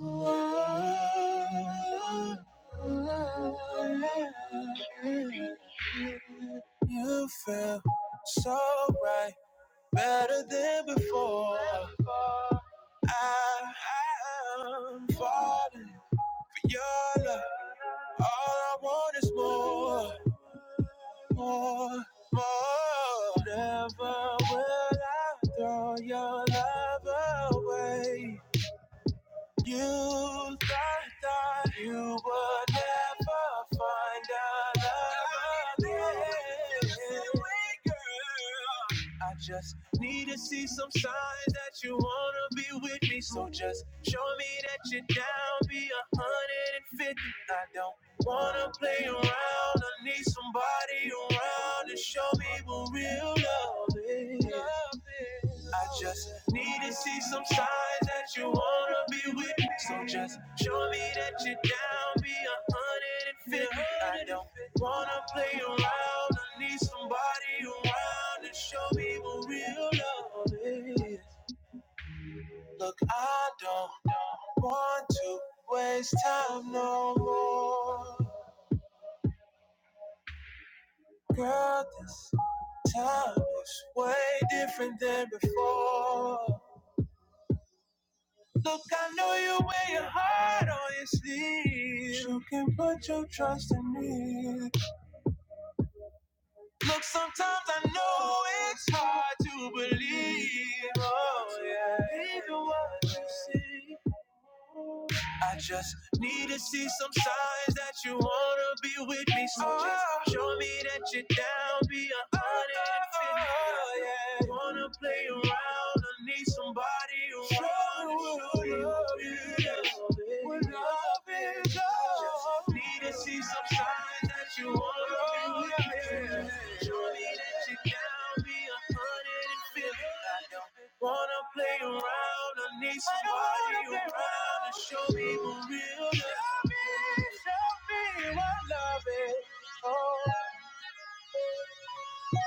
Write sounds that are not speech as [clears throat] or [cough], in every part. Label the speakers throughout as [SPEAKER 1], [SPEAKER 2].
[SPEAKER 1] You feel so right, better than before. I am falling for your love. All I want is more, more, more. Never will I throw your love away. You thought that you would never find a lover me, girl. I just need to see some signs that you wanna be with me. So just show me that you're down, be a hundred and fifty. I don't wanna play around. I need somebody around to show me what real love is. I just need to see some signs that you wanna be with me. So just show me that you're down, be a hundred and fifty. I don't wanna play around. I need somebody around to show me what real love is. Look, I don't want to waste time no more. Girl, this time is way different than before. Look, I know you wear your heart on your sleeve. You can put your trust in me. Look, sometimes I know it's hard to believe. Oh, yeah. Even what you see. I just need to see some signs that you wanna be with me. So just show me that you're down, be a hundred and fifty. Wanna play around, I need somebody around. Show what love is. up. Need to see some signs that you wanna Surely that you down be a hundred and fifty. I don't wanna play around. I need some time to show me what real. love. Show me, show me what love is. Oh,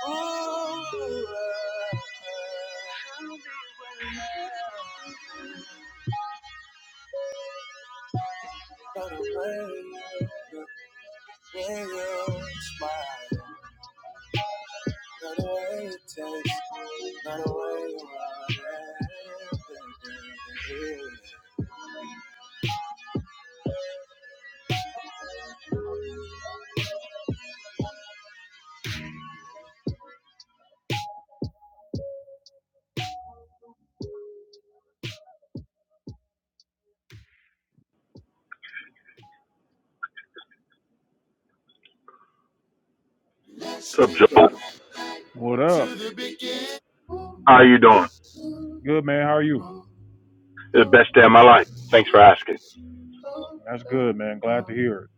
[SPEAKER 1] ooh, love. By play way you smile. Not the way it tastes, not the way you are.
[SPEAKER 2] What's up, Joe?
[SPEAKER 1] What up?
[SPEAKER 2] How are you doing?
[SPEAKER 1] Good, man. How are you?
[SPEAKER 2] The best day of my life. Thanks for asking.
[SPEAKER 1] That's good, man. Glad to hear it.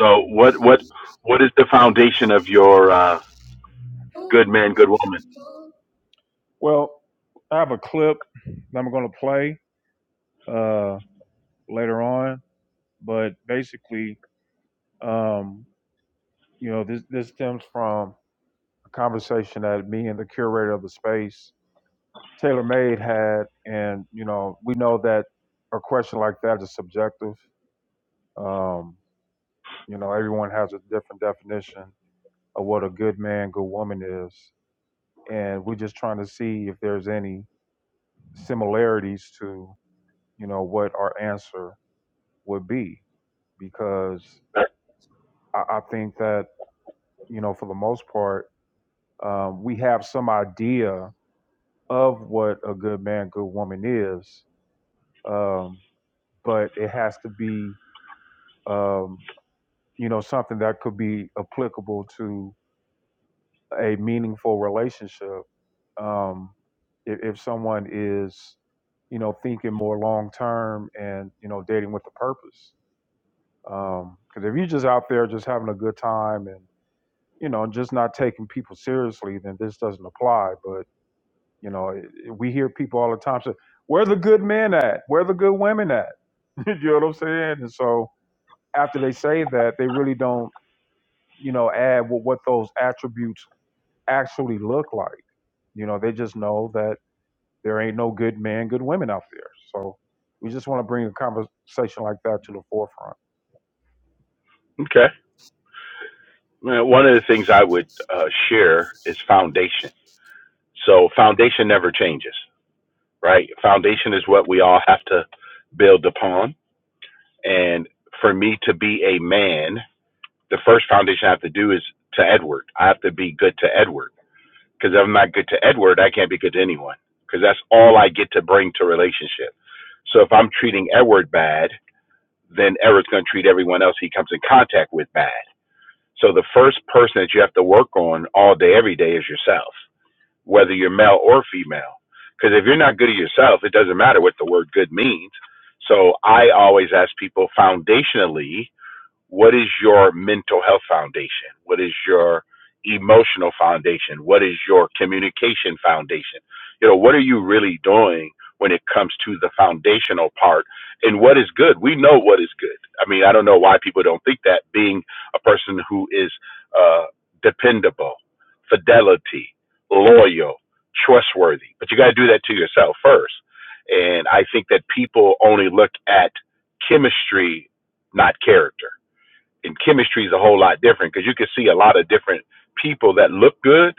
[SPEAKER 2] So, what what what is the foundation of your uh, good man, good woman?
[SPEAKER 1] Well, I have a clip that I'm going to play uh, later on, but basically, um, you know, this this stems from a conversation that me and the curator of the space, Taylor Made, had, and you know, we know that a question like that is subjective. Um, You know, everyone has a different definition of what a good man, good woman is. And we're just trying to see if there's any similarities to, you know, what our answer would be. Because I, I think that, you know, for the most part, um, we have some idea of what a good man, good woman is. Um, but it has to be, um, you know, something that could be applicable to a meaningful relationship um, if, if someone is you know thinking more long term and you know dating with a purpose because if you're just out there just having a good time and you know just not taking people seriously then this doesn't apply but you know it, it- we hear people all the time say where the good men at where the good women at [laughs] you know what i'm saying and so after they say that they really don't you know add what, what those attributes actually look like you know they just know that There ain't no good men, good women out there. So we just want to bring a conversation like that to the forefront.
[SPEAKER 2] Okay. Man, One of the things I would uh, share is foundation. So, foundation never changes, right? Foundation is what we all have to build upon. And for me to be a man, the first foundation I have to do is to Edward. I have to be good to Edward. Because if I'm not good to Edward, I can't be good to anyone. Because that's all I get to bring to relationship. So if I'm treating Edward bad, then Edward's going to treat everyone else he comes in contact with bad. So the first person that you have to work on all day, every day is yourself, whether you're male or female. Because if you're not good to yourself, it doesn't matter what the word good means. So I always ask people foundationally, what is your mental health foundation? What is your emotional foundation? What is your communication foundation? You know, what are you really doing when it comes to the foundational part and what is good? We know what is good. I mean, I don't know why people don't think that being a person who is uh, dependable, fidelity, loyal, trustworthy, but you got to do that to yourself first. And I think that people only look at chemistry, not character and chemistry is a whole lot different because you can see a lot of different people that look good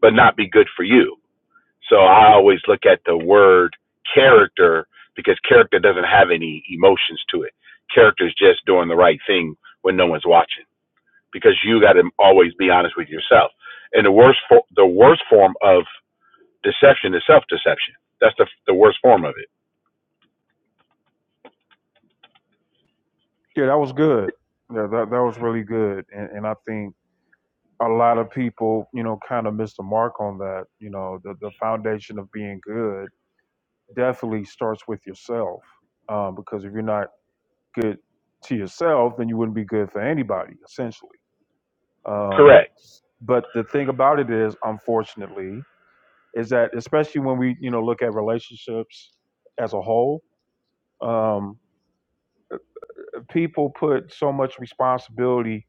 [SPEAKER 2] but not be good for you. So I always look at the word character because character doesn't have any emotions to it. Character is just doing the right thing when no one's watching because you got to always be honest with yourself. And the worst for, the worst form of deception is self deception. That's the the worst form of it.
[SPEAKER 1] Yeah, that was good. Yeah, that, that was really good. And, and I think a lot of people, you know, kind of missed the mark on that. You know, the, the foundation of being good definitely starts with yourself. Um, because if you're not good to yourself, then you wouldn't be good for anybody, essentially. Um,
[SPEAKER 2] Correct.
[SPEAKER 1] but the thing about it is, unfortunately, is that especially when we, you know, look at relationships as a whole, Um, people put so much responsibility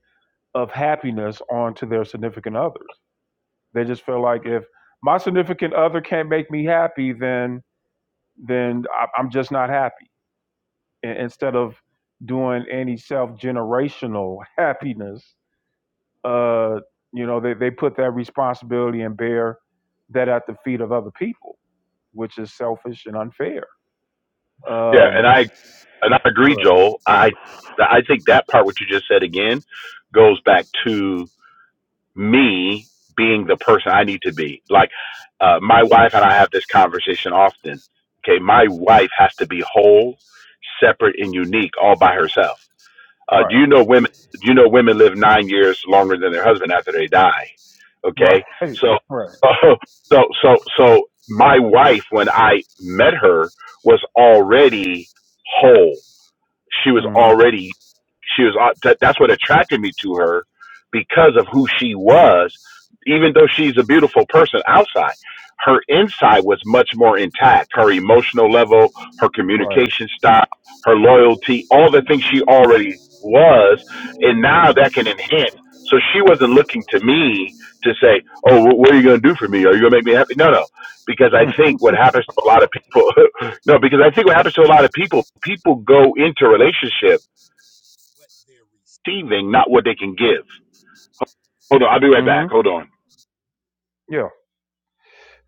[SPEAKER 1] of happiness onto their significant others. They just feel like if my significant other can't make me happy, then then I- am just not happy. Instead of doing any self generational [laughs] happiness, uh, you know, they, they put that responsibility and bear that at the feet of other people, which is selfish and unfair.
[SPEAKER 2] Yeah, and
[SPEAKER 1] Um,
[SPEAKER 2] I and I agree, Joel. I I think that part what you just said again goes back to me being the person I need to be. Like uh, my wife and I have this conversation often. Okay, my wife has to be whole, separate, and unique all by herself. Uh, do
[SPEAKER 1] Right.
[SPEAKER 2] you know women? Do you know women live nine years longer than their husband after they die?
[SPEAKER 1] Right.
[SPEAKER 2] Okay,
[SPEAKER 1] [laughs] Right.
[SPEAKER 2] so
[SPEAKER 1] Right.
[SPEAKER 2] [laughs] uh, so so so my wife when I met her was already whole she was
[SPEAKER 1] hmm
[SPEAKER 2] already she was uh, that, that's what attracted me to her because of who she was even though she's a beautiful person outside her inside was much more intact her emotional level her
[SPEAKER 1] Right.
[SPEAKER 2] communication style her loyalty all the things she already was and now
[SPEAKER 1] hmm
[SPEAKER 2] that can enhance so she wasn't looking to me to say oh wh- what are you going to do for me are you going to make me happy no no because
[SPEAKER 1] [laughs]
[SPEAKER 2] i think what happens to a lot of people [laughs] No, because I think what happens to a lot of people, people go into relationship receiving not what they can give. Hold on, I'll be right
[SPEAKER 1] hmm
[SPEAKER 2] back. Hold on.
[SPEAKER 1] Yeah.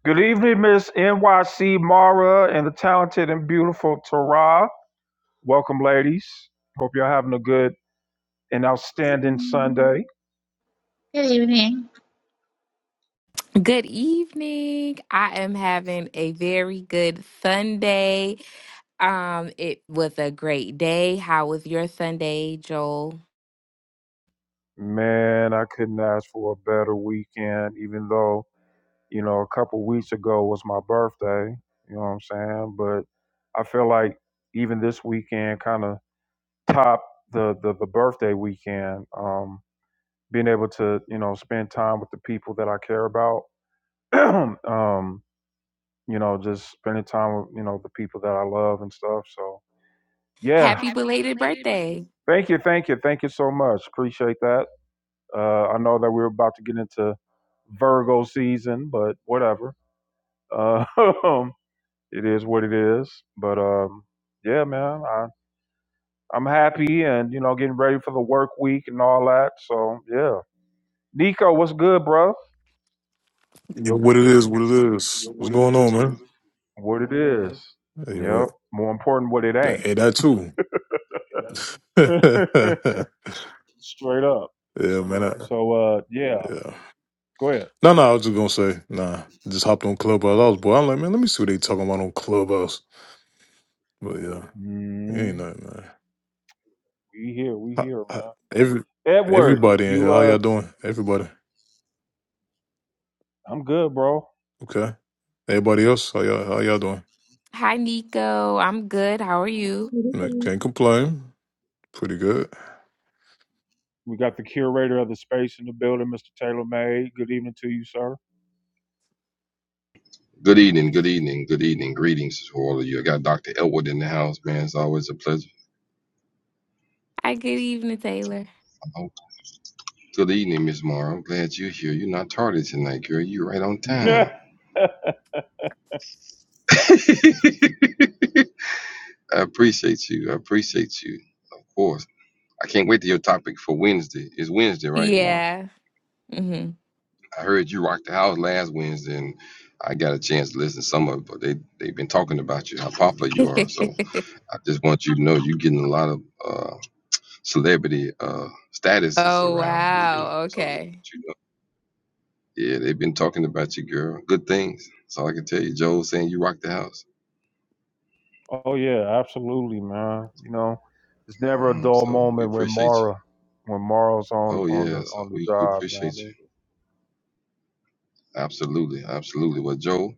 [SPEAKER 1] Good evening, Miss NYC Mara and the talented and beautiful Tara. Welcome, ladies. Hope y'all having a good and outstanding Sunday.
[SPEAKER 3] Good evening.
[SPEAKER 4] Good evening. I am having a very good Sunday. Um, it was a great day. How was your Sunday, Joel?
[SPEAKER 1] Man, I couldn't ask for a better weekend, even though, you know, a couple weeks ago was my birthday. You know what I'm saying? But I feel like even this weekend kind of topped the, the the birthday weekend. Um, being able to, you know, spend time with the people that I care about. [clears throat] um you know, just spending time with, you know, the people that I love and stuff. So, yeah.
[SPEAKER 4] Happy belated birthday.
[SPEAKER 1] Thank you. Thank you. Thank you so much. Appreciate that. Uh, I know that we're about to get into Virgo season, but whatever. Uh, [laughs] it is what it is. But, um, yeah, man, I, I'm happy and, you know, getting ready for the work week and all that. So, yeah. Nico, what's good, bro?
[SPEAKER 5] Yo, what it is, what it
[SPEAKER 1] Yo,
[SPEAKER 5] is. What's
[SPEAKER 1] what it
[SPEAKER 5] going on,
[SPEAKER 1] is, what it
[SPEAKER 5] man?
[SPEAKER 1] is. What it is.
[SPEAKER 5] Hey, yo,
[SPEAKER 1] Yep.
[SPEAKER 5] what-
[SPEAKER 1] More important, what it
[SPEAKER 5] that, hey,
[SPEAKER 1] ain't.
[SPEAKER 5] that too.
[SPEAKER 1] [laughs] Straight up.
[SPEAKER 5] [laughs] yeah, man. I,
[SPEAKER 1] So uh yeah,
[SPEAKER 5] yeah.
[SPEAKER 1] go ahead.
[SPEAKER 5] No, no, I was just gonna say, nah. I just hopped on Clubhouse. I was bored. I'm like, man, let me see what they talking about on Clubhouse. But yeah, it ain't
[SPEAKER 1] mm
[SPEAKER 5] nothing, man.
[SPEAKER 1] We here, we
[SPEAKER 5] How,
[SPEAKER 1] here,
[SPEAKER 5] how,
[SPEAKER 1] man.
[SPEAKER 5] every
[SPEAKER 1] Edward,
[SPEAKER 5] everybody in here,
[SPEAKER 1] you
[SPEAKER 5] how y'all
[SPEAKER 1] uh
[SPEAKER 5] doing? Everybody,
[SPEAKER 1] I'm good, bro.
[SPEAKER 5] okay. Everybody else, how y'all how y'all doing?
[SPEAKER 4] Hi, Nico. I'm good. How are you?
[SPEAKER 5] Man, can't complain. Pretty good.
[SPEAKER 1] We got the curator of the space in the building, Mr. Taylor May. Good evening to you, sir.
[SPEAKER 6] Good evening, good evening, good evening. Greetings to all of you. I got Dr. Elwood in the house, man. It's always a pleasure.
[SPEAKER 4] Hi, good evening, Taylor.
[SPEAKER 6] Oh, good evening, Miss Mara. I'm glad you're here. You're not tardy tonight, girl. You're right on
[SPEAKER 1] [laughs]
[SPEAKER 6] time. [laughs] I appreciate you. I appreciate you. Of course. I can't wait to your topic for Wednesday. It's Wednesday, right, Mara?
[SPEAKER 4] Yeah. hmm
[SPEAKER 6] I heard you rocked the house last Wednesday, and I got a chance to listen to some of it, but they, they've been talking about you, how popular you
[SPEAKER 4] [laughs]
[SPEAKER 6] are. So I just want you to know you're getting a lot of uh, celebrity uh status is
[SPEAKER 4] oh,
[SPEAKER 6] around here, you know.
[SPEAKER 4] wow.
[SPEAKER 6] So
[SPEAKER 4] Okay.
[SPEAKER 6] you know, yeah, they've been talking about you, girl. Good things. That's all I can tell you. Joel saying you rock the house.
[SPEAKER 1] oh yeah, absolutely, man. You know, it's never a
[SPEAKER 6] Mm,
[SPEAKER 1] dull
[SPEAKER 6] so we
[SPEAKER 1] moment when
[SPEAKER 6] appreciate you.
[SPEAKER 1] Mara when Mara's on
[SPEAKER 6] Oh
[SPEAKER 1] on the
[SPEAKER 6] yeah, so
[SPEAKER 1] on the
[SPEAKER 6] we, we
[SPEAKER 1] job, you know
[SPEAKER 6] appreciate
[SPEAKER 1] what I
[SPEAKER 6] you.
[SPEAKER 1] mean?
[SPEAKER 6] Absolutely, absolutely. Well, Joel,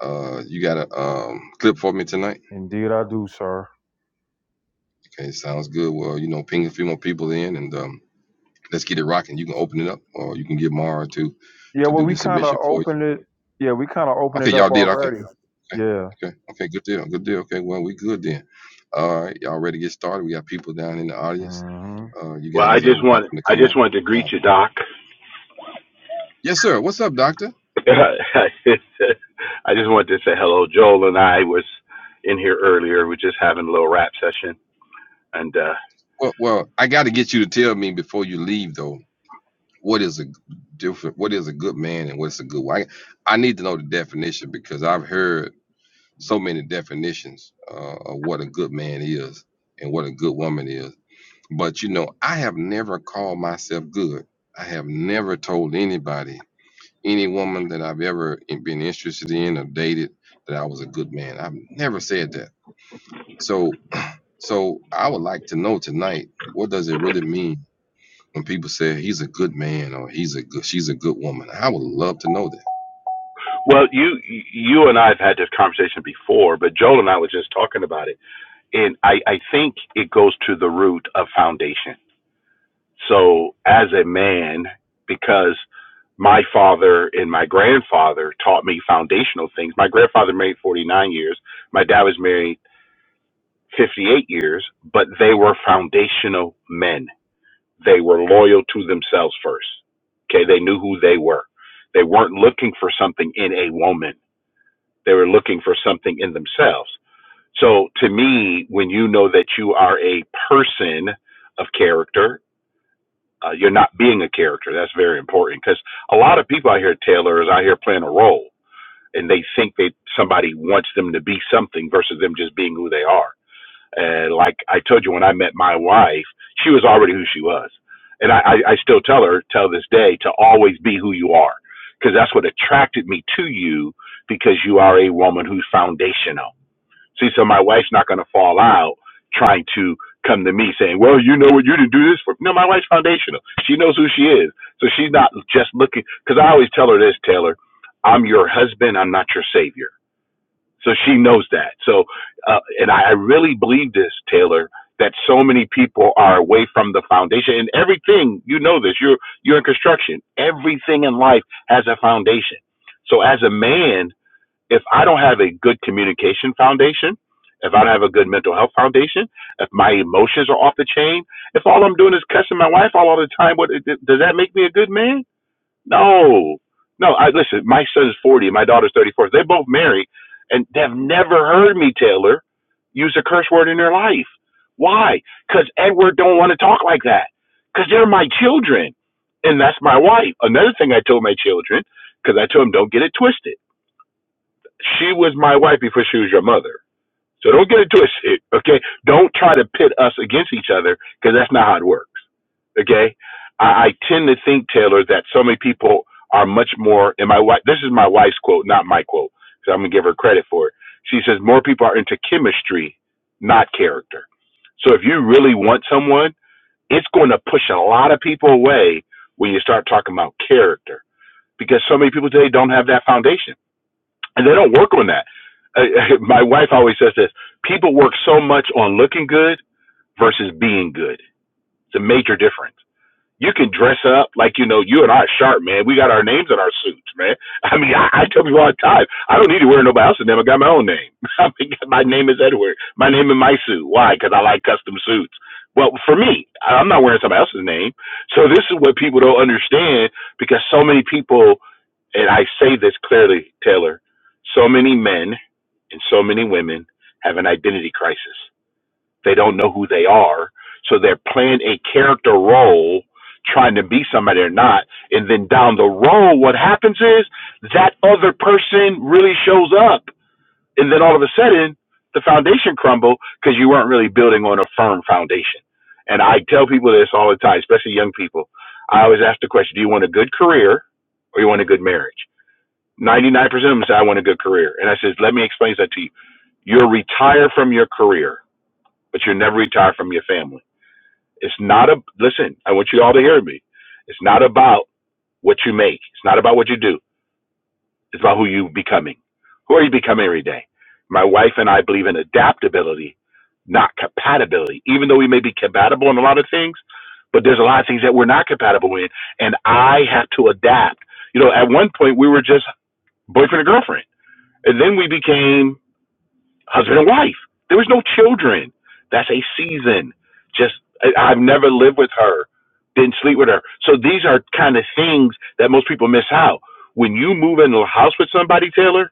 [SPEAKER 6] uh, you got a um clip for me tonight?
[SPEAKER 1] Indeed I do, sir.
[SPEAKER 6] Okay, sounds good. Well, you know, ping a few more people in, and um, let's get it rocking. You can open it up, or you can get Mara to
[SPEAKER 1] Yeah,
[SPEAKER 6] to
[SPEAKER 1] well
[SPEAKER 6] do the
[SPEAKER 1] we kinda
[SPEAKER 6] submission for you.
[SPEAKER 1] opened it yeah, we kinda opened
[SPEAKER 6] Okay,
[SPEAKER 1] it
[SPEAKER 6] y'all
[SPEAKER 1] up
[SPEAKER 6] did. Okay.
[SPEAKER 1] already.
[SPEAKER 6] Okay.
[SPEAKER 1] Yeah.
[SPEAKER 6] Okay. Okay. Good deal. Good deal. Okay. Well, we good then. All right. Y'all ready to get started? We got people down in the audience.
[SPEAKER 1] hmm
[SPEAKER 6] Uh, you
[SPEAKER 2] Well, I
[SPEAKER 6] guys are
[SPEAKER 2] just want
[SPEAKER 6] watching to
[SPEAKER 2] I
[SPEAKER 6] come
[SPEAKER 2] just
[SPEAKER 6] up.
[SPEAKER 2] wanted to
[SPEAKER 6] Uh,
[SPEAKER 2] greet you, Doc.
[SPEAKER 6] yes, sir. What's up, doctor?
[SPEAKER 2] [laughs] I just wanted to say hello. Joel and I was in here earlier. We're just having a little rap session. And uh
[SPEAKER 6] Well, well, I got to get you to tell me before you leave, though. What is a different? What is a good man and what's a good wife? I need to know the definition because I've heard so many definitions uh, of what a good man is and what a good woman is. But you know, I have never called myself good. I have never told anybody any woman that I've ever been interested in or dated that I was a good man. I've never said that. So so I would like to know tonight what does it really mean when people say he's a good man or he's a good she's a good woman. I would love to know that.
[SPEAKER 2] well, you you and I have had this conversation before, but Joel and I was just talking about it. And I I think it goes to the root of foundation So as a man, because my father and my grandfather taught me foundational things. My grandfather married 49 years. My dad was married 58 years, but they were foundational men. They were loyal to themselves first. Okay. They knew who they were. They weren't looking for something in a woman. They were looking for something in themselves. So to me, when you know that you are a person of character, uh, you're not being a character. That's very important because a lot of people out here, Taylor, is out here playing a role, and they think that somebody wants them to be something versus them just being who they are. And like I told you, when I met my wife, she was already who she was, and I, I, I still tell her, till this day, to always be who you are, because that's what attracted me to you, because you are a woman who's foundational See, so my wife's not going to fall out trying to come to me saying, "Well, you know what? You didn't do this for." me. No, my wife's foundational. She knows who she is, so she's not just looking. Because I always tell her this, Taylor, I'm your husband. I'm not your savior. So she knows that. So, uh, and I really believe this, Taylor, that so many people are away from the foundation and everything. You know this. You're you're in construction. Everything in life has a foundation. So as a man, if I don't have a good communication foundation, if I don't have a good mental health foundation, if my emotions are off the chain, if all I'm doing is cussing my wife all the time, what does that make me a good man? No, no. I listen. My son's forty. My daughter's thirty-four. They're both married, and they've never heard me, Taylor, use a curse word in their life. Why? Because Edward don't want to talk like that. Because they're my children, and that's my wife. Another thing I told my children, because I told them don't get it twisted she was my wife before she was your mother. So don't get it twisted, okay? Don't try to pit us against each other because that's not how it works, okay? I, I tend to think, Taylor, that so many people are much more, and my wife, this is my wife's quote, not my quote, so I'm going to give her credit for it. She says, more people are into chemistry, not character. So if you really want someone, it's going to push a lot of people away when you start talking about character because so many people today don't have that foundation and they don't work on that. Uh, [laughs] my wife always says this: people work so much on looking good versus being good. It's a major difference you can dress up like you know you and I are sharp, man. We got our names in our suits, man. [laughs] I mean, I, I tell people all the time, I don't need to wear nobody else's name. I got my own name. [laughs] I mean, my name is Edward. My name in my suit. Why? Because I like custom suits. Well, for me, I- I'm not wearing somebody else's name. So this is what people don't understand because so many people, and I say this clearly, Taylor, so many men and so many women have an identity crisis they don't know who they are. So they're playing a character role, trying to be somebody they're not. And then down the road, what happens is that other person really shows up. And then all of a sudden, the foundation crumble because you weren't really building on a firm foundation. And I tell people this all the time, especially young people. I always ask the question, do you want a good career or you want a good marriage? 99% of them say, I want a good career. And I says, let me explain that to you. You'll retire from your career but you're never retired from your family. It's not a listen. I want you all to hear me. It's not about what you make. It's not about what you do. It's about who you becoming. Who are you becoming every day? My wife and I believe in adaptability, not compatibility. Even though we may be compatible in a lot of things, but there's a lot of things that we're not compatible in, and I have to adapt. You know, at one point we were just boyfriend and girlfriend, and then we became husband and wife. There was no children. That's a season. Just I, I've never lived with her, didn't sleep with her. So these are kind of things that most people miss out. When you move into a house with somebody, Taylor,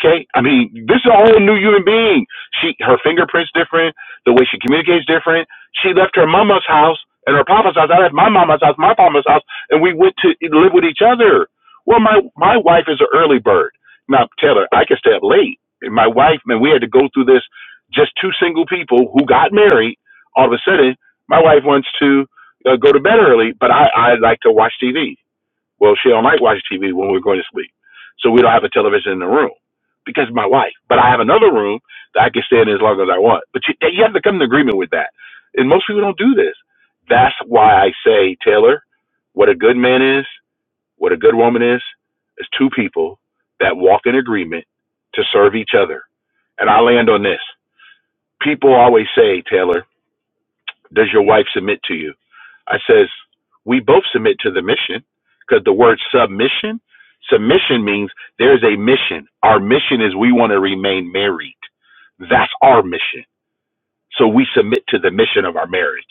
[SPEAKER 2] Okay, I mean, this is a whole new human being. She, her fingerprints different. The way she communicates different. She left her mama's house and her papa's house. I left my mama's house, my papa's house, and we went to live with each other. Well, my my wife is an early bird. Now, Taylor, I can stay up late. And my wife, man, we had to go through this. Just two single people who got married. All of a sudden, my wife wants to uh, go to bed early, but I I like to watch TV. Well, she don't like watching TV when we're going to sleep. So we don't have a television in the room because of my wife. But I have another room that I can stay in as long as I want. But you, you have to come to agreement with that. And most people don't do this. That's why I say, Taylor, what a good man is, what a good woman is, is two people that walk in agreement to serve each other. And I land on this. People always say, Taylor, does your wife submit to you? I says, we both submit to the mission because the word submission, submission means there's a mission. Our mission is we want to remain married. That's our mission. So we submit to the mission of our marriage.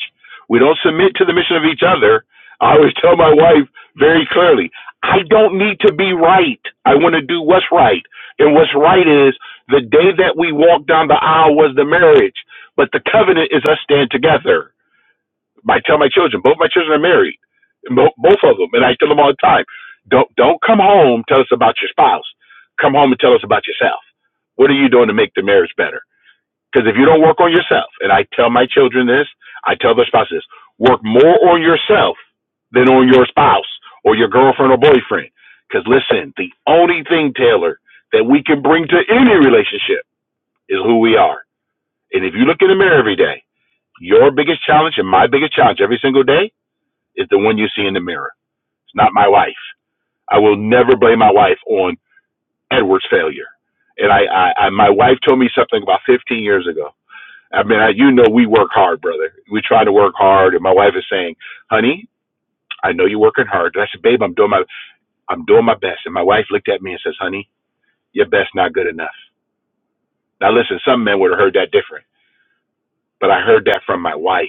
[SPEAKER 2] We don't submit to the mission of each other. I always tell my wife very clearly, I don't need to be right. I want to do what's right. And what's right is the day that we walk down the aisle was the marriage, but the covenant is us stand together. I tell my children, both my children are married, Bo- both of them, and I tell them all the time, don't don't come home tell us about your spouse. Come home and tell us about yourself. What are you doing to make the marriage better? Because if you don't work on yourself, and I tell my children this, I tell their spouses, work more on yourself than on your spouse or your girlfriend or boyfriend. Because listen, the only thing, Taylor, that we can bring to any relationship is who we are. And if you look in the mirror every day, your biggest challenge and my biggest challenge every single day is the one you see in the mirror. It's not my wife. I will never blame my wife on Edward's failure. And I, I, I my wife told me something about 15 years ago. I mean, I, you know, we work hard, brother. We try to work hard, and my wife is saying, "Honey, I know you're working hard." And I said, "Babe, I'm doing my, I'm doing my best." And my wife looked at me and says, "Honey, your best not good enough." Now, listen, some men would have heard that different, but I heard that from my wife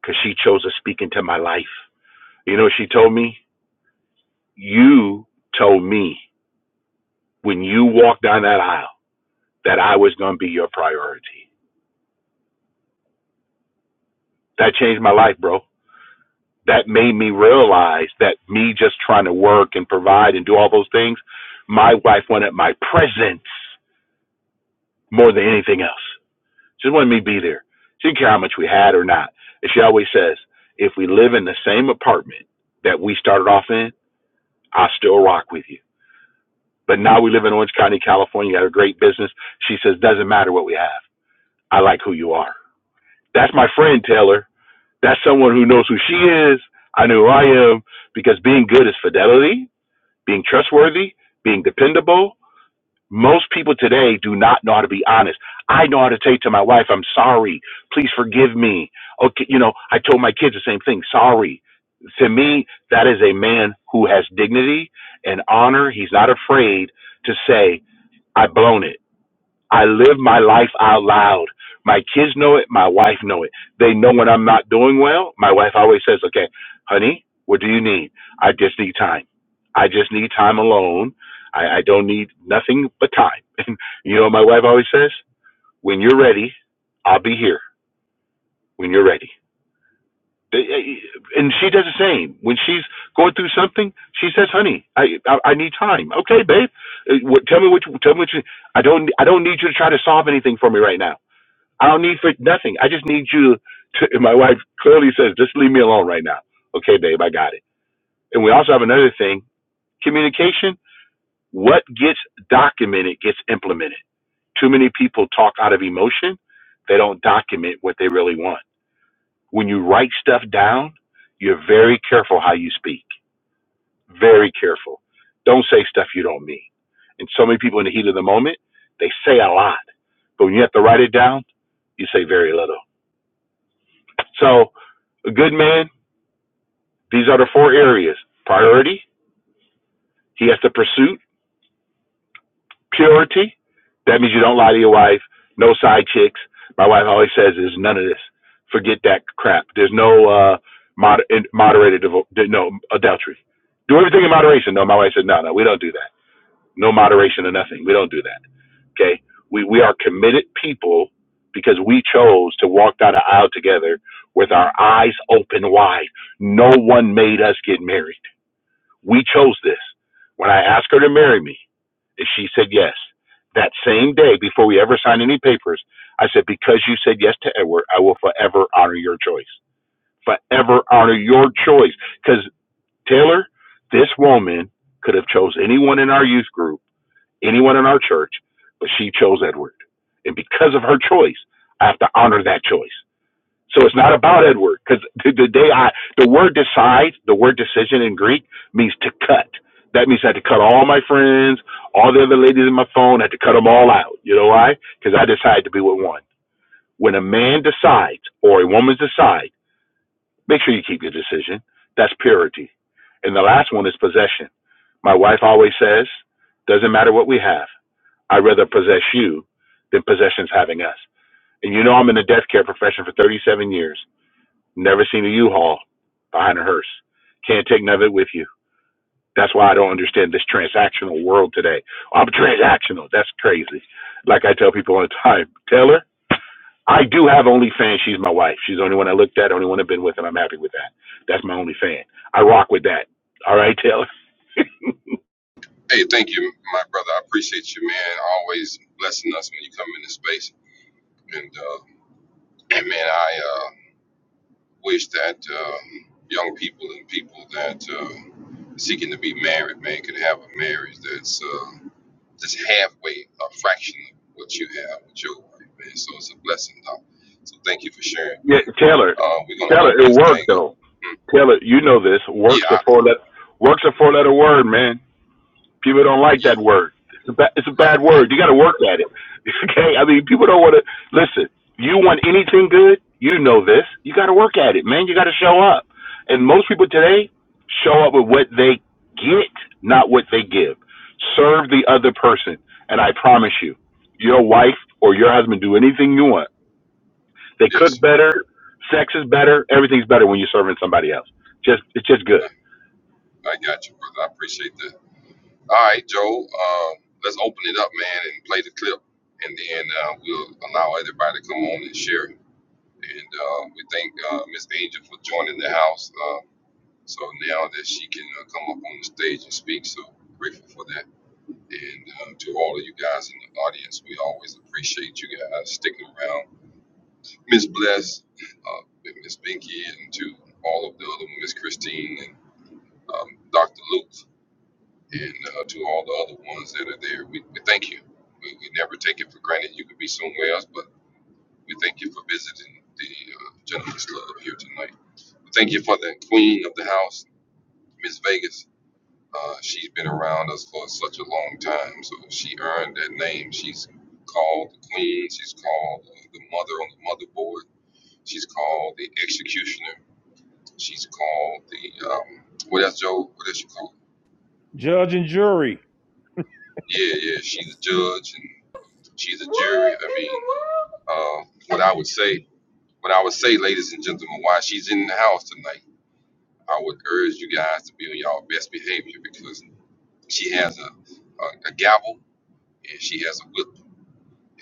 [SPEAKER 2] because she chose to speak into my life. You know, she told me, "You told me when you walked down that aisle that I was going to be your priority. That changed my life, bro. That made me realize that me just trying to work and provide and do all those things, my wife wanted my presence more than anything else. She wanted me to be there. She didn't care how much we had or not. And she always says, if we live in the same apartment that we started off in, I still rock with you. But now we live in Orange County, California, got a great business. She says, doesn't matter what we have. I like who you are. That's my friend, Taylor. That's someone who knows who she is. I know who I am because being good is fidelity, being trustworthy, being dependable. Most people today do not know how to be honest. I know how to say to my wife, I'm sorry. Please forgive me. Okay, you know, I told my kids the same thing, sorry. To me, that is a man who has dignity and honor. He's not afraid to say, I've blown it I live my life out loud. My kids know it. My wife know it. They know when I'm not doing well. My wife always says, "Okay, honey, what do you need? I just need time. I just need time alone. I, I don't need nothing but time." And [laughs] you know, what my wife always says, "When you're ready, I'll be here. When you're ready." And she does the same. When she's going through something, she says, "Honey, I I, I need time." Okay, babe. Uh, Tell me what you, tell me what you. I don't I don't need you to try to solve anything for me right now. I don't need for nothing. I just need you to. And my wife clearly says, just leave me alone right now. Okay, babe, I got it. And we also have another thing communication. What gets documented gets implemented. Too many people talk out of emotion, they don't document what they really want. When you write stuff down, you're very careful how you speak, very careful. Don't say stuff you don't mean. And so many people in the heat of the moment, they say a lot. But when you have to write it down, you say very little So, a good man, these are the four areas priority, he has to pursue purity. That means you don't lie to your wife, no side chicks. My wife always says, there's none of this. Forget that crap. There's no uh, moder- moderated, devo- no adultery. Do everything in moderation. No, my wife said, no, no, we don't do that. No moderation or nothing. We don't do that. Okay? We, we are committed people because we chose to walk down the aisle together with our eyes open wide. No one made us get married. We chose this. When I asked her to marry me, and she said yes. That same day, before we ever signed any papers, I said, Because you said yes to Edward, I will forever honor your choice. Forever honor your choice. Because, Taylor, this woman could have chose anyone in our youth group, anyone in our church, but she chose Edward. And because of her choice, I have to honor that choice. So it's not about Edward because the, the day I the word decide, the word decision in Greek means to cut. That means I had to cut all my friends, all the other ladies in my phone. I had to cut them all out. You know why? Because I decided to be with one. When a man decides or a woman decides, make sure you keep your decision. That's purity. And the last one is possession. My wife always says, doesn't matter what we have. I'd rather possess you than possessions having us. And you know I'm in the death care profession for 37 years. Never seen a U-Haul behind a hearse. Can't take none of it with you. That's why I don't understand this transactional world today. I'm transactional. That's crazy. Like I tell people all the time, Taylor, I do have only fan. She's my wife. She's the only one I looked at, only one I've been with, and I'm happy with that. That's my only fan. I rock with that. All right, Taylor.
[SPEAKER 6] Hey, thank you, my brother. I appreciate you, man. Always blessing us when you come into space. And uh, and man, I uh, wish that um, young people and people that uh, seeking to be married, man, could have a marriage that's uh, just halfway, a fraction of what you have with your wife, man. So it's a blessing, dog. So thank you for sharing,
[SPEAKER 2] Yeah,
[SPEAKER 6] man.
[SPEAKER 2] Taylor.
[SPEAKER 6] Uh, we're gonna
[SPEAKER 2] Taylor,
[SPEAKER 6] open
[SPEAKER 2] it
[SPEAKER 6] this
[SPEAKER 2] worked
[SPEAKER 6] thing up.
[SPEAKER 2] though.
[SPEAKER 6] Mm,
[SPEAKER 2] Taylor, you know this.
[SPEAKER 6] Yeah,
[SPEAKER 2] Works a
[SPEAKER 6] I,
[SPEAKER 2] four letter works a four letter word, man. People don't like
[SPEAKER 6] yeah,
[SPEAKER 2] that word. It's a, ba- it's a
[SPEAKER 6] right.
[SPEAKER 2] bad
[SPEAKER 6] I,
[SPEAKER 2] word. You got to work at it. [laughs] Okay? I mean, people don't want to listen. You want anything good? You know this. You got to work at it, man. You got to show up. And most people today show up with what they get, not what they give. Serve the other person, and I promise you, your wife or your husband do anything you want. They cook
[SPEAKER 6] yes,
[SPEAKER 2] better, sex is better, everything's better when you're serving somebody else. Just it's just
[SPEAKER 6] I,
[SPEAKER 2] good.
[SPEAKER 6] I got you, brother. I appreciate that. All right, Joe. Um, let's open it up, man, and play the clip, and then uh, we'll allow everybody to come on and share. And uh, we thank uh, Miss Angel for joining the house. Uh, so now that she can uh, come up on the stage and speak, so grateful for that. And um, to all of you guys in the audience, we always appreciate you guys sticking around. Miss Bless, uh, Miss Binky, and to all of the other Miss Christine and um, Dr. Luke, and uh, to all the other ones that are there, we, we thank you. We, we never take it for granted you could be somewhere else, but we thank you for visiting the uh, Gentleman's Club here tonight. We thank you for the queen of the house, Miss Vegas Uh, she's been around us for such a long time, so she earned that name. She's called the queen. She's called uh, the mother on the motherboard. She's called the executioner. She's called the um, what else, Joe? What else you call?
[SPEAKER 1] Judge and jury.
[SPEAKER 6] It? Yeah, yeah. She's a judge and she's a jury.
[SPEAKER 7] What
[SPEAKER 6] I
[SPEAKER 7] in the
[SPEAKER 6] mean,
[SPEAKER 7] world?
[SPEAKER 6] uh, what I would say, what I would say, ladies and gentlemen, why she's in the house tonight. I would urge you guys to be on y'all best behavior because she has a, a, a gavel and she has a whip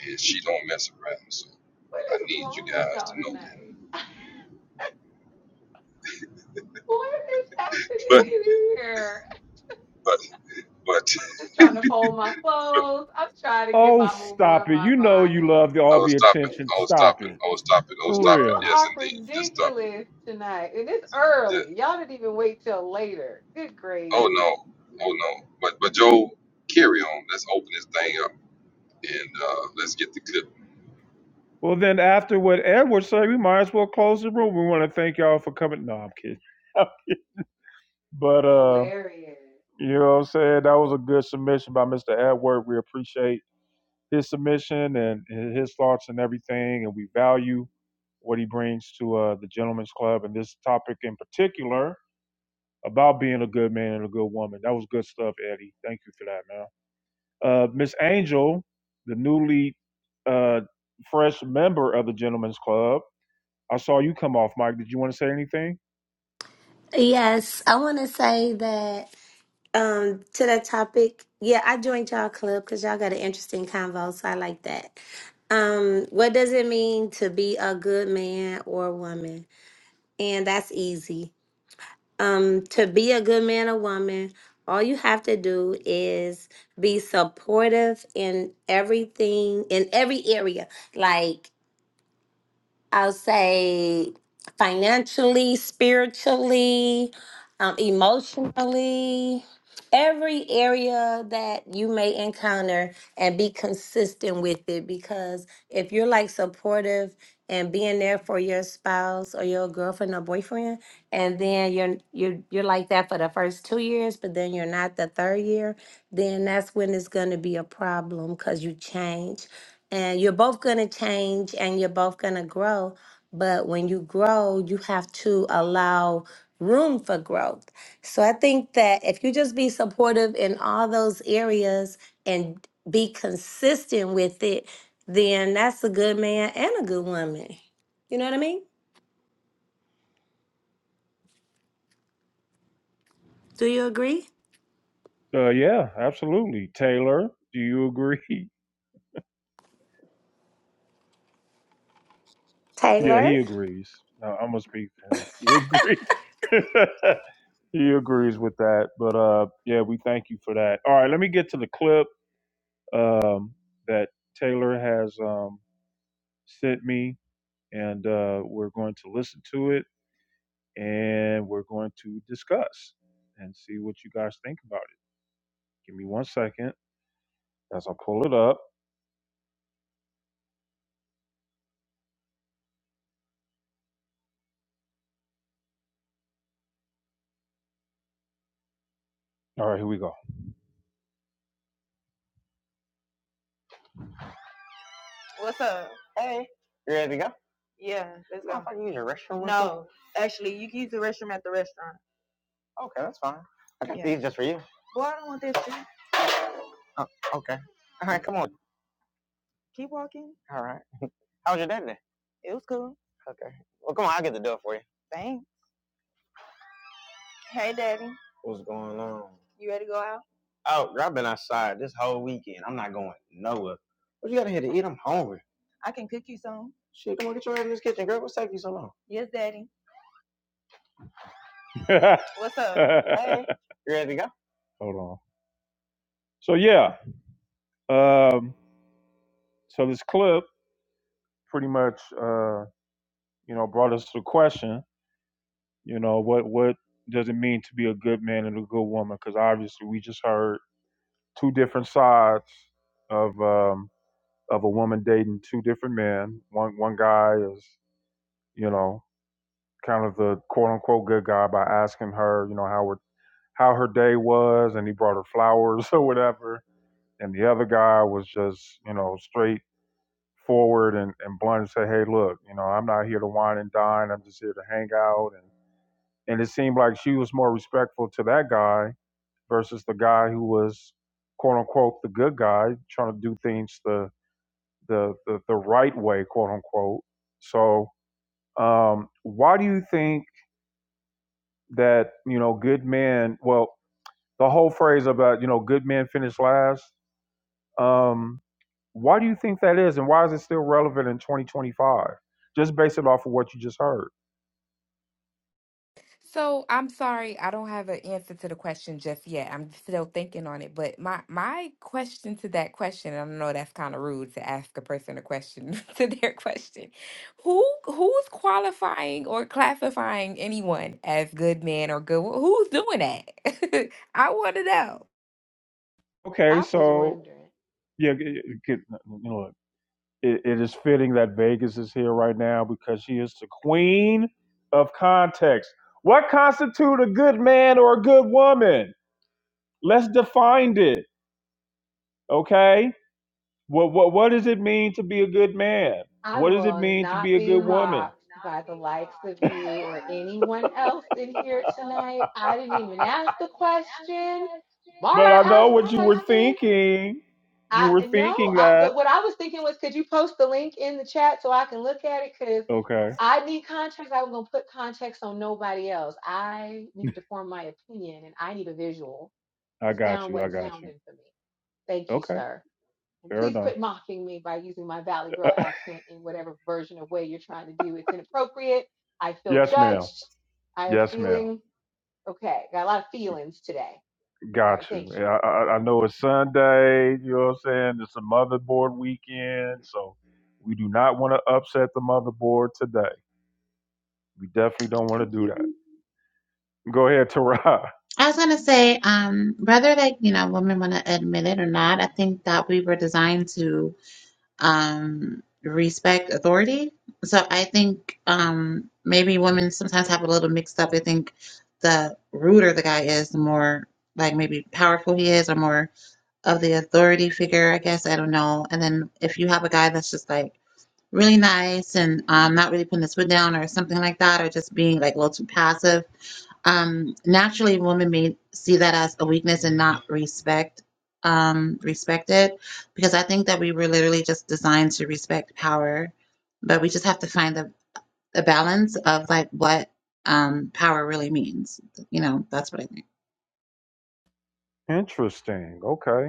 [SPEAKER 6] and she don't mess around. So
[SPEAKER 7] What
[SPEAKER 6] I
[SPEAKER 7] is
[SPEAKER 6] need you
[SPEAKER 7] wrong with
[SPEAKER 6] guys to
[SPEAKER 7] y'all
[SPEAKER 6] know that.
[SPEAKER 7] tonight? What is happening
[SPEAKER 6] But
[SPEAKER 7] in here?
[SPEAKER 6] but but
[SPEAKER 7] I'm just trying to fold my
[SPEAKER 6] [laughs]
[SPEAKER 7] clothes. I'm trying to get
[SPEAKER 1] Oh,
[SPEAKER 7] my moo in
[SPEAKER 1] stop it.
[SPEAKER 7] my
[SPEAKER 1] You know you
[SPEAKER 7] bonnet.
[SPEAKER 1] love the,
[SPEAKER 6] I
[SPEAKER 1] all
[SPEAKER 6] was
[SPEAKER 1] the
[SPEAKER 6] stopping.
[SPEAKER 1] attention.
[SPEAKER 6] I was
[SPEAKER 1] Stop
[SPEAKER 6] stopping.
[SPEAKER 1] it.
[SPEAKER 6] I was stopping. I was
[SPEAKER 1] For
[SPEAKER 7] Y'all
[SPEAKER 6] stopping.
[SPEAKER 1] real.
[SPEAKER 6] Yes,
[SPEAKER 7] are
[SPEAKER 6] indeed. Just stop it.
[SPEAKER 7] ridiculous tonight. And it's
[SPEAKER 6] Just,
[SPEAKER 7] early. Y'all didn't even wait till later. Good
[SPEAKER 6] oh
[SPEAKER 7] gravy.
[SPEAKER 6] no. Oh no. But but Joe, carry on. Let's open this thing up and uh, let's get the clip.
[SPEAKER 1] Well, then after what Edward said, we might as well close the room. We want to thank y'all for coming. No, I'm kidding. [laughs] but, uh,
[SPEAKER 7] Hilarious.
[SPEAKER 1] you know what I'm saying? That was a good submission by Mr. Edward. We appreciate his submission and his thoughts and everything. And we value what he brings to uh, the Gentlemen's Club and this topic in particular about being a good man and a good woman. That was good stuff, Eddie. Thank you for that, man. Uh, Miss Angel, the newly uh, fresh member of the Gentlemen's Club, I saw you come off, Mike. Did you want to say anything?
[SPEAKER 8] Yes, I want to say that um to that topic. Yeah, I joined y'all club because y'all got an interesting convo, so I like that. Um, what does it mean to be a good man or woman? And that's easy. Um, to be a good man or woman, all you have to do is be supportive in everything in every area. Like I'll say financially, spiritually, um, emotionally, every area that you may encounter and be consistent with it. Because if you're like supportive and being there for your spouse or your girlfriend or boyfriend, and then you're you're you're like that for the first two years, but then you're not the third year, then that's when it's gonna be a problem because you change and you're both going to change and you're both going to grow but when you grow you have to allow room for growth so i think that if you just be supportive in all those areas and be consistent with it then that's a good man and a good woman you know what i mean do you agree
[SPEAKER 1] Uh, yeah, absolutely. Taylor, do you agree? [laughs] yeah,
[SPEAKER 8] taylor
[SPEAKER 1] he agrees. No, I'm gonna speak for him. You agree? [laughs] He agrees with that. But uh, yeah, we thank you for that. All right, let me get to the clip um, that Taylor has um, sent me, and uh, we're going to listen to it and we're going to discuss and see what you guys think about it. Give me one second as I pull it up. All right, here we go. You ready to go? I can use your restroom. Okay, that's fine. I think it's just for you. Oh, okay. All right, come on. All right. How was your day today? Okay. Well, come on, I'll get the door for you. What's going on? out. I've been outside this whole weekend. I'm not going nowhere. What you got in here to eat? I'm hungry. Shit, come on, get your ass in this kitchen, girl. What's taking you so long? [laughs] Hey, [laughs] you ready to go? Hold on. So yeah, um, so this clip pretty much, uh, you know, brought us to the question. You know, what what does it mean to be a good man and a good woman? Because obviously, we just heard two different sides of um, of a woman dating two different men. One one guy is, you know, kind of the quote unquote good guy by asking her, you know, how her, how her day was, and he brought her flowers [laughs] or whatever. And the other guy was just, you know, straightforward and, and blunt and say, hey, look, you know, I'm not here to wine and dine. I'm just here to hang out. And, and it seemed like she was more respectful to that guy versus the guy who was quote unquote the good guy trying to do things the, the, the, the right way, quote unquote. So um, why do you think that you know good men well the whole phrase about you know good men finish last um why do you think that is and why is it still relevant in 2025 just based it off of what you just heard
[SPEAKER 4] So I'm sorry, I don't have an answer to the question just yet. I'm still thinking on it. But my my question to that question, and I know that's kind of rude to ask a person a question [laughs] to their question. Who who's qualifying or classifying anyone as good men or good? wo- Who's doing that? [laughs] I want to know.
[SPEAKER 1] okay
[SPEAKER 7] I was
[SPEAKER 1] so
[SPEAKER 7] wondering.
[SPEAKER 1] yeah it, it, you know it, it is fitting that vegas is here right now because she is the queen of context what constitute a good man or a good woman let's define it okay What what what does it mean to be a good man?
[SPEAKER 7] I
[SPEAKER 1] What does it
[SPEAKER 7] will
[SPEAKER 1] mean to
[SPEAKER 7] not
[SPEAKER 1] be a
[SPEAKER 7] be
[SPEAKER 1] good woman?
[SPEAKER 7] mocked by the likes of you or anyone else in here tonight. I didn't even ask the question.
[SPEAKER 1] But
[SPEAKER 7] Mara
[SPEAKER 1] I know
[SPEAKER 7] asked the
[SPEAKER 1] what you were [laughs]
[SPEAKER 7] question.
[SPEAKER 1] thinking. You
[SPEAKER 7] I
[SPEAKER 1] were
[SPEAKER 7] no,
[SPEAKER 1] thinking
[SPEAKER 7] I,
[SPEAKER 1] that.
[SPEAKER 7] but what I was thinking was, could you post the link in the chat so I can look at it? Because
[SPEAKER 1] Okay.
[SPEAKER 7] I need context. I'm gonna put context on nobody else. I needed to form my opinion, and I need a visual.
[SPEAKER 1] [laughs] I
[SPEAKER 7] The
[SPEAKER 1] got
[SPEAKER 7] sound
[SPEAKER 1] you. I
[SPEAKER 7] wasn't
[SPEAKER 1] got you.
[SPEAKER 7] sounding for me. Thank you,
[SPEAKER 1] Okay.
[SPEAKER 7] sir. And
[SPEAKER 1] Fair
[SPEAKER 7] please
[SPEAKER 1] enough.
[SPEAKER 7] quit mocking me by using my Valley Girl
[SPEAKER 1] [laughs]
[SPEAKER 7] accent in whatever version of way you're trying to do. It's inappropriate. I feel
[SPEAKER 1] Yes, ma'am.
[SPEAKER 7] judged. I am
[SPEAKER 1] Yes, ma'am.
[SPEAKER 7] feeling okay. Got a lot of feelings today. All
[SPEAKER 1] Got
[SPEAKER 7] right, thank
[SPEAKER 1] you. And I, I, I know it's Sunday. You know what I'm saying? It's a motherboard weekend. So we do not want to upset the motherboard today. We definitely don't want to do that. Go ahead, Tara.
[SPEAKER 3] I was gonna say, um, whether like you know women want to admit it or not, I think that we were designed to um, respect authority. So I think um, maybe women sometimes have a little mixed up. I think the ruder the guy is, the more like maybe powerful he is, or more of the authority figure. I guess I don't know. And then if you have a guy that's just like really nice and um, not really putting this foot down or something like that, or just being like a little too passive. Um, naturally, women may see that as a weakness and not respect um, respect it, because I think that we were literally just designed to respect power, but we just have to find the, the balance of like what um, power really means. You know, that's what I think.
[SPEAKER 1] [laughs] Interesting. Okay.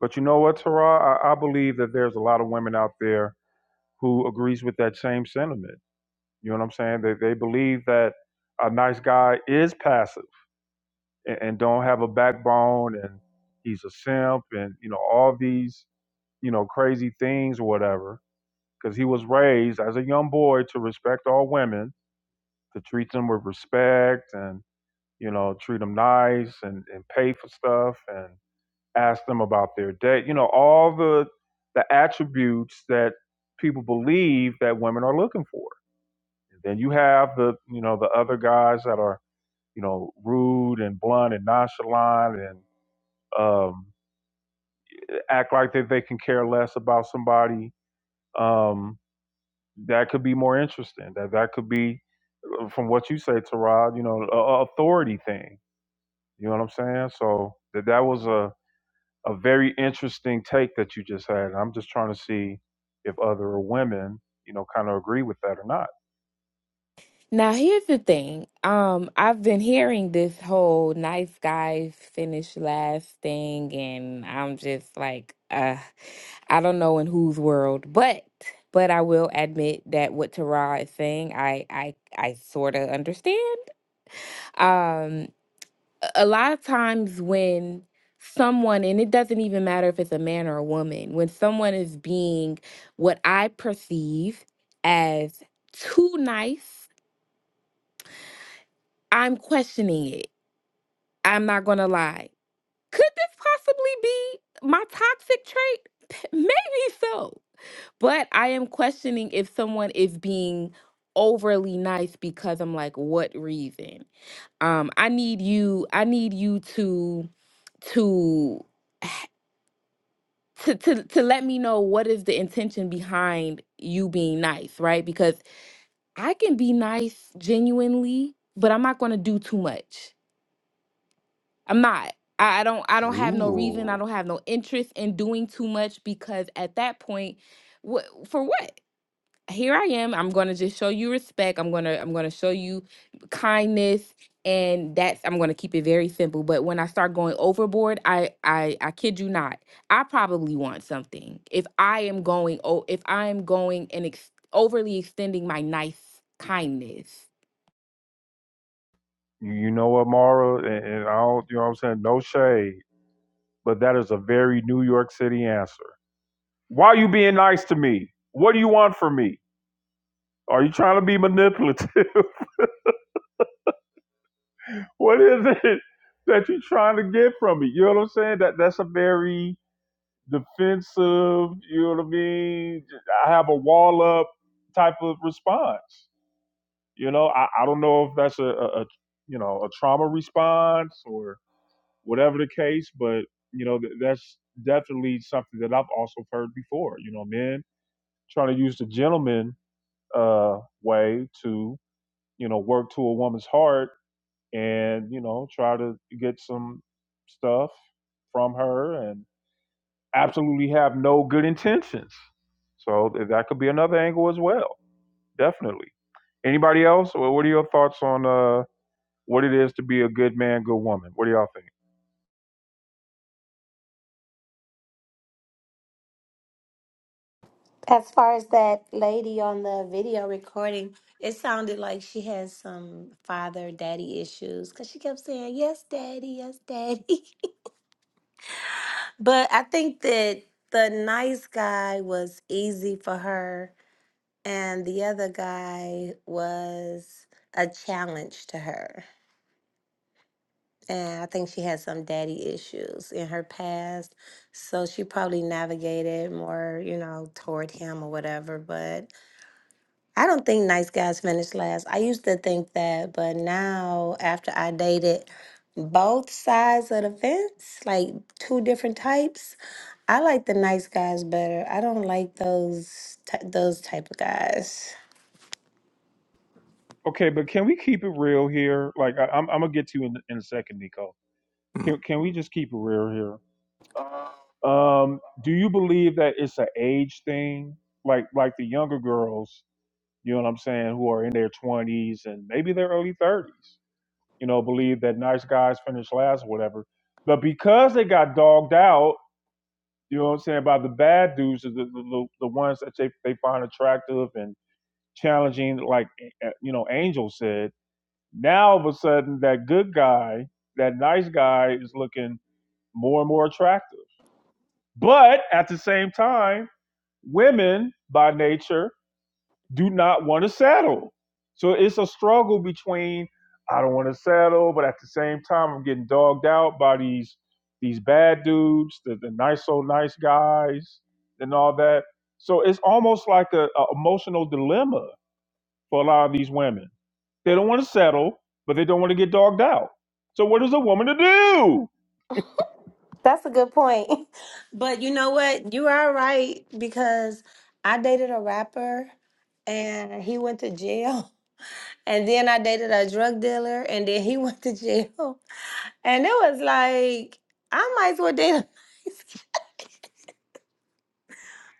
[SPEAKER 1] But you know what, Tara? I, I believe that there's a lot of women out there who agrees with that same sentiment. You know what I'm saying? They they believe that a nice guy is passive and, and don't have a backbone and he's a simp and you know all these you know crazy things or whatever. Because he was raised as a young boy to respect all women, to treat them with respect and you know treat them nice and, and pay for stuff and. ask them about their day. You know, all the the attributes that people believe that women are looking for. And then you have the you know the other guys that are you know rude and blunt and nonchalant and um, act like that they can care less about somebody. Um, that could be more interesting. That that could be uh, from what you say, Tarod. You know, a, a authority thing. You know what I'm saying? So that that was a a very interesting take that you just had. I'm just trying to see if other women, you know, kind of agree with that or not.
[SPEAKER 4] Now here's the thing. Um, I've been hearing this whole nice guys finish last thing, and I'm just like, uh, I don't know in whose world, but but I will admit that what Tara is saying, I I I sort of understand. Um, a a lot of times when someone, and it doesn't even matter if it's a man or a woman, when someone is being what I perceive as too nice, I'm questioning it I'm not gonna lie. Could this possibly be my toxic trait? [laughs] P- Maybe so. But I am questioning if someone is being overly nice because I'm like, what reason? Um, I need you, I need you to to [sighs] h- to, to to let me know what is the intention behind you being nice, right? Because I can be nice genuinely, but I'm not gonna do too much. I'm not. I, I don't I don't have no reason. I don't have no interest in doing too much because at that point, what for what? Here I am. I'm gonna just show you respect. I'm gonna I'm gonna show you kindness and that's I'm gonna keep it very simple. But when I start going overboard, I I I kid you not, I probably want something. If I am going oh if I am going and ex- overly extending my nice kindness.
[SPEAKER 1] You, you know what, Mara, and, and I don't, you know what I'm saying? No shade, but that is a very New York City answer. Why are you being nice to me? What do you want from me? Are you trying to be manipulative? [laughs] what is it that you're trying to get from me? You know what I'm saying? That that's a very defensive, you know what I mean? I have a wall up type of response. You know, I, I don't know if that's a, a, a you know a trauma response or whatever the case, but you know th- that's definitely something that I've also heard before. You know, men trying to use the gentleman uh, way to you know work to a woman's heart and you know try to get some stuff from her and absolutely have no good intentions. So th- that could be another angle as well. Definitely. Anybody else? Wha- What are your thoughts on uh, what it is to be a good man, good woman. What do y'all think?
[SPEAKER 8] As far as that lady on the video recording, it sounded like she had some father daddy issues because she kept saying, Yes, daddy, yes, daddy. [laughs] But I think that the nice guy was easy for her, and the other guy was a challenge to her. And I think she had some daddy issues in her past. So she probably navigated more, you know, toward him or whatever. But I don't think nice guys finish last. I used to think that, but now after I dated both sides of the fence, like two different types, I like the nice guys better. I don't like those ty- those type of guys.
[SPEAKER 1] Okay, but can we keep it real here? Like, I, I'm, I'm gonna get to you in, in a second, Nico. Can can we just keep it real here? Um, do you believe that it's an age thing? Like, like the younger girls, you know what I'm saying, who are in their 20s and maybe their early 30s, you know, believe that nice guys finish last, or whatever. But because they got dogged out, you know what I'm saying, by the bad dudes, the the, the the ones that they, they find attractive and challenging, like uh, you know, Angel said. Now all of a sudden, that good guy, that nice guy, is looking more and more attractive. But at the same time, women by nature do not want to settle. So it's a struggle between I don't want to settle, but at the same time, I'm getting dogged out by these these bad dudes, the, the nice old nice guys, and all that. So it's almost like a, a emotional dilemma for a lot of these women they don't want to settle, but they don't want to get dogged out. So what is a woman to do?
[SPEAKER 8] That's a good point. [laughs] But you know what? You are right because I dated a rapper and he went to jail. [laughs] And then I dated a drug dealer and then he [laughs] went to jail. And it was like, I might as well date a [laughs] light skin.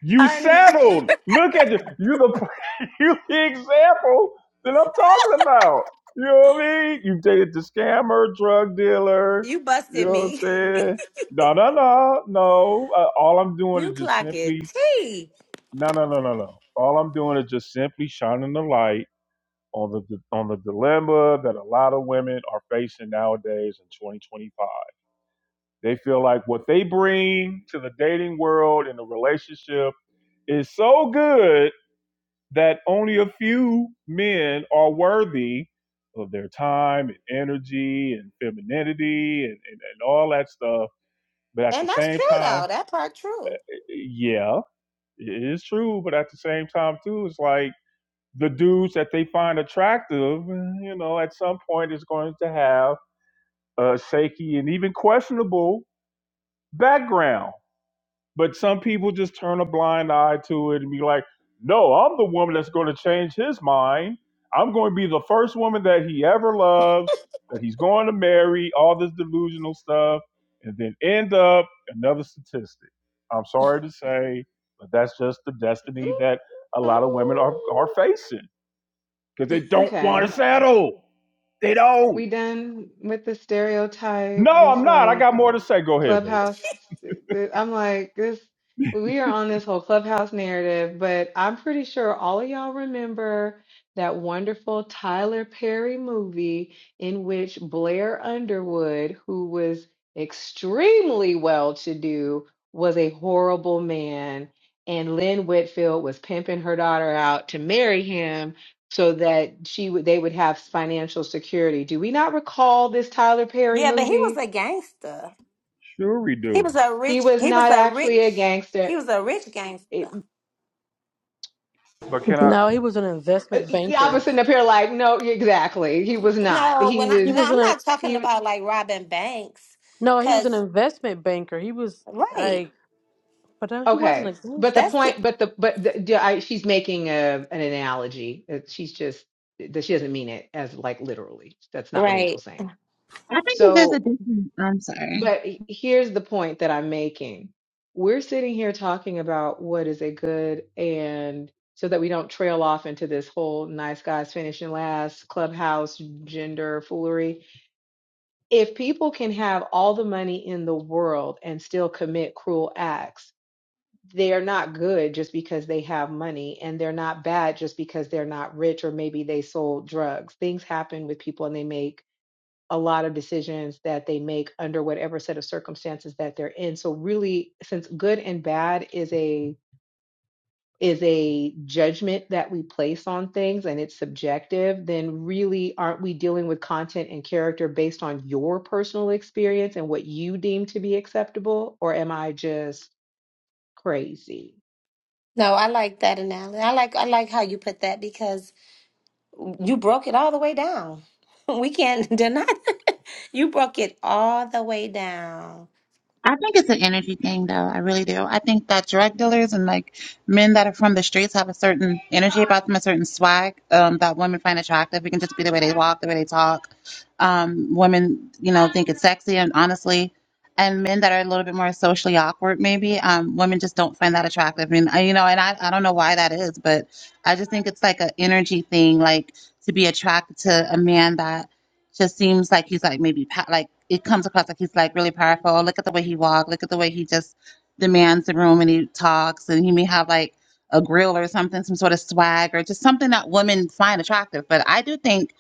[SPEAKER 1] You
[SPEAKER 8] And
[SPEAKER 1] settled. Look at you. You are the [laughs] you are the example that I'm talking about. You know what I mean? You dated the scammer, drug
[SPEAKER 8] [laughs]
[SPEAKER 1] dealer.
[SPEAKER 8] you
[SPEAKER 1] You
[SPEAKER 8] busted
[SPEAKER 1] know what I'm
[SPEAKER 8] me. [laughs]
[SPEAKER 1] saying? No, no, no, no. Uh, all I'm doing
[SPEAKER 8] You
[SPEAKER 1] is just
[SPEAKER 8] clocked
[SPEAKER 1] simply
[SPEAKER 8] T.
[SPEAKER 1] no, no, no, no, no. All I'm doing is just simply shining the light on the on the dilemma that a lot of women are facing nowadays in 2025. They feel like what they bring to the dating world and the relationship is so good that only a few men are worthy of their time and energy and femininity and, and, and all that stuff. But at the
[SPEAKER 8] And that's
[SPEAKER 1] same
[SPEAKER 8] true
[SPEAKER 1] time,
[SPEAKER 8] though. That part true.
[SPEAKER 1] yeah, it is true. But at the same time, too, it's like the dudes that they find attractive, you know, at some point is going to have uh, shaky and even questionable background. But some people just turn a blind eye to it and be like, no, I'm the woman that's going to change his mind. I'm going to be the first woman that he ever loves, that he's going to marry, all this delusional stuff, and then end up another statistic. I'm sorry to say, but that's just the destiny
[SPEAKER 7] you.
[SPEAKER 1] that a lot
[SPEAKER 7] [laughs]
[SPEAKER 1] of women are, are facing because they don't want to
[SPEAKER 7] Okay.
[SPEAKER 1] settle. They don't.
[SPEAKER 7] We done with the stereotype.
[SPEAKER 1] No,
[SPEAKER 7] It's
[SPEAKER 1] I'm not. I got
[SPEAKER 7] like
[SPEAKER 1] more to say. Go ahead, Vegas.
[SPEAKER 7] Clubhouse. I'm like, this, we are on this whole Clubhouse narrative, but I'm pretty sure all of y'all remember that wonderful Tyler Perry movie in which Blair Underwood, who was extremely well to do, was a horrible man. And Lynn Whitfield was pimping her daughter out to marry him so that she would they would have financial security. Do we not recall this Tyler Perry
[SPEAKER 8] Yeah, but he was
[SPEAKER 7] movie?
[SPEAKER 8] a gangster.
[SPEAKER 1] Sure, we
[SPEAKER 8] He
[SPEAKER 1] do.
[SPEAKER 8] was a
[SPEAKER 7] He
[SPEAKER 8] rich
[SPEAKER 7] was
[SPEAKER 8] he was
[SPEAKER 7] not
[SPEAKER 8] a
[SPEAKER 7] actually
[SPEAKER 8] rich
[SPEAKER 7] a gangster.
[SPEAKER 8] he was a rich
[SPEAKER 7] It,
[SPEAKER 8] gangster.
[SPEAKER 1] But can I?
[SPEAKER 9] No, he was an investment
[SPEAKER 7] y'all
[SPEAKER 9] banker.
[SPEAKER 7] was sitting up here like, no, exactly. He was not.
[SPEAKER 8] No,
[SPEAKER 7] He
[SPEAKER 8] when I
[SPEAKER 7] was
[SPEAKER 9] He
[SPEAKER 8] no,
[SPEAKER 9] was
[SPEAKER 8] I'm
[SPEAKER 9] an
[SPEAKER 8] not talking
[SPEAKER 7] he. was-
[SPEAKER 8] about like robbing banks.
[SPEAKER 9] no, he was an
[SPEAKER 8] Cause
[SPEAKER 9] investment banker. He was
[SPEAKER 8] right.
[SPEAKER 9] like, but no, he wasn't
[SPEAKER 7] Okay,
[SPEAKER 9] a
[SPEAKER 7] but the
[SPEAKER 8] That's
[SPEAKER 9] gangster.
[SPEAKER 8] the,
[SPEAKER 7] point, but the but the, yeah, I, she's making a an analogy. Uh, She's just that she doesn't mean it as like literally. That's not what
[SPEAKER 8] right.
[SPEAKER 7] Angel's saying.
[SPEAKER 3] I think that there's a
[SPEAKER 7] So,
[SPEAKER 3] different. I'm sorry.
[SPEAKER 7] but he- here's the point that I'm making. We're sitting here talking about what is a good and so that we don't trail off into this whole nice guys finishing last clubhouse gender foolery if people can have all the money in the world and still commit cruel acts, they're not good just because they have money and they're not bad just because they're not rich or maybe they sold drugs. Things happen with people and they make a lot of decisions that they make under whatever set of circumstances that they're in. So, really, since good and bad is a is a judgment that we place on things and it's subjective, then really aren't we dealing with content and character based on your personal experience and what you deem to be acceptable? Or am I just crazy?
[SPEAKER 8] No, I like that analogy. I like I like how you put that because You broke it all the way down. [laughs] We can't [laughs] deny that. [laughs] You broke it all the way down.
[SPEAKER 3] I think it's an energy thing, though. I really do. I think that drug dealers and like men that are from the streets have a certain energy about them, a certain swag um, that women find attractive. It can just be the way they walk, the way they talk. Um, women, you know, think it's sexy and honestly, and men that are a little bit more socially awkward, maybe um, women just don't find that attractive. And uh, you know, and I, I don't know why that is, but I just think it's like an energy thing, like to be attracted to a man that just seems like he's like maybe pa- like it comes across like he's like really powerful. Look at the way he walks. Look at the way he just demands the room and he talks. And he may have like a grill or something, some sort of swag or just something that women find attractive. But I do think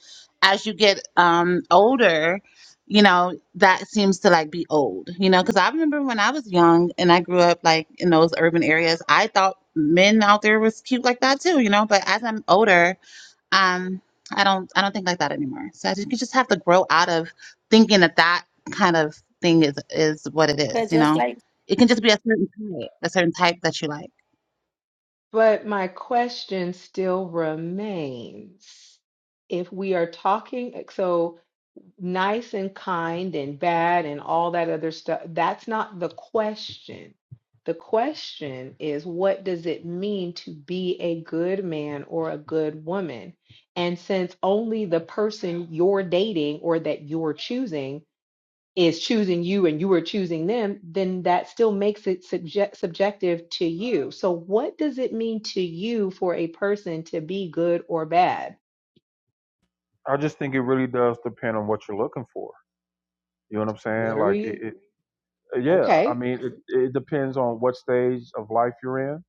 [SPEAKER 3] as you get um older, you know that seems to like be old. You know, because I remember when I was young and I grew up like in those urban areas, I thought men out there was cute like that too. You know, but as I'm older um i don't i don't think like that anymore so i think you just have to grow out of thinking that that kind of thing is is what it is
[SPEAKER 8] But
[SPEAKER 3] you
[SPEAKER 8] just
[SPEAKER 3] know
[SPEAKER 8] like
[SPEAKER 3] it can just be a certain type a certain type that you like
[SPEAKER 7] But my question still remains if we are talking, so nice and kind and bad and all that other stuff. That's not the question. The question is, what does it mean to be a good man or a good woman? And since only the person you're dating or that you're choosing is choosing you and you are choosing them, then that still makes it subject, subjective to you. So, what does it mean to you for a person to be good or bad?
[SPEAKER 1] I just think it really does depend on what you're looking for. You know what I'm
[SPEAKER 7] What
[SPEAKER 1] saying?
[SPEAKER 7] are
[SPEAKER 1] Like,
[SPEAKER 7] we?
[SPEAKER 1] it, it yeah. I
[SPEAKER 7] Okay.
[SPEAKER 1] mean, it, it depends on what stage of life you're in.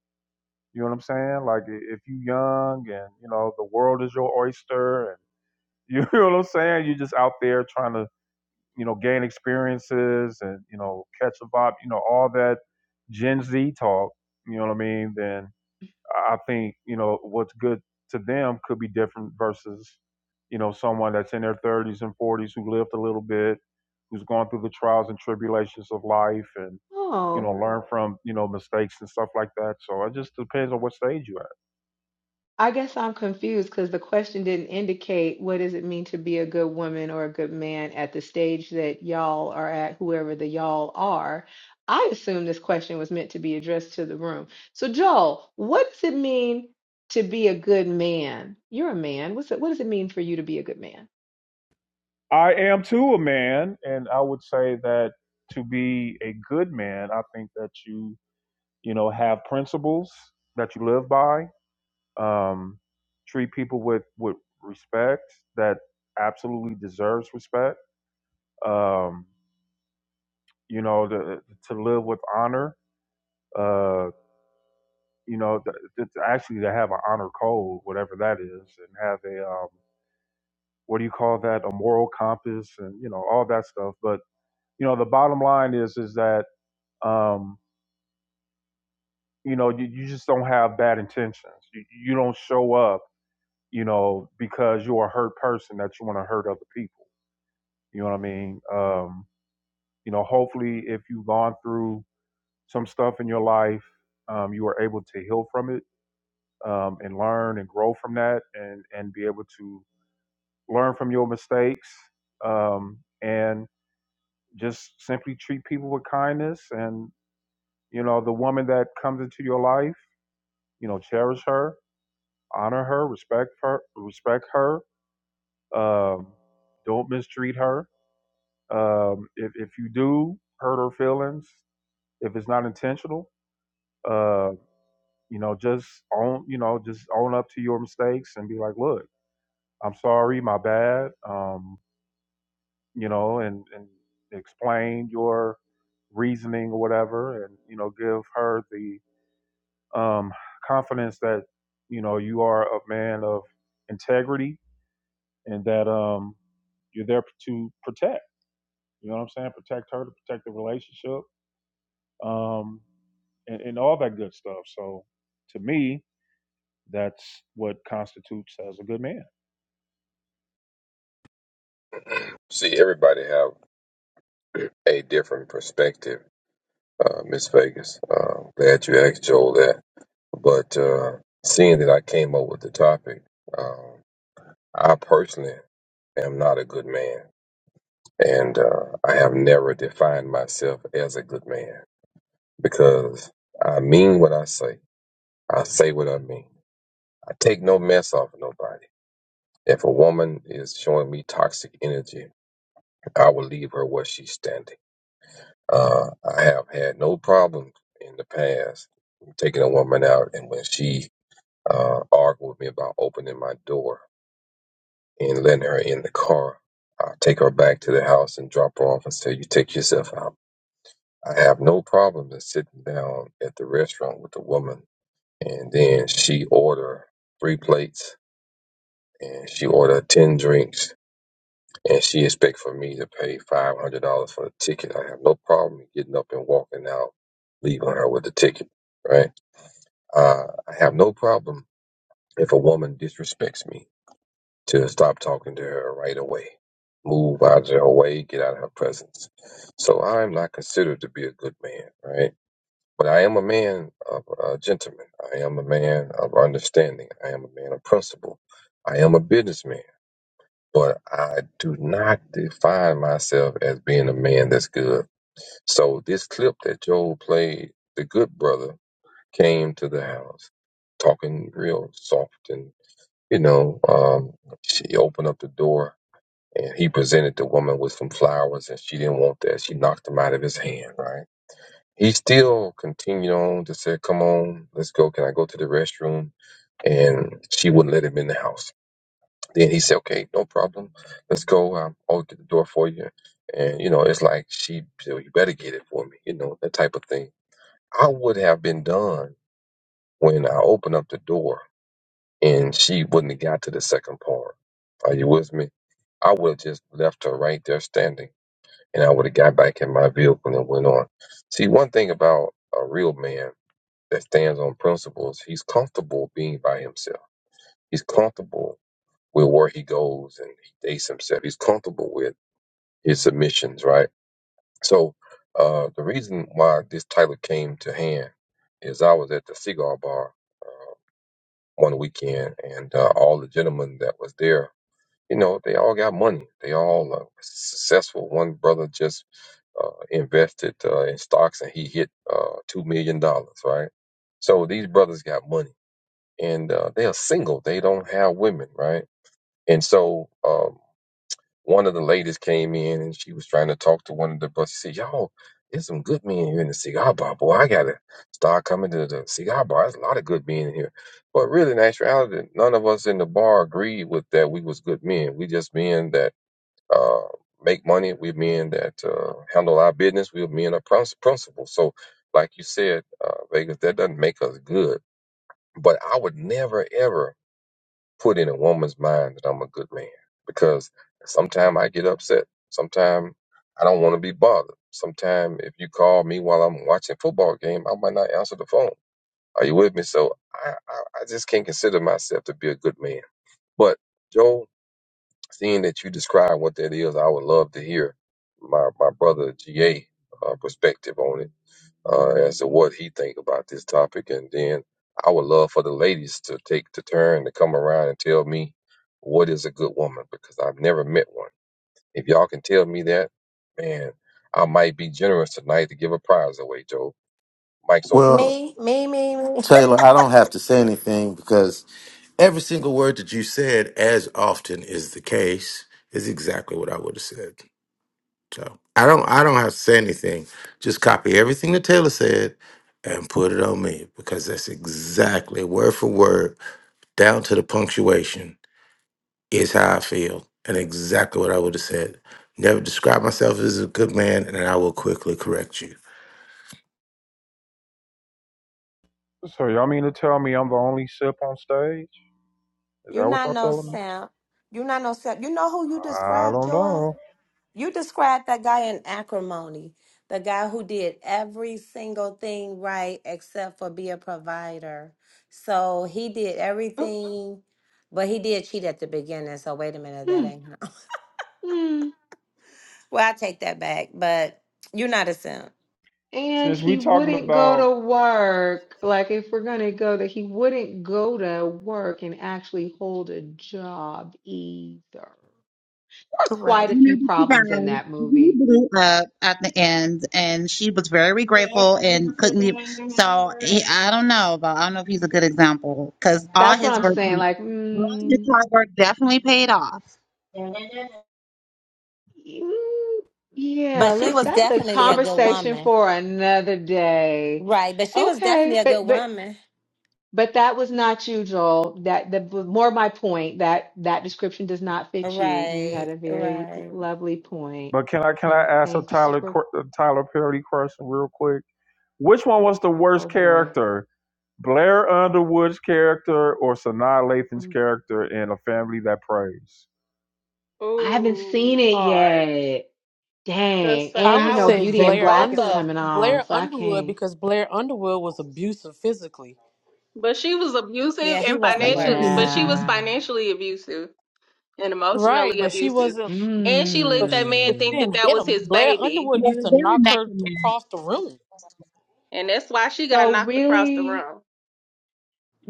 [SPEAKER 1] You know what I'm saying? Like, i- if you're young and you know the world is your oyster, and [laughs] you know what I'm saying, you're just out there trying to you know, gain experiences and, you know, catch a vibe, you know, all that Gen Z talk, you know what I mean, then I think, you know, what's good to them could be different versus, you know, someone that's in their 30s and 40s who lived a little bit, who's gone through the trials and tribulations of life and, you
[SPEAKER 7] Oh.
[SPEAKER 1] know, learn from, you know, mistakes and stuff like that. So it just depends on what stage you're at.
[SPEAKER 7] I guess I'm confused because the question didn't indicate what does it mean to be a good woman or a good man at the stage that y'all are at, whoever the y'all are. I assume this question was meant to be addressed to the room. So, Joel, what does it mean to be a good man? You're a man. What's it, what does it mean for you to be a good man?
[SPEAKER 1] I am too a man, and I would say that to be a good man, I think that you you know have principles that you live by um, treat people with with respect that absolutely deserves respect um, you know to, to live with honor uh, you know th- th- actually to have an honor code whatever that is and have a um, what do you call that a moral compass and you know all that stuff but you know the bottom line is is that um, you know you, you just don't have bad intentions you, you don't show up you know, because you're a hurt person that you want to hurt other people. You know what I mean? Um, you know, hopefully, if you've gone through some stuff in your life, um, you are able to heal from it um, and learn and grow from that, and and be able to learn from your mistakes um, and just simply treat people with kindness. And you know, the woman that comes into your life, you know, cherish her, honor her, respect her, respect her. Um, don't mistreat her Um, if, if you do hurt her feelings, if it's not intentional, uh, you know, just own, you know, just own up to your mistakes and be like, look, I'm sorry, my bad. Um, you know, and, and explain your reasoning or whatever, and, you know, give her the, um, confidence that, you know, you are a man of integrity and that, um, you're there to protect, you know what I'm saying? Protect her to protect the relationship. Um, and, and all that good stuff. So to me, that's what constitutes as a good man.
[SPEAKER 6] See, everybody have a different perspective, uh, Miss Vegas. Uh, glad you asked Joel that. But uh, seeing that I came up with the topic, um, I personally am not a good man. And uh, I have never defined myself as a good man because I mean what I say. I say what I mean. I take no mess off of nobody. If a woman is showing me toxic energy, I will leave her where she's standing. Uh, I have had no problems in the past taking a woman out, and when she uh, argued with me about opening my door and letting her in the car, I take her back to the house and drop her off and say, "You take yourself out." I have no problem in sitting down at the restaurant with a woman, and then she order three plates, and she order ten drinks, and she expect for me to pay five hundred dollars for the ticket. I have no problem getting up and walking out, leaving her with the ticket. Right? Uh, I have no problem if a woman disrespects me to stop talking to her right away, move out of her way, get out of her presence. So I'm not considered to be a good man, right? But I am a man of a gentleman. I am a man of understanding. I am a man of principle. I am a businessman. But I do not define myself as being a man that's good. So this clip that Joel played, the good brother came to the house talking real soft and you know, um, she opened up the door and he presented the woman with some flowers and she didn't want that. She knocked them out of his hand, right? he still continued on to say, Come on, let's go. Can I go to the restroom? And she wouldn't let him in the house. Then he said, Okay, no problem. Let's go. Um, I'll get the door for you. And, you know, it's like she said, You better get it for me, you know, that type of thing. I would have been done when I opened up the door and she wouldn't have got to the second part. Are you with me? I would have just left her right there standing and I would have got back in my vehicle and went on. See, one thing about a real man that stands on principles, he's comfortable being by himself. He's comfortable with where he goes and he dates himself. He's comfortable with his submissions, right? So uh, the reason why this title came to hand is I was at the cigar bar uh, one weekend, and uh, all the gentlemen that was there, you know, they all got money. They all uh, successful. One brother just uh, invested uh, in stocks, and he hit uh, two million dollars, right? So these brothers got money and uh, they are single. They don't have women, right? And so um, one of the ladies came in and she was trying to talk to one of the brothers. She said, "Yo, there's some good men here in the cigar bar, boy. I gotta start coming to the cigar bar. There's a lot of good men in here." But really, in actuality, none of us in the bar agreed with that. We was good men. We just men that uh, make money. We men that uh, handle our business. We men are princi- principle. So, like you said, uh, Vegas, that doesn't make us good. But I would never ever put in a woman's mind that I'm a good man because sometimes I get upset. Sometimes I don't want to be bothered. Sometimes if you call me while I'm watching football game, I might not answer the phone. Are you with me? So I, I, I just can't consider myself to be a good man. But Joe, seeing that you describe what that is, I would love to hear my, my brother GA uh, perspective on it uh, as to what he think about this topic. And then I would love for the ladies to take the turn to come around and tell me what is a good woman because I've never met one. If y'all can tell me that, man, I might be generous tonight to give a prize away, Joe. Mike's open.
[SPEAKER 10] Well,
[SPEAKER 8] me, me, me, me.
[SPEAKER 10] Taylor, I don't have to say anything because every single word that you said, as often is the case, is exactly what I would have said. So I don't I don't have to say anything. Just copy everything that Taylor said and put it on me because that's exactly word for word, down to the punctuation, is how I feel and exactly what I would have said. Never describe myself as a good man, and I will quickly correct you.
[SPEAKER 1] So y'all mean to tell me I'm the only sip on stage?
[SPEAKER 8] [laughs]
[SPEAKER 1] Is
[SPEAKER 8] You're
[SPEAKER 1] that what
[SPEAKER 8] not
[SPEAKER 1] y'all
[SPEAKER 8] no
[SPEAKER 1] telling me?
[SPEAKER 8] simp. You're not no simp. You know who you
[SPEAKER 1] I
[SPEAKER 8] described,
[SPEAKER 1] don't
[SPEAKER 8] Joy?
[SPEAKER 1] know.
[SPEAKER 8] You described that guy in acrimony, the guy who did every single thing right except for be a provider. So he did
[SPEAKER 7] Oh,
[SPEAKER 8] everything, but he did cheat at the beginning. So wait a minute, that
[SPEAKER 7] mm,
[SPEAKER 8] ain't him. [laughs]
[SPEAKER 7] mm.
[SPEAKER 8] Well, I take that back, but you're not a simp.
[SPEAKER 7] And
[SPEAKER 1] Since we
[SPEAKER 7] he
[SPEAKER 1] talking
[SPEAKER 7] wouldn't go
[SPEAKER 1] about,
[SPEAKER 7] to work. Like, if we're going to go that he wouldn't go to work and actually hold a job either. There are quite
[SPEAKER 8] Right.
[SPEAKER 7] a
[SPEAKER 3] you know
[SPEAKER 7] few
[SPEAKER 3] the
[SPEAKER 7] problems in
[SPEAKER 3] surprise,
[SPEAKER 7] that
[SPEAKER 3] he
[SPEAKER 7] movie.
[SPEAKER 3] blew up at the end and she was very grateful and couldn't even so he, i don't know but i don't know if he's a good example because all
[SPEAKER 7] That's what
[SPEAKER 3] his
[SPEAKER 7] I'm
[SPEAKER 3] work
[SPEAKER 7] saying. Like,
[SPEAKER 3] all his
[SPEAKER 7] mm,
[SPEAKER 3] hard work definitely paid off
[SPEAKER 7] mm, yeah,
[SPEAKER 8] But she
[SPEAKER 7] let's.
[SPEAKER 8] was
[SPEAKER 7] That's a
[SPEAKER 8] definitely a good
[SPEAKER 7] conversation
[SPEAKER 8] woman.
[SPEAKER 7] for another day.
[SPEAKER 8] Right. But she was
[SPEAKER 7] Okay,
[SPEAKER 8] definitely a
[SPEAKER 7] but
[SPEAKER 8] good
[SPEAKER 7] but
[SPEAKER 8] woman.
[SPEAKER 7] but that was not you, Joel. That the more my point that that description does not fit you. You
[SPEAKER 8] Right.
[SPEAKER 7] had a very
[SPEAKER 8] Right.
[SPEAKER 7] lovely point,
[SPEAKER 1] but can I can I
[SPEAKER 7] and
[SPEAKER 1] ask a
[SPEAKER 7] thanks
[SPEAKER 1] Tyler
[SPEAKER 7] for.
[SPEAKER 1] Qu- a Tyler Perry question real quick? Which one was the
[SPEAKER 7] Oh
[SPEAKER 1] worst
[SPEAKER 7] boy,
[SPEAKER 1] character, Blair Underwood's character or Sanaa Lathan's
[SPEAKER 7] Mm.
[SPEAKER 1] character in A Family That Prays?
[SPEAKER 7] I haven't seen
[SPEAKER 11] Ooh,
[SPEAKER 7] it
[SPEAKER 11] hard.
[SPEAKER 7] yet.
[SPEAKER 11] Because
[SPEAKER 7] Dang,
[SPEAKER 9] I
[SPEAKER 7] and you
[SPEAKER 9] would
[SPEAKER 11] Sanaa
[SPEAKER 7] know,
[SPEAKER 9] say
[SPEAKER 11] was
[SPEAKER 7] Beauty
[SPEAKER 11] ba-
[SPEAKER 7] in
[SPEAKER 9] Blair
[SPEAKER 7] Black
[SPEAKER 11] both
[SPEAKER 7] is
[SPEAKER 9] Under
[SPEAKER 11] of
[SPEAKER 7] coming
[SPEAKER 11] them,
[SPEAKER 7] on,
[SPEAKER 9] Blair
[SPEAKER 7] so I
[SPEAKER 9] Underwood
[SPEAKER 7] can't.
[SPEAKER 9] because Blair Underwood was abusive physically,
[SPEAKER 11] but she was abusive
[SPEAKER 8] Yeah, he
[SPEAKER 11] and
[SPEAKER 8] was the
[SPEAKER 3] yeah
[SPEAKER 11] financially, but
[SPEAKER 8] worst.
[SPEAKER 11] she was
[SPEAKER 7] Yeah.
[SPEAKER 11] financially abusive and
[SPEAKER 9] right?
[SPEAKER 11] emotionally
[SPEAKER 9] But she
[SPEAKER 11] abusive,
[SPEAKER 9] wasn't.
[SPEAKER 11] and she let
[SPEAKER 9] But
[SPEAKER 11] that
[SPEAKER 9] she but
[SPEAKER 11] man
[SPEAKER 9] she
[SPEAKER 7] Mm.
[SPEAKER 11] think that
[SPEAKER 9] didn't
[SPEAKER 11] that
[SPEAKER 9] hit
[SPEAKER 11] was
[SPEAKER 9] him.
[SPEAKER 11] his
[SPEAKER 9] Blair
[SPEAKER 11] baby,
[SPEAKER 9] Underwood used to
[SPEAKER 3] they were
[SPEAKER 9] knock
[SPEAKER 3] neck
[SPEAKER 9] her
[SPEAKER 3] and neck
[SPEAKER 9] across the room.
[SPEAKER 11] and that's why she got
[SPEAKER 7] So
[SPEAKER 11] knocked across the
[SPEAKER 7] really,
[SPEAKER 11] room.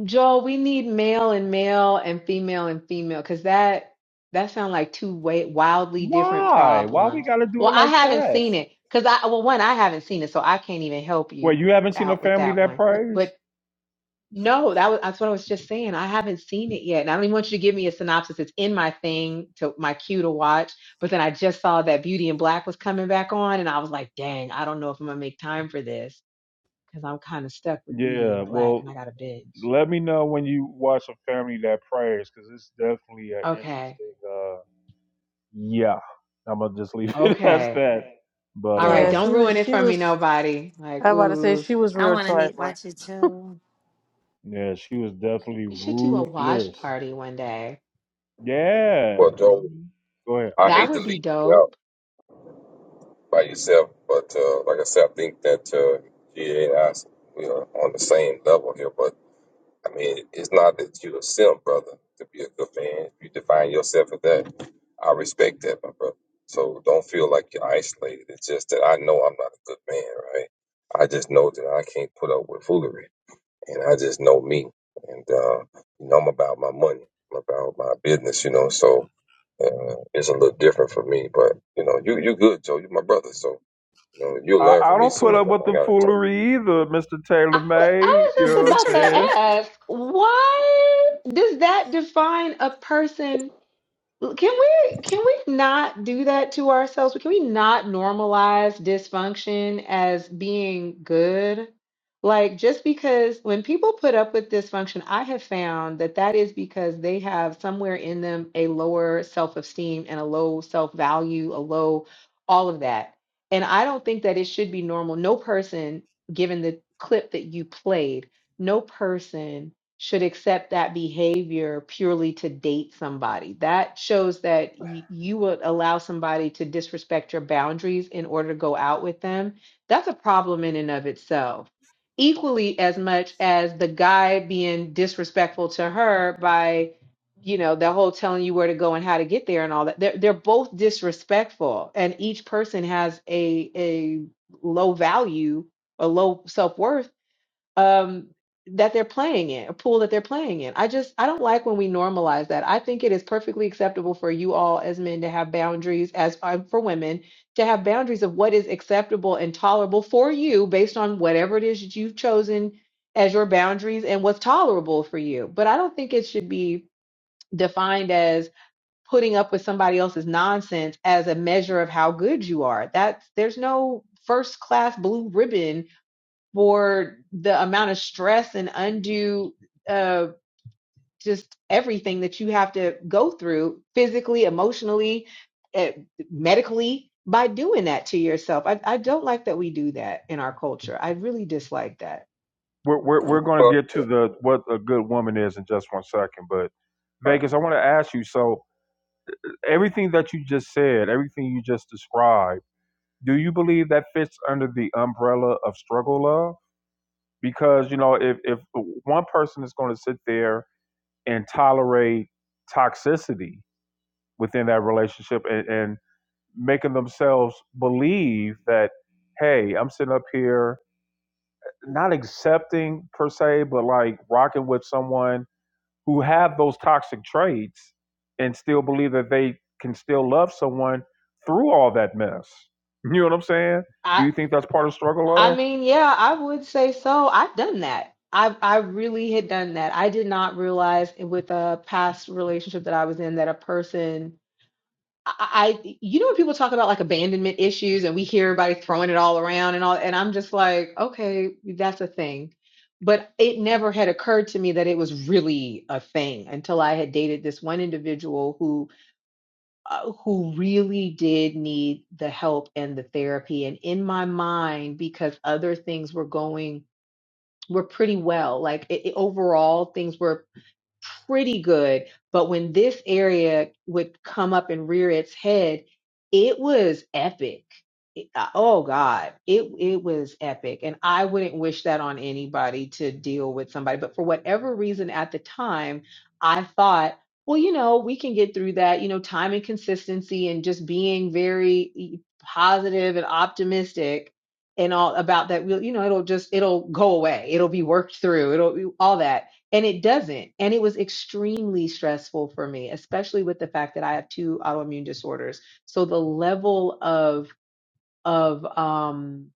[SPEAKER 7] Joel, we need male and male and female and female because that that sounds like two way, wildly different
[SPEAKER 1] Why? Why we
[SPEAKER 7] problems.
[SPEAKER 1] gotta do
[SPEAKER 7] Well,
[SPEAKER 1] it
[SPEAKER 7] I
[SPEAKER 1] like
[SPEAKER 7] haven't
[SPEAKER 1] that?
[SPEAKER 7] seen it because I well one I haven't seen it, so I can't even help you
[SPEAKER 1] Wait, you haven't seen A
[SPEAKER 7] out with
[SPEAKER 1] Family
[SPEAKER 7] that
[SPEAKER 1] That
[SPEAKER 7] one.
[SPEAKER 1] Prays?
[SPEAKER 7] but. No, that was that's what I was just saying. I haven't seen it yet, and I don't even want you to give me a synopsis. It's in my thing to my queue to watch, but then I just saw that Beauty and Black was coming back on, and I was like, dang, I don't know if I'm gonna make time for this because I'm kind of stuck with Beauty
[SPEAKER 1] Yeah,
[SPEAKER 7] and Black,
[SPEAKER 1] well,
[SPEAKER 7] and I gotta binge.
[SPEAKER 1] let me know when you watch a family that prays, because it's definitely an
[SPEAKER 7] Okay,
[SPEAKER 1] interesting. uh Yeah, I'm gonna just leave [laughs] it as
[SPEAKER 7] okay,
[SPEAKER 1] that. But
[SPEAKER 7] all right.
[SPEAKER 9] Yeah,
[SPEAKER 1] um,
[SPEAKER 9] she
[SPEAKER 7] Don't
[SPEAKER 9] was.
[SPEAKER 7] ruin it
[SPEAKER 9] She
[SPEAKER 7] for me,
[SPEAKER 9] was.
[SPEAKER 7] nobody. Like,
[SPEAKER 9] I about to say
[SPEAKER 7] ooh,
[SPEAKER 9] she was
[SPEAKER 8] I
[SPEAKER 9] real
[SPEAKER 8] want to need
[SPEAKER 9] trifling.
[SPEAKER 8] watch it too.
[SPEAKER 1] yeah, she was definitely
[SPEAKER 7] we should do a watch
[SPEAKER 1] ruthless.
[SPEAKER 7] party one day.
[SPEAKER 1] Yeah,
[SPEAKER 6] Well, Joe,
[SPEAKER 1] go ahead.
[SPEAKER 6] I
[SPEAKER 7] That
[SPEAKER 6] hate to
[SPEAKER 7] would be
[SPEAKER 6] leave you
[SPEAKER 7] dope.
[SPEAKER 6] out by yourself, but uh, like I said, I think that uh, GA and I we are on the same level here. But I mean, it's not that you're a simp, brother, to be a good man. If you define yourself as that, I respect that, my brother. So don't feel like you're isolated. It's just that I know I'm not a good man, right? I just know that I can't put up with foolery, and I just know me, and uh, you know I'm about my money, I'm about my business, you know. So uh, it's a little different for me, but you know, you you good, Joe. You my brother, so you know you'll
[SPEAKER 1] I,
[SPEAKER 6] learn
[SPEAKER 1] I
[SPEAKER 6] from me
[SPEAKER 1] don't
[SPEAKER 6] soon
[SPEAKER 1] put up
[SPEAKER 6] enough.
[SPEAKER 1] with
[SPEAKER 6] I
[SPEAKER 1] the
[SPEAKER 6] gotta talk.
[SPEAKER 1] foolery either, Mister Taylor
[SPEAKER 7] I wa- I
[SPEAKER 1] May.
[SPEAKER 7] was
[SPEAKER 1] You
[SPEAKER 7] just
[SPEAKER 1] know
[SPEAKER 7] about
[SPEAKER 1] what I'm saying?
[SPEAKER 7] to ask, why does that define a person L- Can we can we not do that to ourselves? Can we not normalize dysfunction as being good? Like just because when people put up with dysfunction, I have found that that is because they have somewhere in them a lower self-esteem and a low self-value, a low all of that. And I don't think that it should be normal. No person, given the clip that you played, no person should accept that behavior purely to date somebody. That shows that y- you would allow somebody to disrespect your boundaries in order to go out with them. That's a problem in and of itself. Equally as much as the guy being disrespectful to her by, you know, the whole telling you where to go and how to get there and all that. They're, they're both disrespectful, and each person has a a low value, a low self worth um, that they're playing in, a pool that they're playing in. I just, I don't like when we normalize that. I think it is perfectly acceptable for you all as men to have boundaries, as uh, for women to have boundaries of what is acceptable and tolerable for you based on whatever it is that you've chosen as your boundaries and what's tolerable for you. But I don't think it should be defined as putting up with somebody else's nonsense as a measure of how good you are. That's, there's no first class blue ribbon for the amount of stress and undue uh just everything that you have to go through physically emotionally eh, medically by doing that to yourself I, I don't like that we do that in our culture i really dislike that
[SPEAKER 1] We're, we're we're gonna
[SPEAKER 6] Well,
[SPEAKER 1] get to the what a good woman is in just one second, but Vegas, I want to ask you. So everything that you just said, everything you just described. do you believe that fits under the umbrella of struggle love? Because you know, if if one person is going to sit there and tolerate toxicity within that relationship and, and making themselves believe that, hey, I'm sitting up here not accepting per se, but like rocking with someone who have those toxic traits and still believe that they can still love someone through all that mess. You know what I'm saying? Do
[SPEAKER 7] i
[SPEAKER 1] you think that's part of struggle
[SPEAKER 7] i
[SPEAKER 1] love?
[SPEAKER 7] mean yeah i would say so i've done that i i really had done that i did not realize with a past relationship that i was in that a person I, I you know when people talk about like abandonment issues and we hear everybody throwing it all around and all and I'm just like, okay, that's a thing. But it never had occurred to me that it was really a thing until I had dated this one individual who uh, who really did need the help and the therapy and in my mind because other things were going were pretty well. Like it, it- overall things were pretty good. But when this area would come up and rear its head, it was epic. It- uh, oh God, it it was epic, and I wouldn't wish that on anybody to deal with somebody. But for whatever reason, at the time, I thought, well, you know, we can get through that. You know, time and consistency, and just being very e- positive and optimistic and all about that. We'll, you know, it'll just it'll go away. It'll be worked through. It'll all that and it doesn't and it was extremely stressful for me especially with the fact that i have two autoimmune disorders so the level of of um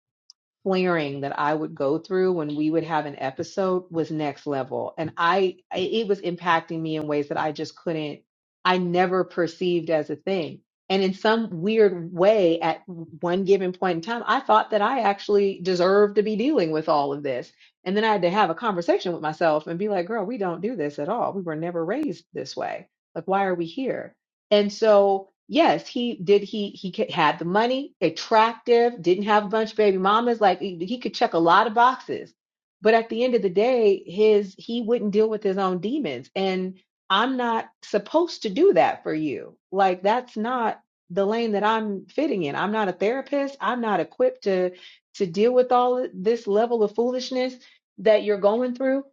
[SPEAKER 7] flaring that I would go through when we would have an episode was next level. And I, I- it was impacting me in ways that I just couldn't, I never perceived as a thing. And in some weird way, at one given point in time, I thought that I actually deserved to be dealing with all of this. And then I had to have a conversation with myself and be like, girl, we don't do this at all. We were never raised this way. Like, why are we here? And so, yes, he did. He he ca- had the money, attractive, didn't have a bunch of baby mamas. Like he he could check a lot of boxes, but at the end of the day, his he wouldn't deal with his own demons. And I'm not supposed to do that for you. Like that's not the lane that I'm fitting in. I'm not a therapist. I'm not equipped to to deal with all of this level of foolishness that you're going through.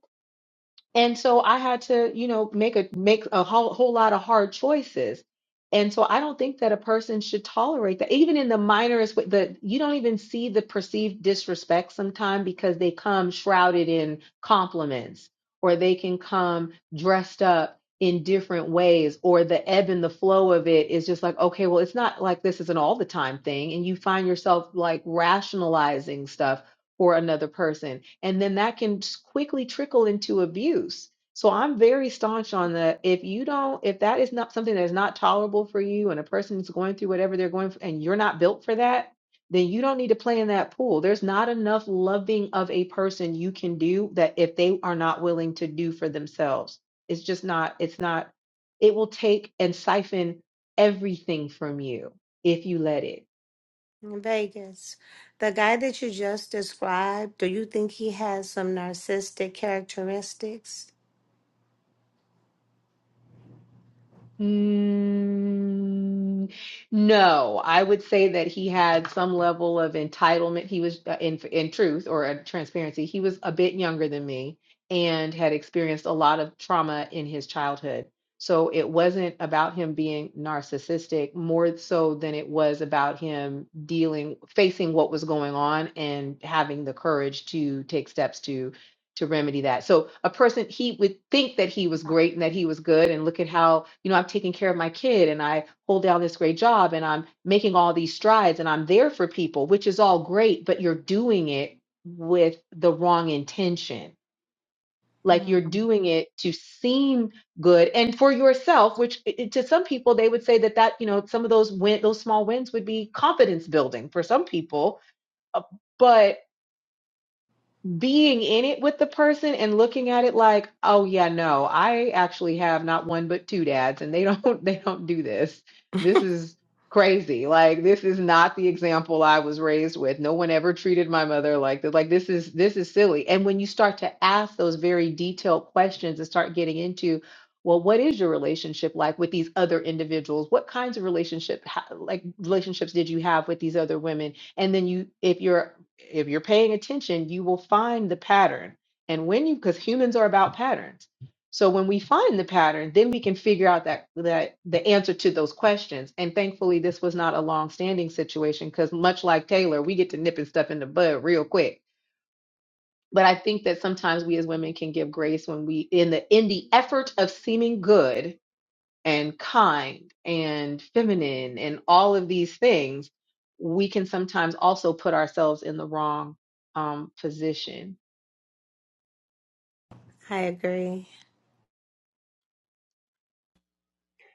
[SPEAKER 7] And so I had to, you know, make a make a whole, whole lot of hard choices. And so I don't think that a person should tolerate that, even in the minorest way. The you don't even see the perceived disrespect sometimes because they come shrouded in compliments, or they can come dressed up in different ways, or the ebb and the flow of it is just like, okay, well, it's not like this is an all the time thing, and you find yourself like rationalizing stuff for another person. And then that can quickly trickle into abuse. So I'm very staunch on that. If you don't, if that is not something that is not tolerable for you and a person is going through whatever they're going through and you're not built for that, then you don't need to play in that pool. There's not enough loving of a person you can do that if they are not willing to do for themselves. It's just not, it's not, it will take and siphon everything from you if you let it.
[SPEAKER 8] In Vegas. The guy that you just described, do you think he has some narcissistic characteristics?
[SPEAKER 7] Mm, no, I would say that he had some level of entitlement. He was, uh, in in truth or uh, transparency, he was a bit younger than me and had experienced a lot of trauma in his childhood. So it wasn't about him being narcissistic more so than it was about him dealing, facing what was going on and having the courage to take steps to remedy that. So a person he would think that he was great and that he was good and look at how, you know, I'm taking care of my kid and I hold down this great job and I'm making all these strides and I'm there for people, which is all great, but you're doing it with the wrong intention. Like you're
[SPEAKER 8] Mm.
[SPEAKER 7] doing it to seem good and for yourself, which i- i- to some people they would say that that, you know, some of those win those small wins would be confidence building for some people being in it with the person and looking at it like, oh yeah, no, I actually have not one but two dads and they don't [laughs] they don't do this. This is crazy. Like this is not the example I was raised with. No one ever treated my mother like that. Like this is this is silly. And when you start to ask those very detailed questions and start getting into well, what is your relationship like with these other individuals? What kinds of relationship ha- like relationships did you have with these other women? and then you if you're if you're paying attention, you will find the pattern. And when you, because humans are about patterns. So when we find the pattern, then we can figure out that that the answer to those questions. And thankfully, this was not a long-standing situation because much like Taylor, we get to nipping stuff in the bud real quick. But I think that sometimes we as women can give grace when we in the in the effort of seeming good and kind and feminine and all of these things, we can sometimes also put ourselves in the wrong um, position.
[SPEAKER 8] I agree.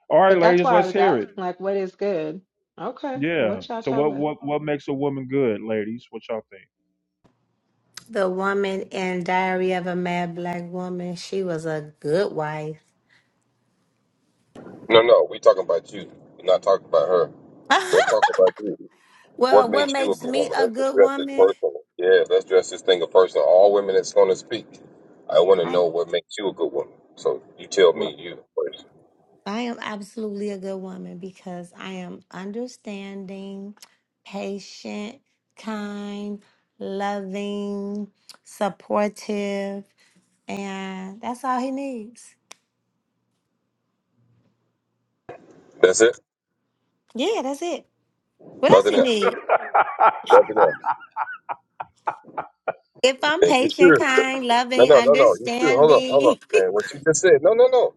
[SPEAKER 1] All right,
[SPEAKER 7] But that's
[SPEAKER 1] ladies,
[SPEAKER 7] why I
[SPEAKER 1] let's
[SPEAKER 7] was
[SPEAKER 1] hear
[SPEAKER 7] asking,
[SPEAKER 1] it.
[SPEAKER 7] like, what is good? Okay,
[SPEAKER 1] Yeah.
[SPEAKER 7] what y'all
[SPEAKER 1] So
[SPEAKER 7] talking
[SPEAKER 1] what
[SPEAKER 7] about?
[SPEAKER 1] what what makes a woman good, ladies? What y'all think?
[SPEAKER 8] The woman in Diary of a Mad Black Woman, she was a good wife.
[SPEAKER 6] No, no, we talking about you. We're not talking about her. Let's
[SPEAKER 8] [laughs]
[SPEAKER 6] talk about you. What
[SPEAKER 8] well, what
[SPEAKER 6] makes you a
[SPEAKER 8] makes
[SPEAKER 6] good
[SPEAKER 8] me
[SPEAKER 6] woman?
[SPEAKER 8] a
[SPEAKER 6] Let's
[SPEAKER 8] good
[SPEAKER 6] address this
[SPEAKER 8] woman?
[SPEAKER 6] personally. Yeah, let's address this thing of personally. All women that's going to speak, I want to
[SPEAKER 8] I
[SPEAKER 6] know what makes you a good woman. So you tell
[SPEAKER 8] what?
[SPEAKER 6] me you first.
[SPEAKER 8] I am absolutely a good woman because I am understanding, patient, kind, loving, supportive, and that's all he needs.
[SPEAKER 6] That's it.
[SPEAKER 8] Yeah, that's it. What else
[SPEAKER 6] Nothing
[SPEAKER 8] he
[SPEAKER 6] else.
[SPEAKER 8] need?
[SPEAKER 6] Nothing else.
[SPEAKER 8] If I'm
[SPEAKER 6] Man, you
[SPEAKER 8] patient,
[SPEAKER 6] sure?
[SPEAKER 8] kind,
[SPEAKER 6] No,
[SPEAKER 8] loving,
[SPEAKER 6] no, no, no. You sure? Hold up, hold
[SPEAKER 8] understanding,
[SPEAKER 6] up, man. What you just said? No, no, no.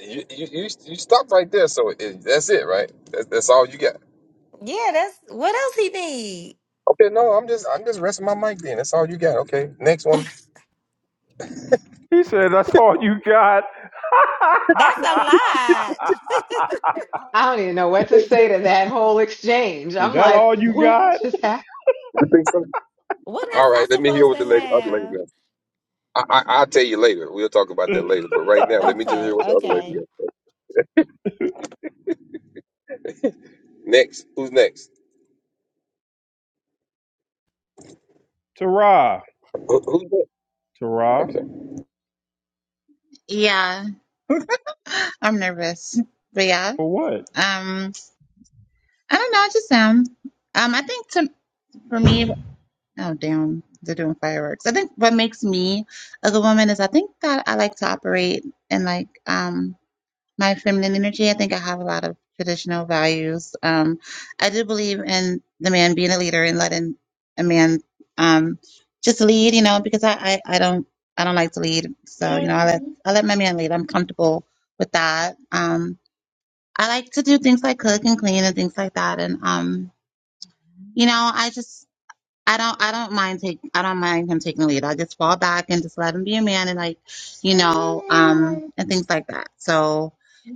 [SPEAKER 6] You you you, you stop right there. So it, that's it, right? That's, that's all you got.
[SPEAKER 8] [laughs] yeah, that's what else he need.
[SPEAKER 6] Okay, no, I'm just I'm just resting my mic. Then that's all you got. Okay, next one.
[SPEAKER 1] [laughs] he said, "That's all you got." [laughs]
[SPEAKER 8] That's a lot.
[SPEAKER 7] I don't even know
[SPEAKER 6] You
[SPEAKER 7] what to
[SPEAKER 6] think
[SPEAKER 7] say
[SPEAKER 6] so?
[SPEAKER 7] to that whole exchange.
[SPEAKER 1] Is
[SPEAKER 7] I'm
[SPEAKER 1] that
[SPEAKER 7] like,
[SPEAKER 1] all you
[SPEAKER 7] what
[SPEAKER 1] got?
[SPEAKER 7] just happened?
[SPEAKER 6] You think so?
[SPEAKER 8] What else
[SPEAKER 6] All right,
[SPEAKER 8] I
[SPEAKER 6] let me hear
[SPEAKER 8] supposed to
[SPEAKER 6] what the lady, other lady
[SPEAKER 8] have?
[SPEAKER 6] got. I, I, I'll tell you later. We'll talk about that later. But right now, let me just hear
[SPEAKER 8] Okay,
[SPEAKER 6] what the other lady
[SPEAKER 8] okay.
[SPEAKER 6] got. to say. Next, who's next?
[SPEAKER 1] Tara.
[SPEAKER 6] Who, who's next?
[SPEAKER 1] Tara.
[SPEAKER 6] Okay.
[SPEAKER 3] Yeah. [laughs] I'm nervous. But yeah.
[SPEAKER 1] For what?
[SPEAKER 3] Um I don't know, I just am. Um I think to for me oh damn, they're doing fireworks. I think what makes me a good woman is I think that I like to operate in like um my feminine energy. I think I have a lot of traditional values. Um, I do believe in the man being a leader and letting a man um, just lead, you know, because I, I, I don't I don't like to lead. So, you know, I let I let my man lead. I'm comfortable with that. Um, I like to do things like cook and clean and things like that. And um, you know, I just I don't I don't mind take I don't mind him taking the lead. I just fall back and just let him be a man and like, you know, um and things like that. So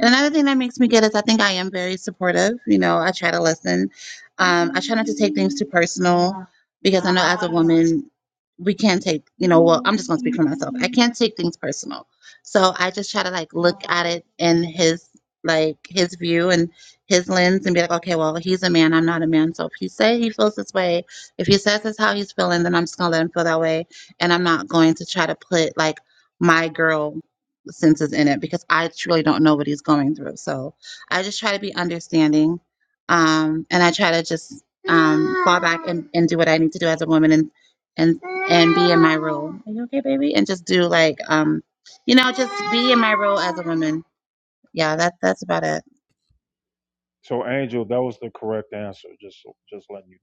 [SPEAKER 3] and another thing that makes me good is I think I am very supportive. You know, I try to listen. Um, I try not to take things too personal because I know as a woman, we can take, you know, well, I'm just going to speak for myself. I can't take things personal. So I just try to like look at it in his, like his view and his lens and be like, okay, well, he's a man. I'm not a man. So if he say he feels this way, if he says that's how he's feeling, then I'm just going to let him feel that way. And I'm not going to try to put like my girl senses in it because I truly don't know what he's going through. So I just try to be understanding, um, and I try to just um, fall back and, and do what I need to do as a woman and and and be in my role. Are you okay, baby? And just do like um, you know, just be in my role as a woman. Yeah, that that's about it.
[SPEAKER 1] So Angel, that was the correct answer. Just just letting you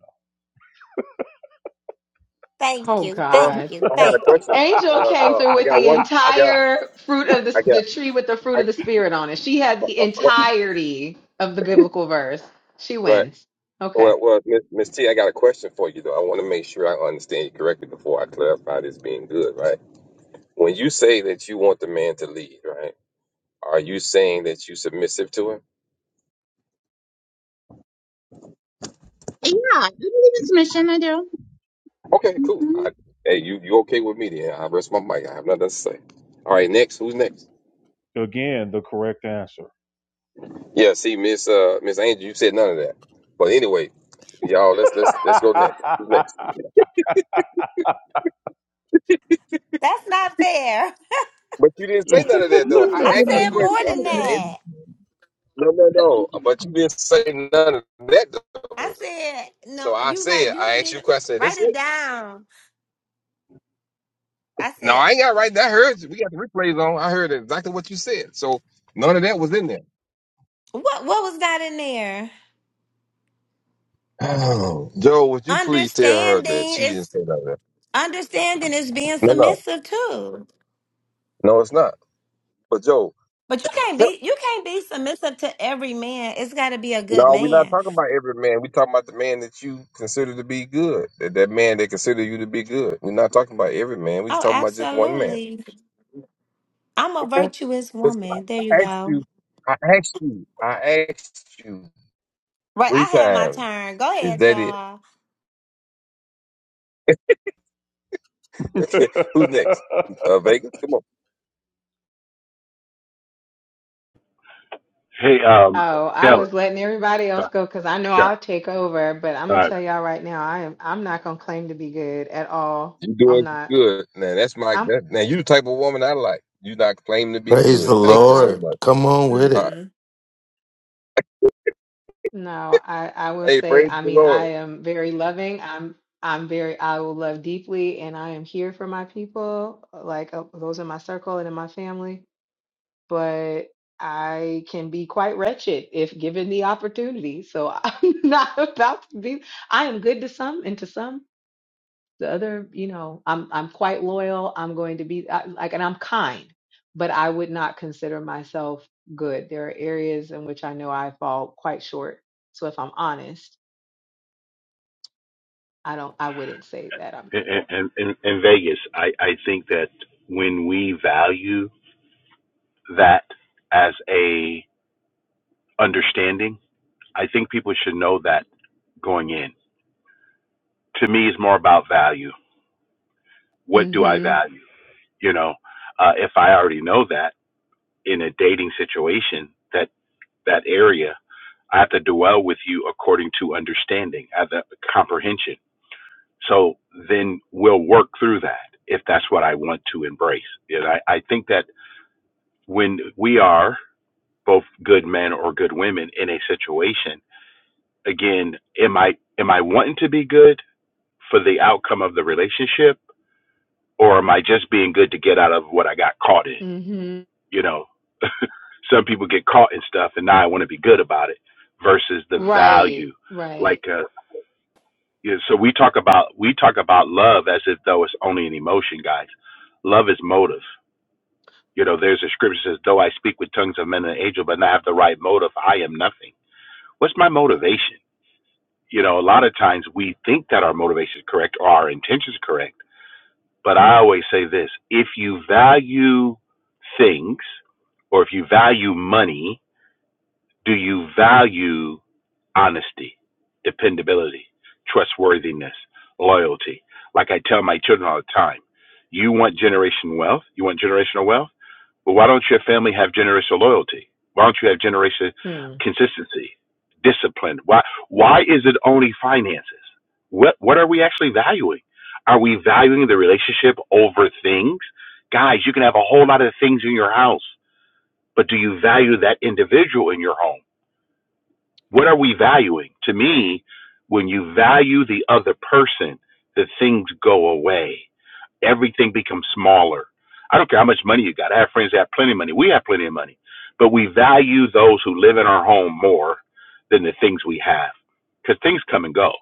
[SPEAKER 8] Thank
[SPEAKER 7] Oh
[SPEAKER 8] you,
[SPEAKER 6] Uh,
[SPEAKER 8] thank
[SPEAKER 7] God.
[SPEAKER 8] you,
[SPEAKER 6] I had
[SPEAKER 1] know.
[SPEAKER 6] a
[SPEAKER 8] thank you.
[SPEAKER 6] question. Uh,
[SPEAKER 7] Angel came
[SPEAKER 6] uh,
[SPEAKER 7] through
[SPEAKER 6] I
[SPEAKER 7] with
[SPEAKER 6] got
[SPEAKER 7] the
[SPEAKER 6] one.
[SPEAKER 1] [laughs]
[SPEAKER 6] I got.
[SPEAKER 7] entire fruit
[SPEAKER 6] I,
[SPEAKER 7] of the,
[SPEAKER 6] I
[SPEAKER 7] the
[SPEAKER 6] got.
[SPEAKER 7] tree with the fruit
[SPEAKER 6] I,
[SPEAKER 7] of the spirit on it. She had the entirety of the biblical verse. She
[SPEAKER 6] right.
[SPEAKER 7] wins. Okay.
[SPEAKER 6] Well, well, Miss Miss T, I got a question for you though. I want to make sure I understand you correctly before I clarify this being good, right? When you say that you want the man to lead, right? Are you saying that you submissive to him?
[SPEAKER 3] Yeah, I believe in submission. I do.
[SPEAKER 6] Okay, cool.
[SPEAKER 3] hmm
[SPEAKER 6] I, hey, you you okay with me then? I rest my mic. I have nothing to say. All right, next. Who's next?
[SPEAKER 1] Again, the correct answer.
[SPEAKER 6] Yeah, see, Miss uh, Miss Angel, you said none of that. But anyway, y'all, let's let's
[SPEAKER 1] [laughs]
[SPEAKER 6] let's go next. Who's Next,
[SPEAKER 8] That's not fair. [laughs]
[SPEAKER 6] but you didn't say none of that though.
[SPEAKER 3] You
[SPEAKER 6] I
[SPEAKER 3] had a
[SPEAKER 8] I
[SPEAKER 6] asked
[SPEAKER 3] good
[SPEAKER 6] you a
[SPEAKER 8] said
[SPEAKER 3] one. You
[SPEAKER 8] more
[SPEAKER 6] question. I
[SPEAKER 8] than
[SPEAKER 3] had
[SPEAKER 6] said,
[SPEAKER 3] a
[SPEAKER 6] Angel,
[SPEAKER 8] that.
[SPEAKER 3] good
[SPEAKER 6] no, no, no. But you
[SPEAKER 3] one.
[SPEAKER 6] didn't say none of that
[SPEAKER 8] I
[SPEAKER 6] though.
[SPEAKER 8] said no.
[SPEAKER 6] So I
[SPEAKER 8] You guys,
[SPEAKER 6] said,
[SPEAKER 8] you
[SPEAKER 6] I
[SPEAKER 8] didn't
[SPEAKER 6] asked you a
[SPEAKER 8] even
[SPEAKER 6] question.
[SPEAKER 8] write
[SPEAKER 6] That's
[SPEAKER 8] it
[SPEAKER 6] it.
[SPEAKER 8] down. I
[SPEAKER 6] No,
[SPEAKER 8] said
[SPEAKER 6] I ain't got right. I heard you. We got the replays on. I heard exactly what you said. So none of that was in there.
[SPEAKER 8] what? What was got in there?
[SPEAKER 6] Oh, Joe, would you please tell her that
[SPEAKER 8] Understanding
[SPEAKER 6] she didn't
[SPEAKER 8] is
[SPEAKER 6] say none of that?
[SPEAKER 8] understanding is being
[SPEAKER 6] No, no,
[SPEAKER 8] submissive too.
[SPEAKER 6] no, it's not. But Joe.
[SPEAKER 8] But you can't be you can't be submissive to every man. It's got to be a good
[SPEAKER 6] No, we're not
[SPEAKER 8] man.
[SPEAKER 6] talking about every man. We're talking about the man that you consider to be good. That, that man that consider you to be good. We're not talking about every man. We're just
[SPEAKER 8] Oh,
[SPEAKER 6] talking about just one man.
[SPEAKER 8] absolutely. I'm a
[SPEAKER 6] Okay.
[SPEAKER 8] virtuous
[SPEAKER 6] But
[SPEAKER 8] woman. There you
[SPEAKER 6] I asked
[SPEAKER 8] go.
[SPEAKER 6] you, I asked you, I asked you
[SPEAKER 8] Right,
[SPEAKER 6] three
[SPEAKER 8] I had my
[SPEAKER 6] times.
[SPEAKER 8] turn. Go
[SPEAKER 6] Is
[SPEAKER 8] ahead,
[SPEAKER 6] that it?
[SPEAKER 8] y'all.
[SPEAKER 6] [laughs] Who's next? Uh, Vegas, come on.
[SPEAKER 2] Hey, um,
[SPEAKER 7] Oh, I
[SPEAKER 2] Taylor.
[SPEAKER 7] was letting everybody else
[SPEAKER 2] Sorry.
[SPEAKER 7] go because I know
[SPEAKER 2] Yeah.
[SPEAKER 7] I'll take over, but I'm
[SPEAKER 2] All
[SPEAKER 7] gonna
[SPEAKER 2] right.
[SPEAKER 7] tell y'all right now, I am I'm not gonna claim to be good at all.
[SPEAKER 6] You
[SPEAKER 7] I'm
[SPEAKER 6] doing
[SPEAKER 7] not.
[SPEAKER 6] good. Now that's my
[SPEAKER 7] I'm
[SPEAKER 6] that, now you the type of woman I like. You not claiming to be
[SPEAKER 10] Praise the
[SPEAKER 6] good. Thank
[SPEAKER 7] uh,
[SPEAKER 6] you so
[SPEAKER 7] um
[SPEAKER 10] Lord.
[SPEAKER 6] much.
[SPEAKER 10] Come on with
[SPEAKER 6] All
[SPEAKER 10] it.
[SPEAKER 6] right.
[SPEAKER 7] mm-mm. No, I I will
[SPEAKER 6] Hey,
[SPEAKER 7] say,
[SPEAKER 6] praise
[SPEAKER 7] I
[SPEAKER 6] the
[SPEAKER 7] mean,
[SPEAKER 6] Lord.
[SPEAKER 7] I am very loving. I'm I'm very I will love deeply and I am here for my people, like uh, those in my circle and in my family, but I can be quite wretched if given the opportunity. So [laughs] I'm not about to be I am good to some and to some the other, you know, I'm I'm quite loyal. I'm going to be I, like, and I'm kind, but I would not consider myself good. There are areas in which I know I fall quite short. So if I'm honest, I don't. I wouldn't say that I'm
[SPEAKER 2] in,
[SPEAKER 7] good.
[SPEAKER 2] in, in Vegas, I, I think that when we value that as a understanding, I think people should know that going in. To me, it's more about value. What do I
[SPEAKER 7] Mm-hmm.
[SPEAKER 2] value? You know, uh, if I already know that in a dating situation, that that area, I have to dwell with you according to understanding, as a comprehension. So then we'll work through that if that's what I want to embrace. And I, I think that when we are both good men or good women in a situation again am i am i wanting to be good for the outcome of the relationship or am i just being good to get out of what i got caught in
[SPEAKER 7] Mm-hmm.
[SPEAKER 2] you know some people get caught in stuff and now i want to be good about it versus the
[SPEAKER 7] Right.
[SPEAKER 2] value
[SPEAKER 7] Right.
[SPEAKER 2] like uh you know, so we talk about we talk about love as if though it's only an emotion guys love is motive you know there's a scripture that says though i speak with tongues of men and angels but not have the right motive i am nothing what's my
[SPEAKER 7] Mm, mm,
[SPEAKER 2] motivation? You know, a lot of times we think that our motivation is correct or our intention is correct, but I always say this if you value things or if you value money, do you value honesty, dependability, trustworthiness, loyalty? Like I tell my children all the time, you want generation wealth, you want generational wealth well, why don't your family have generational loyalty? Why don't you have generational
[SPEAKER 7] mm.
[SPEAKER 2] consistency, discipline? Why why is it only finances? What what are we actually valuing? Are we valuing the relationship over things? Guys, you can have a whole lot of things in your house, but do you value that individual in your home? What are we valuing? To me, when you value the other person, the things go away. Everything becomes smaller. I don't care how much money you got. I have friends that have plenty of money. We have plenty of money. But we value those who live in our home more than the things we have because things come and go.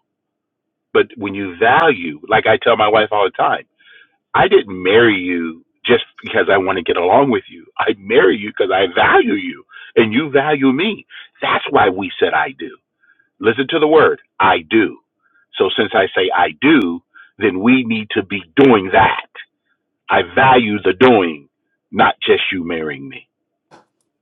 [SPEAKER 2] But when you value, like I tell my wife all the time, I didn't marry you just because I want to get along with you. I marry you because I value you and you value me. That's why we said I do. Listen to the word, I do. So since I say I do, then we need to be doing that. I value the doing, not just you marrying me.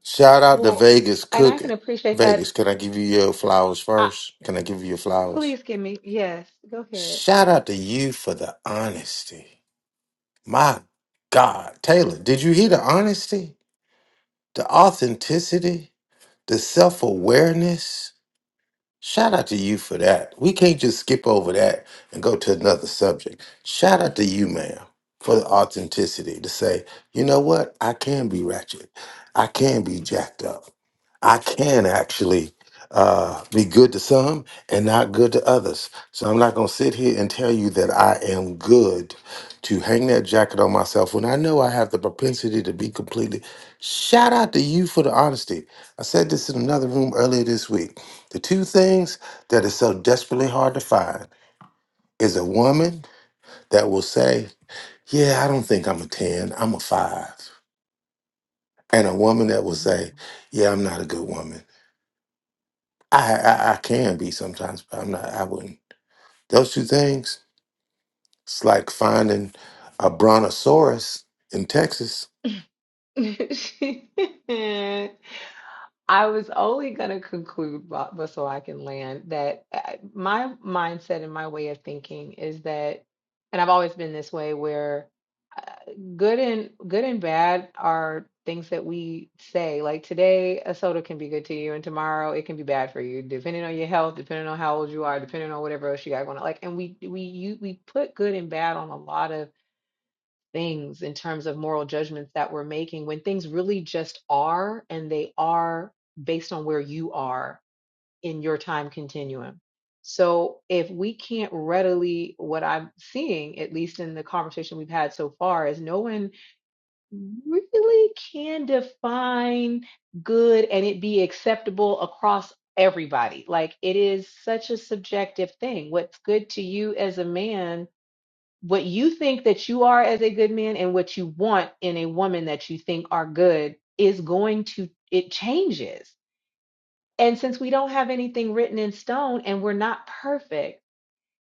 [SPEAKER 10] Shout out to
[SPEAKER 7] Well,
[SPEAKER 10] Vegas
[SPEAKER 7] and I can
[SPEAKER 10] Cooking.
[SPEAKER 7] appreciate that.
[SPEAKER 10] Vegas, can I give you your flowers
[SPEAKER 7] I,
[SPEAKER 10] first? Can I give you your flowers?
[SPEAKER 7] please give me. Yes. Go ahead.
[SPEAKER 10] Shout out to you for the honesty. My God. Taylor, did you hear the honesty? The authenticity? The self awareness? Shout out to you for that. We can't just skip over that and go to another subject. Shout out to you, ma'am, for the authenticity to say, you know what? I can be ratchet. I can be jacked up. I can actually uh, be good to some and not good to others. So I'm not going to sit here and tell you that I am good to hang that jacket on myself when I know I have the propensity to be completely. Shout out to you for the honesty. I said this in another room earlier this week. The two things that is so desperately hard to find is a woman that will say, Yeah, I don't think I'm a 10, I'm a five," And a woman that will say, Yeah, I'm not a good woman. I, I, I can be sometimes, but I'm not, I wouldn't. Those two things, it's like finding a brontosaurus in Texas.
[SPEAKER 7] Mhm. [laughs] I was only going to conclude, bu- but so I can land, that I- my mindset and my way of thinking is that, and I've always been this way, where uh, good and good and bad are things that we say. Like today, a soda can be good to you, and tomorrow it can be bad for you, depending on your health, depending on how old you are, depending on whatever else you got going on. Like, and we we you we put good and bad on a lot of things in terms of moral judgments that we're making when things really just are and they are based on where you are in your time continuum. So if we can't readily, what I'm seeing, at least in the conversation we've had so far, is no one really can define good and it be acceptable across everybody. Like it is such a subjective thing. What's good to you as a man what you think that you are as a good man and what you want in a woman that you think are good is going to it changes and since we don't have anything written in stone and we're not perfect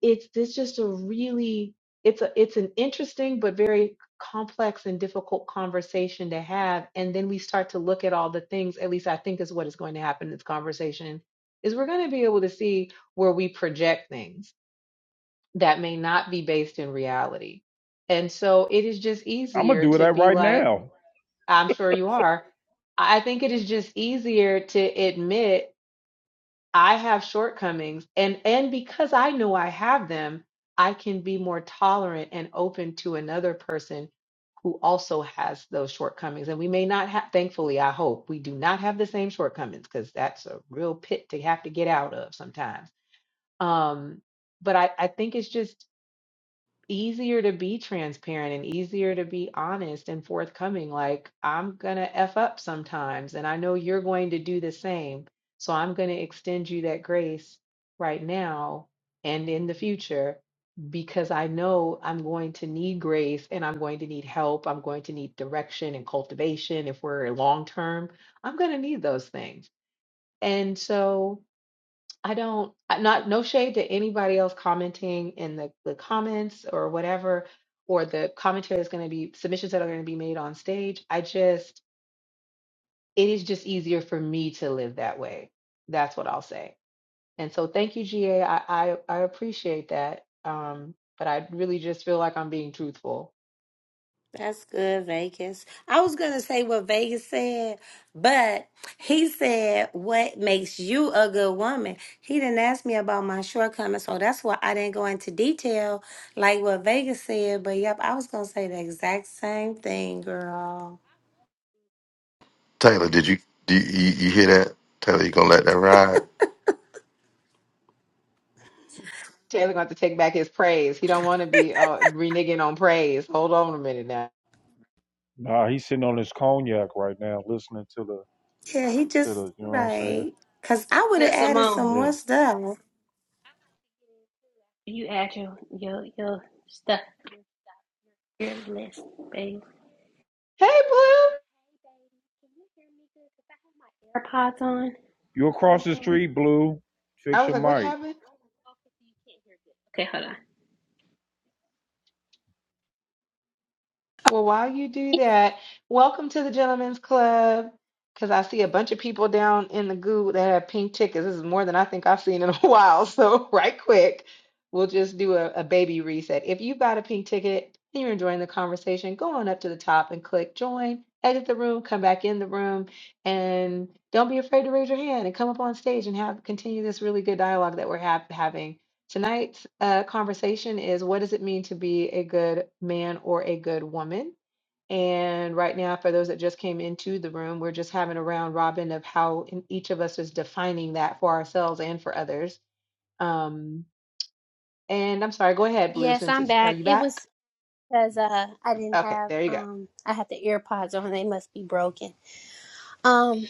[SPEAKER 7] it's this just a really it's a it's an interesting but very complex and difficult conversation to have and then we start to look at all the things at least i think is what is going to happen in this conversation is we're going to be able to see where we project things that may not be based in reality. And so it is just
[SPEAKER 1] I'm gonna
[SPEAKER 7] easier
[SPEAKER 1] do
[SPEAKER 7] to
[SPEAKER 1] that
[SPEAKER 7] be
[SPEAKER 1] right
[SPEAKER 7] like,
[SPEAKER 1] now.
[SPEAKER 7] I'm sure you are. I think it is just easier to admit I have shortcomings and and because I know I have them, I can be more tolerant and open to another person who also has those shortcomings. And we may not have, thankfully, I hope we do not have the same shortcomings because that's a real pit to have to get out of sometimes. Um, but I, I think it's just easier to be transparent and easier to be honest and forthcoming. Like, I'm going to F up sometimes, and I know you're going to do the same. So I'm going to extend you that grace right now and in the future because I know I'm going to need grace and I'm going to need help. I'm going to need direction and cultivation. If we're long term, I'm going to need those things. And so, I don't, I- not, no shade to anybody else commenting in the, the comments or whatever, or the commentary that's going to be submissions that are going to be made on stage. I just, it is just easier for me to live that way. That's what I'll say. And so thank you, GA. I, I, I appreciate that. Um, but I really just feel like I'm being truthful.
[SPEAKER 8] That's good, Vegas. I was going to say what Vegas said, but he said, What makes you a good woman? He didn't ask me about my shortcomings, so that's why I didn't go into detail like what Vegas said. But yep, I was going to say the exact same thing, girl.
[SPEAKER 10] Taylor, did you do you, you, you hear that? Taylor, you gonna let that ride?
[SPEAKER 7] Taylor going to take back his praise. He don't want to be uh, reneging on praise. Hold on a minute now.
[SPEAKER 1] Nah, he's sitting on his cognac right now, listening to the
[SPEAKER 8] Yeah, he
[SPEAKER 1] to the.
[SPEAKER 8] just,
[SPEAKER 1] You know what I'm saying?
[SPEAKER 8] right. Because I would
[SPEAKER 12] Now,
[SPEAKER 8] have added some
[SPEAKER 12] Simone,
[SPEAKER 8] more
[SPEAKER 1] Yeah.
[SPEAKER 8] stuff.
[SPEAKER 12] you add your your your stuff. Your list, babe.
[SPEAKER 7] Hey, Blue.
[SPEAKER 12] AirPods on.
[SPEAKER 1] You across the street, Blue.
[SPEAKER 7] I
[SPEAKER 1] Fix
[SPEAKER 7] was
[SPEAKER 1] your
[SPEAKER 7] like, what
[SPEAKER 1] mic.
[SPEAKER 7] happened?
[SPEAKER 12] Okay, hold on.
[SPEAKER 7] Well, while you do that, welcome to the Gentlemen's Club. Because I see a bunch of people down in the goo that have pink tickets. This is more than I think I've seen in a [laughs] while. So, right quick, we'll just do a, a baby reset. If you've got a pink ticket and you're enjoying the conversation, go on up to the top and click join, exit the room, come back in the room, and don't be afraid to raise your hand and come up on stage and have continue this really good dialogue that we're have, having. Tonight's uh, conversation is what does it mean to be a good man or a good woman? And right now, for those that just came into the room, we're just having a round robin of how in each of us is defining that for ourselves and for others. Um, and I'm sorry, go ahead, Blue,
[SPEAKER 12] Yes,
[SPEAKER 7] since
[SPEAKER 12] I'm
[SPEAKER 7] it's, are
[SPEAKER 12] back.
[SPEAKER 7] you
[SPEAKER 12] It
[SPEAKER 7] back?
[SPEAKER 12] was because uh, I didn't
[SPEAKER 7] Okay,
[SPEAKER 12] have
[SPEAKER 7] there you go.
[SPEAKER 12] um, I had the AirPods on. They must be broken. Um,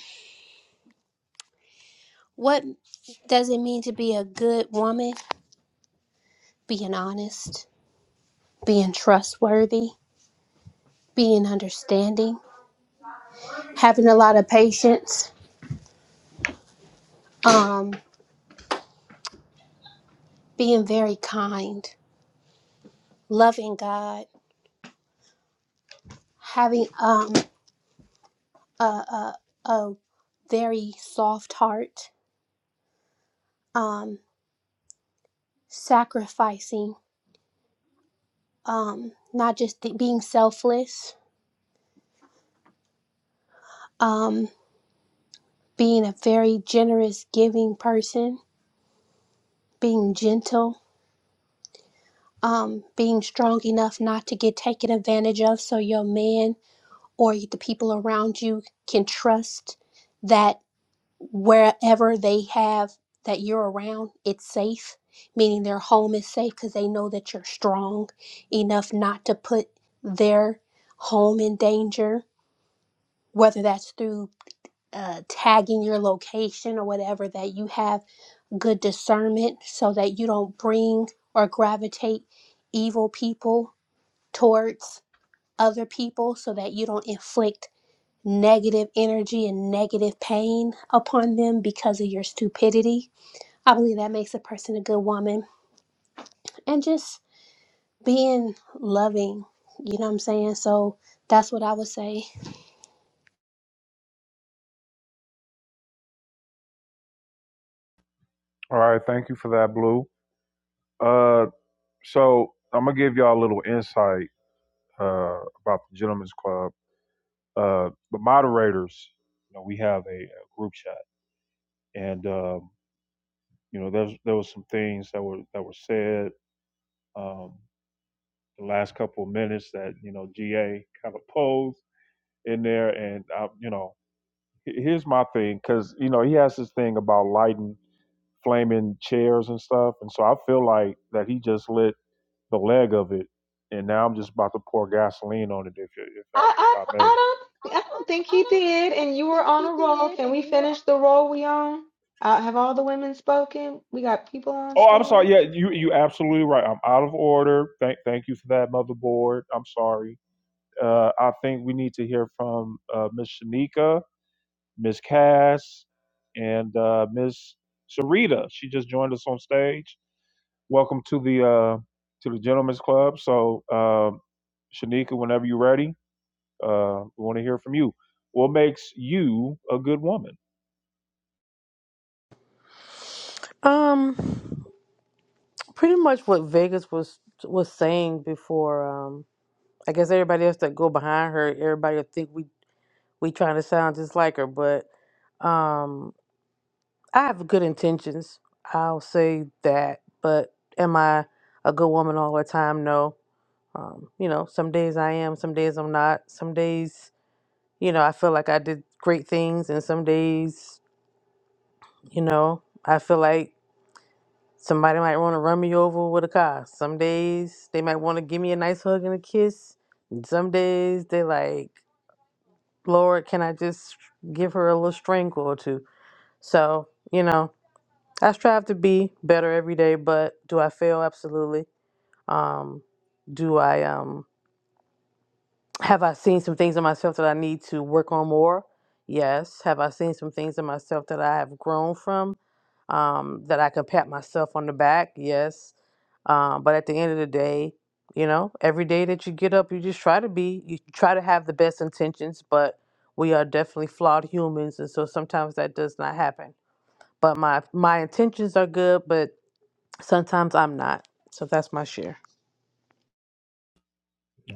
[SPEAKER 12] what does it mean to be a good woman? Being honest, being trustworthy, being understanding, having a lot of patience, um, being very kind, loving God. having um a a, a very soft heart, um, sacrificing, um, not just th- being selfless, um, being a very generous, giving person, being gentle, um, being strong enough not to get taken advantage of, so your man or the people around you can trust that. wherever they have that you're around, it's safe, meaning their home is safe because they know that you're strong enough not to put their home in danger, whether that's through uh, tagging your location or whatever, that you have good discernment so that you don't bring or gravitate evil people towards other people, so that you don't inflict negative energy and negative pain upon them because of your stupidity I believe that makes a person a good woman and just being loving. You know what I'm saying? So that's what I would say.
[SPEAKER 1] All right, thank you for that, Blue. Uh, so I'm gonna give y'all a little insight uh about the Gentlemen's Club. Uh, the moderators, you know, we have a, a group chat, and um, you know, there's there was some things that were that were said um the last couple of minutes that you know GA kind of posed in there, and I, you know. here's my thing because you know he has this thing about lighting flaming chairs and stuff and so i feel like that he just lit the leg of it and now i'm just about to pour gasoline on it if if I,
[SPEAKER 7] I,
[SPEAKER 1] if
[SPEAKER 7] I,
[SPEAKER 1] I
[SPEAKER 7] don't-
[SPEAKER 1] may
[SPEAKER 7] I don't, I don't think he did. And you were on a roll. Can we finish the roll we on? Uh, have all the women spoken? We got people on
[SPEAKER 1] oh i'm sorry
[SPEAKER 7] stage.
[SPEAKER 1] yeah you you absolutely right i'm out of order thank thank you for that motherboard i'm sorry uh i think we need to hear from uh miss shanika miss cass and uh miss sarita she just joined us on stage Welcome to the uh, to the Gentlemen's Club. So, uh, Shanika, whenever you're ready, uh, we want to hear from you. What makes you a good woman?
[SPEAKER 9] Um, pretty much what Vegas was was saying before. Um. I guess everybody else that go behind her, everybody will think we we trying to sound just like her. But um, I have good intentions. I'll say that. But am I a good woman all the time? No. Um, you know, some days I am, some days I'm not. Some days, you know, I feel like I did great things, and some days, you know, I feel like somebody might want to run me over with a car. Some days they might want to give me a nice hug and a kiss. And some days they like. Lord, can I just give her a little strangle or two? So, you know, I strive to be better every day, but do I fail? Absolutely. Um, do I um have I seen some things in myself that I need to work on more? Yes. Have I seen some things in myself that I have grown from? um, that I could pat myself on the back, yes. Um, but at the end of the day, you know, every day that you get up, you just try to be, you try to have the best intentions, but we are definitely flawed humans. And so sometimes that does not happen. But my, my intentions are good, but sometimes I'm not. So that's my share.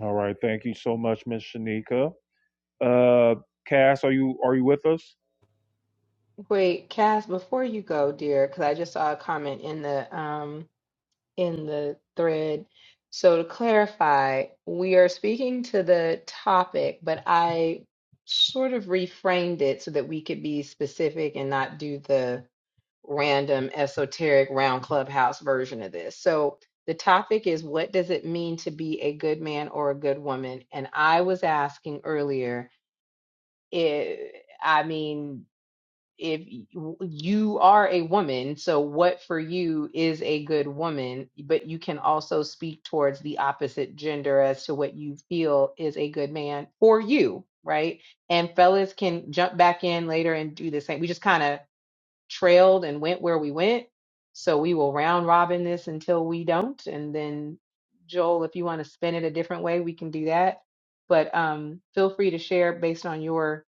[SPEAKER 1] All right, thank you so much, Miss Shanika. Uh, Cass, are you are you with us?
[SPEAKER 7] Wait, Cass, before you go, dear, because I just saw a comment in the um in the thread. So to clarify, we are speaking to the topic, but I sort of reframed it so that we could be specific and not do the random esoteric round clubhouse version of this. So the topic is what does it mean to be a good man or a good woman? And I was asking earlier, it, I mean, if y- you are a woman, so what for you is a good woman, but you can also speak towards the opposite gender as to what you feel is a good man for you, right? And fellas can jump back in later and do the same. We just kind of trailed and went where we went. So we will round robin this until we don't. And then, Joel, if you want to spin it a different way, we can do that. But um, feel free to share based on your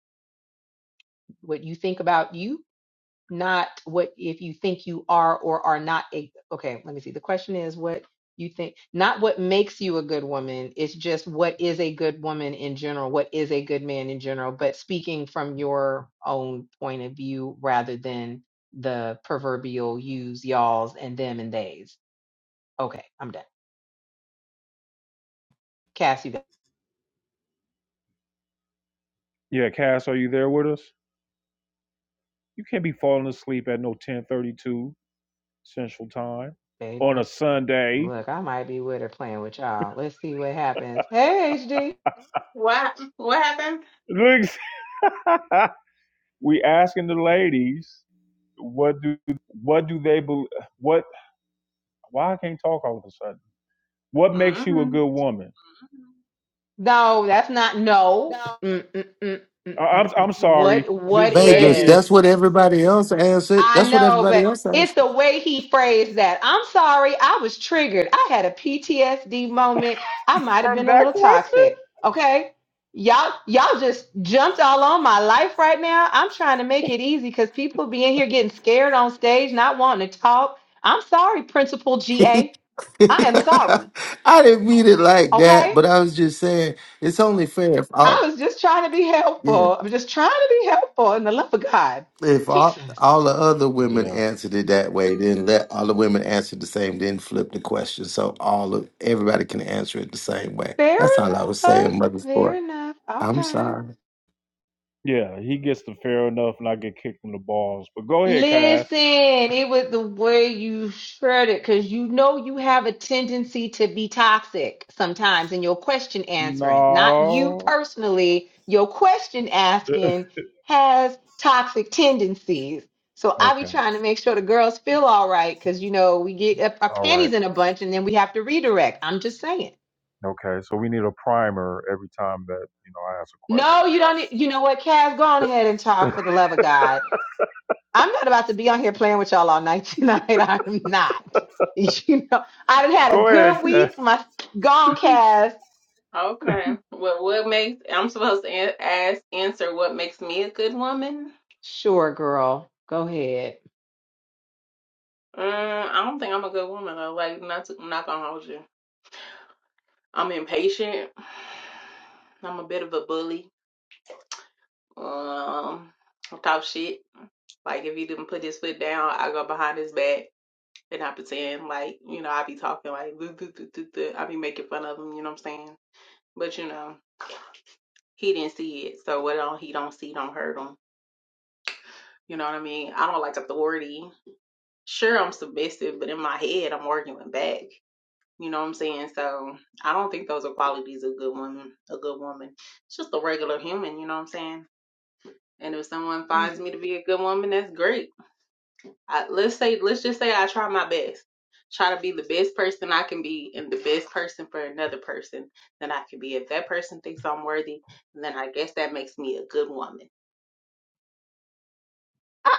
[SPEAKER 7] what you think about you not what if you think you are or are not a okay let me see the question is what you think not what makes you a good woman it's just what is a good woman in general what is a good man in general but speaking from your own point of view rather than the proverbial yous y'alls and them and theys okay i'm done cassie
[SPEAKER 1] Yeah, Cass, are you there with us? You can't be falling asleep at no 10:32 Central Time on a
[SPEAKER 7] baby
[SPEAKER 1] Sunday.
[SPEAKER 7] look i might be with her playing with y'all let's see what happens hey hd
[SPEAKER 11] What? What happened?
[SPEAKER 1] [laughs] we asking the ladies what do what do they believe? What why I can't talk all of a sudden? What makes you a
[SPEAKER 11] hmm
[SPEAKER 1] good woman?
[SPEAKER 7] No, that's not no. Mm, mm, mm, mm,
[SPEAKER 1] I-
[SPEAKER 7] mm,
[SPEAKER 1] am
[SPEAKER 7] mm.
[SPEAKER 1] I'm sorry,
[SPEAKER 7] What what
[SPEAKER 1] Miss
[SPEAKER 10] Vegas,
[SPEAKER 7] is?
[SPEAKER 10] that's
[SPEAKER 1] Vegas.
[SPEAKER 10] what everybody else answered.
[SPEAKER 7] I
[SPEAKER 10] That's what
[SPEAKER 7] know,
[SPEAKER 10] everybody
[SPEAKER 7] but
[SPEAKER 10] else asked.
[SPEAKER 7] it's the way he phrased that. I'm sorry, I was triggered. I had a PTSD moment. I might have
[SPEAKER 1] From
[SPEAKER 7] been a
[SPEAKER 1] that
[SPEAKER 7] little
[SPEAKER 1] question?
[SPEAKER 7] toxic. Okay? Y'all y'all just jumped all on my life right now. I'm trying to make it easy cuz people be in here getting scared on stage, not wanting to talk. I'm sorry, Principal GA.
[SPEAKER 10] [laughs]
[SPEAKER 7] I am sorry.
[SPEAKER 10] I didn't mean it like that,
[SPEAKER 7] Okay?
[SPEAKER 10] but I was just saying it's only fair if
[SPEAKER 7] I
[SPEAKER 10] all
[SPEAKER 7] was just trying to be
[SPEAKER 10] yeah
[SPEAKER 7] helpful. I'm just trying to be helpful in the love of God.
[SPEAKER 10] if all
[SPEAKER 7] Jesus.
[SPEAKER 10] all the other women
[SPEAKER 1] Yeah,
[SPEAKER 10] answered it that way, then let all the women answer the same, then flip the question so all of everybody can answer it the same way.
[SPEAKER 7] Fair
[SPEAKER 10] That's all I was
[SPEAKER 7] enough.
[SPEAKER 10] saying, mother
[SPEAKER 7] Fair
[SPEAKER 10] sport.
[SPEAKER 7] enough.
[SPEAKER 10] I'm
[SPEAKER 7] Okay.
[SPEAKER 10] sorry.
[SPEAKER 1] yeah, he gets the fair enough, and I get kicked in the balls. But go ahead, Cass.
[SPEAKER 7] Listen, it was the way you shared it because you know you have a tendency to be toxic sometimes in your question answering. Not you
[SPEAKER 1] No.
[SPEAKER 7] personally, your question
[SPEAKER 1] [laughs]
[SPEAKER 7] asking has toxic tendencies. So I be
[SPEAKER 1] okay.
[SPEAKER 7] trying to make sure the girls feel all right because you know we get up our
[SPEAKER 1] All
[SPEAKER 7] panties
[SPEAKER 1] right.
[SPEAKER 7] in a bunch and then we have to redirect. I'm just saying.
[SPEAKER 1] Okay. So we need a primer every time that you know I ask a question.
[SPEAKER 7] No, you don't. need- You know what, Kaz? Go on ahead and
[SPEAKER 1] Got
[SPEAKER 7] talk
[SPEAKER 1] it.
[SPEAKER 7] for the love of God. I'm not about to be on here playing with y'all all night [laughs] tonight. I'm not. [laughs] You know, I done
[SPEAKER 1] [laughs]
[SPEAKER 7] had a
[SPEAKER 1] go
[SPEAKER 7] good
[SPEAKER 1] ahead,
[SPEAKER 7] week. My gone cast.
[SPEAKER 11] Okay. Well, what makes I'm supposed to an- ask answer what makes me a good woman?
[SPEAKER 7] Sure, girl. Go ahead.
[SPEAKER 11] Mm, I don't think I'm a good woman though. Like not to, I'm not gonna hold you. I'm impatient. [sighs] I'm a bit of a bully. Um, I talk shit. Like if he didn't put his foot down, I go behind his back and I pretend like you know I be talking like "Duh, duh, duh, duh, duh." I be making fun of him. You know what I'm saying? But you know he didn't see it, so what don't he don't see don't hurt him. You know what I mean? I don't like authority. Sure, I'm submissive, but in my head, I'm arguing back. You know what I'm saying? So I don't think those are qualities of good woman. A good woman, it's just a regular human. You know what I'm saying? And if someone finds me to be a good woman, that's great. I, let's say, let's just say I try my best. Try to be the best person I can be and the best person for another person that I can be. If that person thinks I'm worthy, then I guess that makes me a good woman.
[SPEAKER 7] I,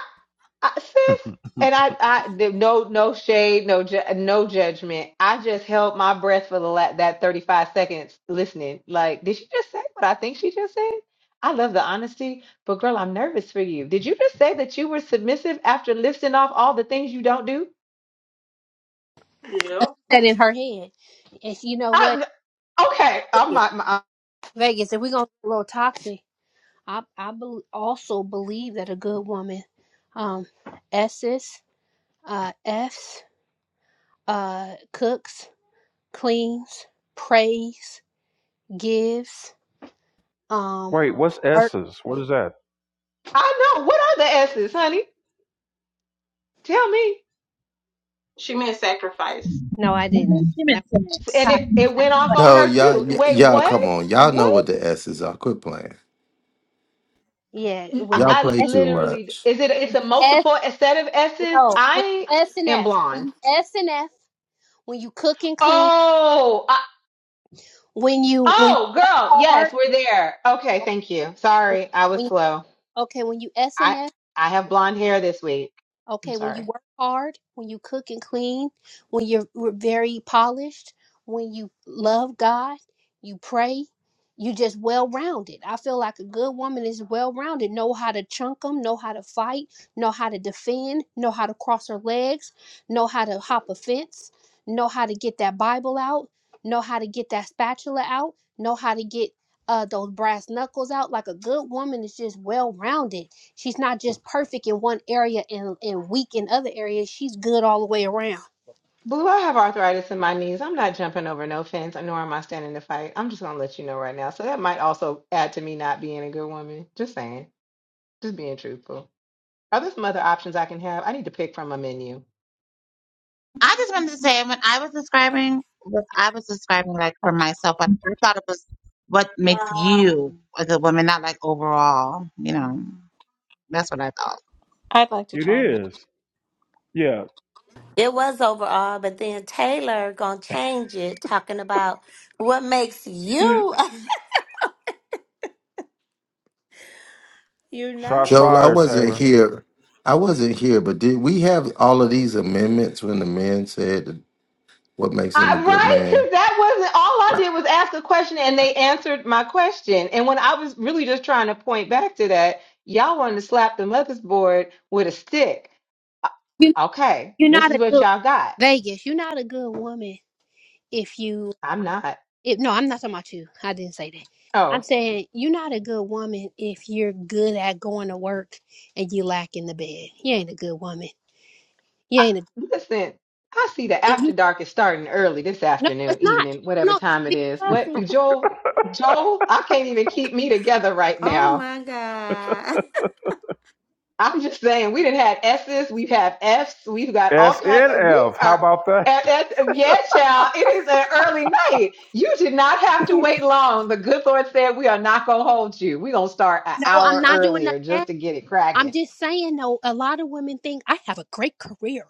[SPEAKER 7] I, sis,
[SPEAKER 1] Cass.
[SPEAKER 7] and I, I, th- no, no shade, no, ju- no judgment. I just held my breath for the la- that 35 seconds listening. Like, did she just say what I think she just said? I love the honesty, but girl, I'm nervous for you. Did you just say that you were submissive after listing off all the things you don't do?
[SPEAKER 11] Yep.
[SPEAKER 12] That in her head. If you know what,
[SPEAKER 7] Okay, I'm not. I
[SPEAKER 12] Vegas, if we're going to get a little toxic, I, I bel also believe that a good woman, um, S's, uh, F's, uh, cooks, cleans, prays, gives,
[SPEAKER 1] [laughs]
[SPEAKER 12] um,
[SPEAKER 1] Wait, what's
[SPEAKER 12] work.
[SPEAKER 1] S's? What is that?
[SPEAKER 7] I know. What are the S's, honey? Tell me.
[SPEAKER 11] She meant sacrifice.
[SPEAKER 12] No, I didn't. That
[SPEAKER 3] Submission.
[SPEAKER 7] And
[SPEAKER 12] was
[SPEAKER 7] it, it went
[SPEAKER 12] toxic.
[SPEAKER 7] off
[SPEAKER 12] [laughs]
[SPEAKER 7] on
[SPEAKER 10] No,
[SPEAKER 7] her
[SPEAKER 10] y'all,
[SPEAKER 7] too.
[SPEAKER 10] y-
[SPEAKER 7] Wait,
[SPEAKER 10] y'all,
[SPEAKER 7] what?
[SPEAKER 10] come on, y'all know what
[SPEAKER 7] What?
[SPEAKER 10] the S's are. Quit playing.
[SPEAKER 12] Yeah,
[SPEAKER 7] I,
[SPEAKER 12] when
[SPEAKER 10] Y'all
[SPEAKER 1] Okay.
[SPEAKER 7] I
[SPEAKER 10] play
[SPEAKER 12] they
[SPEAKER 10] too
[SPEAKER 7] literally
[SPEAKER 10] much.
[SPEAKER 7] is it? It's a multiple set of S's.
[SPEAKER 12] No, when
[SPEAKER 7] I
[SPEAKER 12] you S and
[SPEAKER 7] am
[SPEAKER 12] F, when
[SPEAKER 7] blonde.
[SPEAKER 12] you S and F, when you cook and clean,
[SPEAKER 7] Oh, I,
[SPEAKER 12] when you when you
[SPEAKER 7] oh,
[SPEAKER 12] work
[SPEAKER 7] girl.
[SPEAKER 12] hard,
[SPEAKER 7] Yes, we're there. Okay, thank you.
[SPEAKER 12] when
[SPEAKER 7] Sorry, I was
[SPEAKER 12] when you,
[SPEAKER 7] slow.
[SPEAKER 12] okay, when you S and
[SPEAKER 7] I
[SPEAKER 12] F.
[SPEAKER 7] I have blonde hair this week. I'm
[SPEAKER 12] Okay, when
[SPEAKER 7] sorry.
[SPEAKER 12] you work hard, when you cook and clean, when you're we very polished, when you love God, you pray, you just well rounded. I feel like a good woman is well rounded, know how to chunk them, know how to fight, know how to defend, know how to cross her legs, know how to hop a fence, know how to get that Bible out, know how to get that spatula out, know how to get uh, those brass knuckles out. Like a good woman is just well rounded She's not just perfect in one area and, and weak in other areas. She's good all the way around.
[SPEAKER 7] Blue, I have arthritis in my knees. I'm not jumping over no fence, nor am I standing to fight. I'm just gonna let you know right now. So that might also add to me not being a good woman. Just saying. Just being truthful. Are there some other options I can have? I need to pick from a menu.
[SPEAKER 3] I just wanted to say when I was describing what I was describing like for myself, but I thought it was what makes you as a woman, not like overall, you know. That's what I thought.
[SPEAKER 13] I'd like to
[SPEAKER 1] It
[SPEAKER 13] chime in.
[SPEAKER 1] is. Yeah.
[SPEAKER 8] It was overall, but then Taylor going to change it, talking about what makes you, [laughs] you
[SPEAKER 1] Shots
[SPEAKER 8] know?
[SPEAKER 10] Joel, I
[SPEAKER 1] fired,
[SPEAKER 10] wasn't
[SPEAKER 1] Taylor.
[SPEAKER 10] here. I wasn't here, but did we have all of these amendments when the men said? What makes him
[SPEAKER 7] I,
[SPEAKER 10] a good
[SPEAKER 7] right?
[SPEAKER 10] man?
[SPEAKER 7] Because that wasn't all I did was ask a question and they answered my question. And when I was really just trying to point back to that, y'all wanted to slap the motherboard with a stick. Uh,
[SPEAKER 12] You
[SPEAKER 7] Okay,
[SPEAKER 12] you're
[SPEAKER 7] this
[SPEAKER 12] not
[SPEAKER 7] is
[SPEAKER 12] a
[SPEAKER 7] what
[SPEAKER 12] good
[SPEAKER 7] y'all got.
[SPEAKER 12] Vegas. You're not a good woman if you
[SPEAKER 7] I'm not.
[SPEAKER 12] if no, I'm not talking about you. I didn't say that. I'm
[SPEAKER 7] Oh.
[SPEAKER 12] saying you're not a good woman if you're good at going to work and you lack in the bed. You ain't a good woman. You
[SPEAKER 7] I,
[SPEAKER 12] ain't a
[SPEAKER 7] listen, I see the
[SPEAKER 12] If
[SPEAKER 7] after
[SPEAKER 12] you
[SPEAKER 7] dark is starting early this
[SPEAKER 12] no,
[SPEAKER 7] afternoon,
[SPEAKER 12] it's not.
[SPEAKER 7] evening, whatever
[SPEAKER 12] No,
[SPEAKER 7] time it
[SPEAKER 12] be
[SPEAKER 7] is. What
[SPEAKER 12] classy.
[SPEAKER 7] Joel? Joel, I can't even keep me together right
[SPEAKER 8] Oh
[SPEAKER 7] now.
[SPEAKER 8] my God. [laughs]
[SPEAKER 7] I'm just saying, we didn't had S's, we've had F's, we've got all kinds. we
[SPEAKER 1] SNF. How
[SPEAKER 7] are.
[SPEAKER 1] about that?
[SPEAKER 7] At, at, yeah, child, it is an early night. You did not have to wait long. The good Lord said, We are not going to hold you. We're going to start an
[SPEAKER 12] No, I'm
[SPEAKER 7] hour
[SPEAKER 12] not doing that.
[SPEAKER 7] earlier just to get it
[SPEAKER 12] I'm
[SPEAKER 7] cracking.
[SPEAKER 12] just saying though, a lot of women think I have a great career.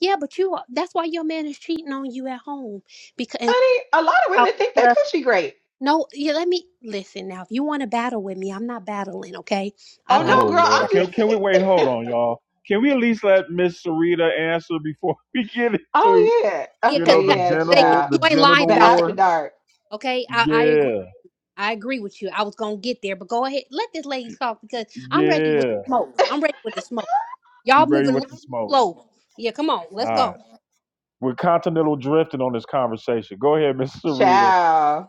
[SPEAKER 12] Yeah, but you are, that's why your man is cheating on you at home because
[SPEAKER 7] Honey, a lot of
[SPEAKER 12] oh,
[SPEAKER 7] women think that
[SPEAKER 12] uh,
[SPEAKER 7] coochie great.
[SPEAKER 12] no, yeah, let me listen now. If you want to battle with me, I'm not battling, okay? I, I
[SPEAKER 7] Oh,
[SPEAKER 12] don't
[SPEAKER 1] Oh
[SPEAKER 7] no, girl,
[SPEAKER 1] Lord,
[SPEAKER 7] I'm
[SPEAKER 1] can can
[SPEAKER 7] just
[SPEAKER 1] we
[SPEAKER 7] saying.
[SPEAKER 1] wait?
[SPEAKER 7] [laughs]
[SPEAKER 1] Hold on, y'all. Can we at least let Miss Sarita answer before [laughs] we get into
[SPEAKER 7] Oh yeah.
[SPEAKER 12] yeah,
[SPEAKER 1] you
[SPEAKER 12] because
[SPEAKER 1] know
[SPEAKER 7] Okay,
[SPEAKER 12] that
[SPEAKER 1] the
[SPEAKER 7] yeah,
[SPEAKER 12] Vegas,
[SPEAKER 1] genital
[SPEAKER 7] child.
[SPEAKER 1] the
[SPEAKER 12] you ain't lying
[SPEAKER 1] genital
[SPEAKER 7] The
[SPEAKER 12] about that,
[SPEAKER 7] after
[SPEAKER 1] war?
[SPEAKER 7] dark.
[SPEAKER 12] okay? I, I agree.
[SPEAKER 1] Yeah,
[SPEAKER 12] I agree with you. I was gonna get there, but go ahead, let this lady talk because I'm ready with
[SPEAKER 1] yeah.
[SPEAKER 12] the smoke. I'm ready with the smoke.
[SPEAKER 1] She
[SPEAKER 12] Y'all
[SPEAKER 1] ready
[SPEAKER 12] moving a
[SPEAKER 1] with
[SPEAKER 12] little
[SPEAKER 1] the smoke.
[SPEAKER 12] slow. Yeah, come on,
[SPEAKER 1] All
[SPEAKER 12] let's
[SPEAKER 1] right,
[SPEAKER 12] go.
[SPEAKER 1] we're continental drifting on this conversation. Go ahead, [laughs] Miss Sarita.
[SPEAKER 7] Child.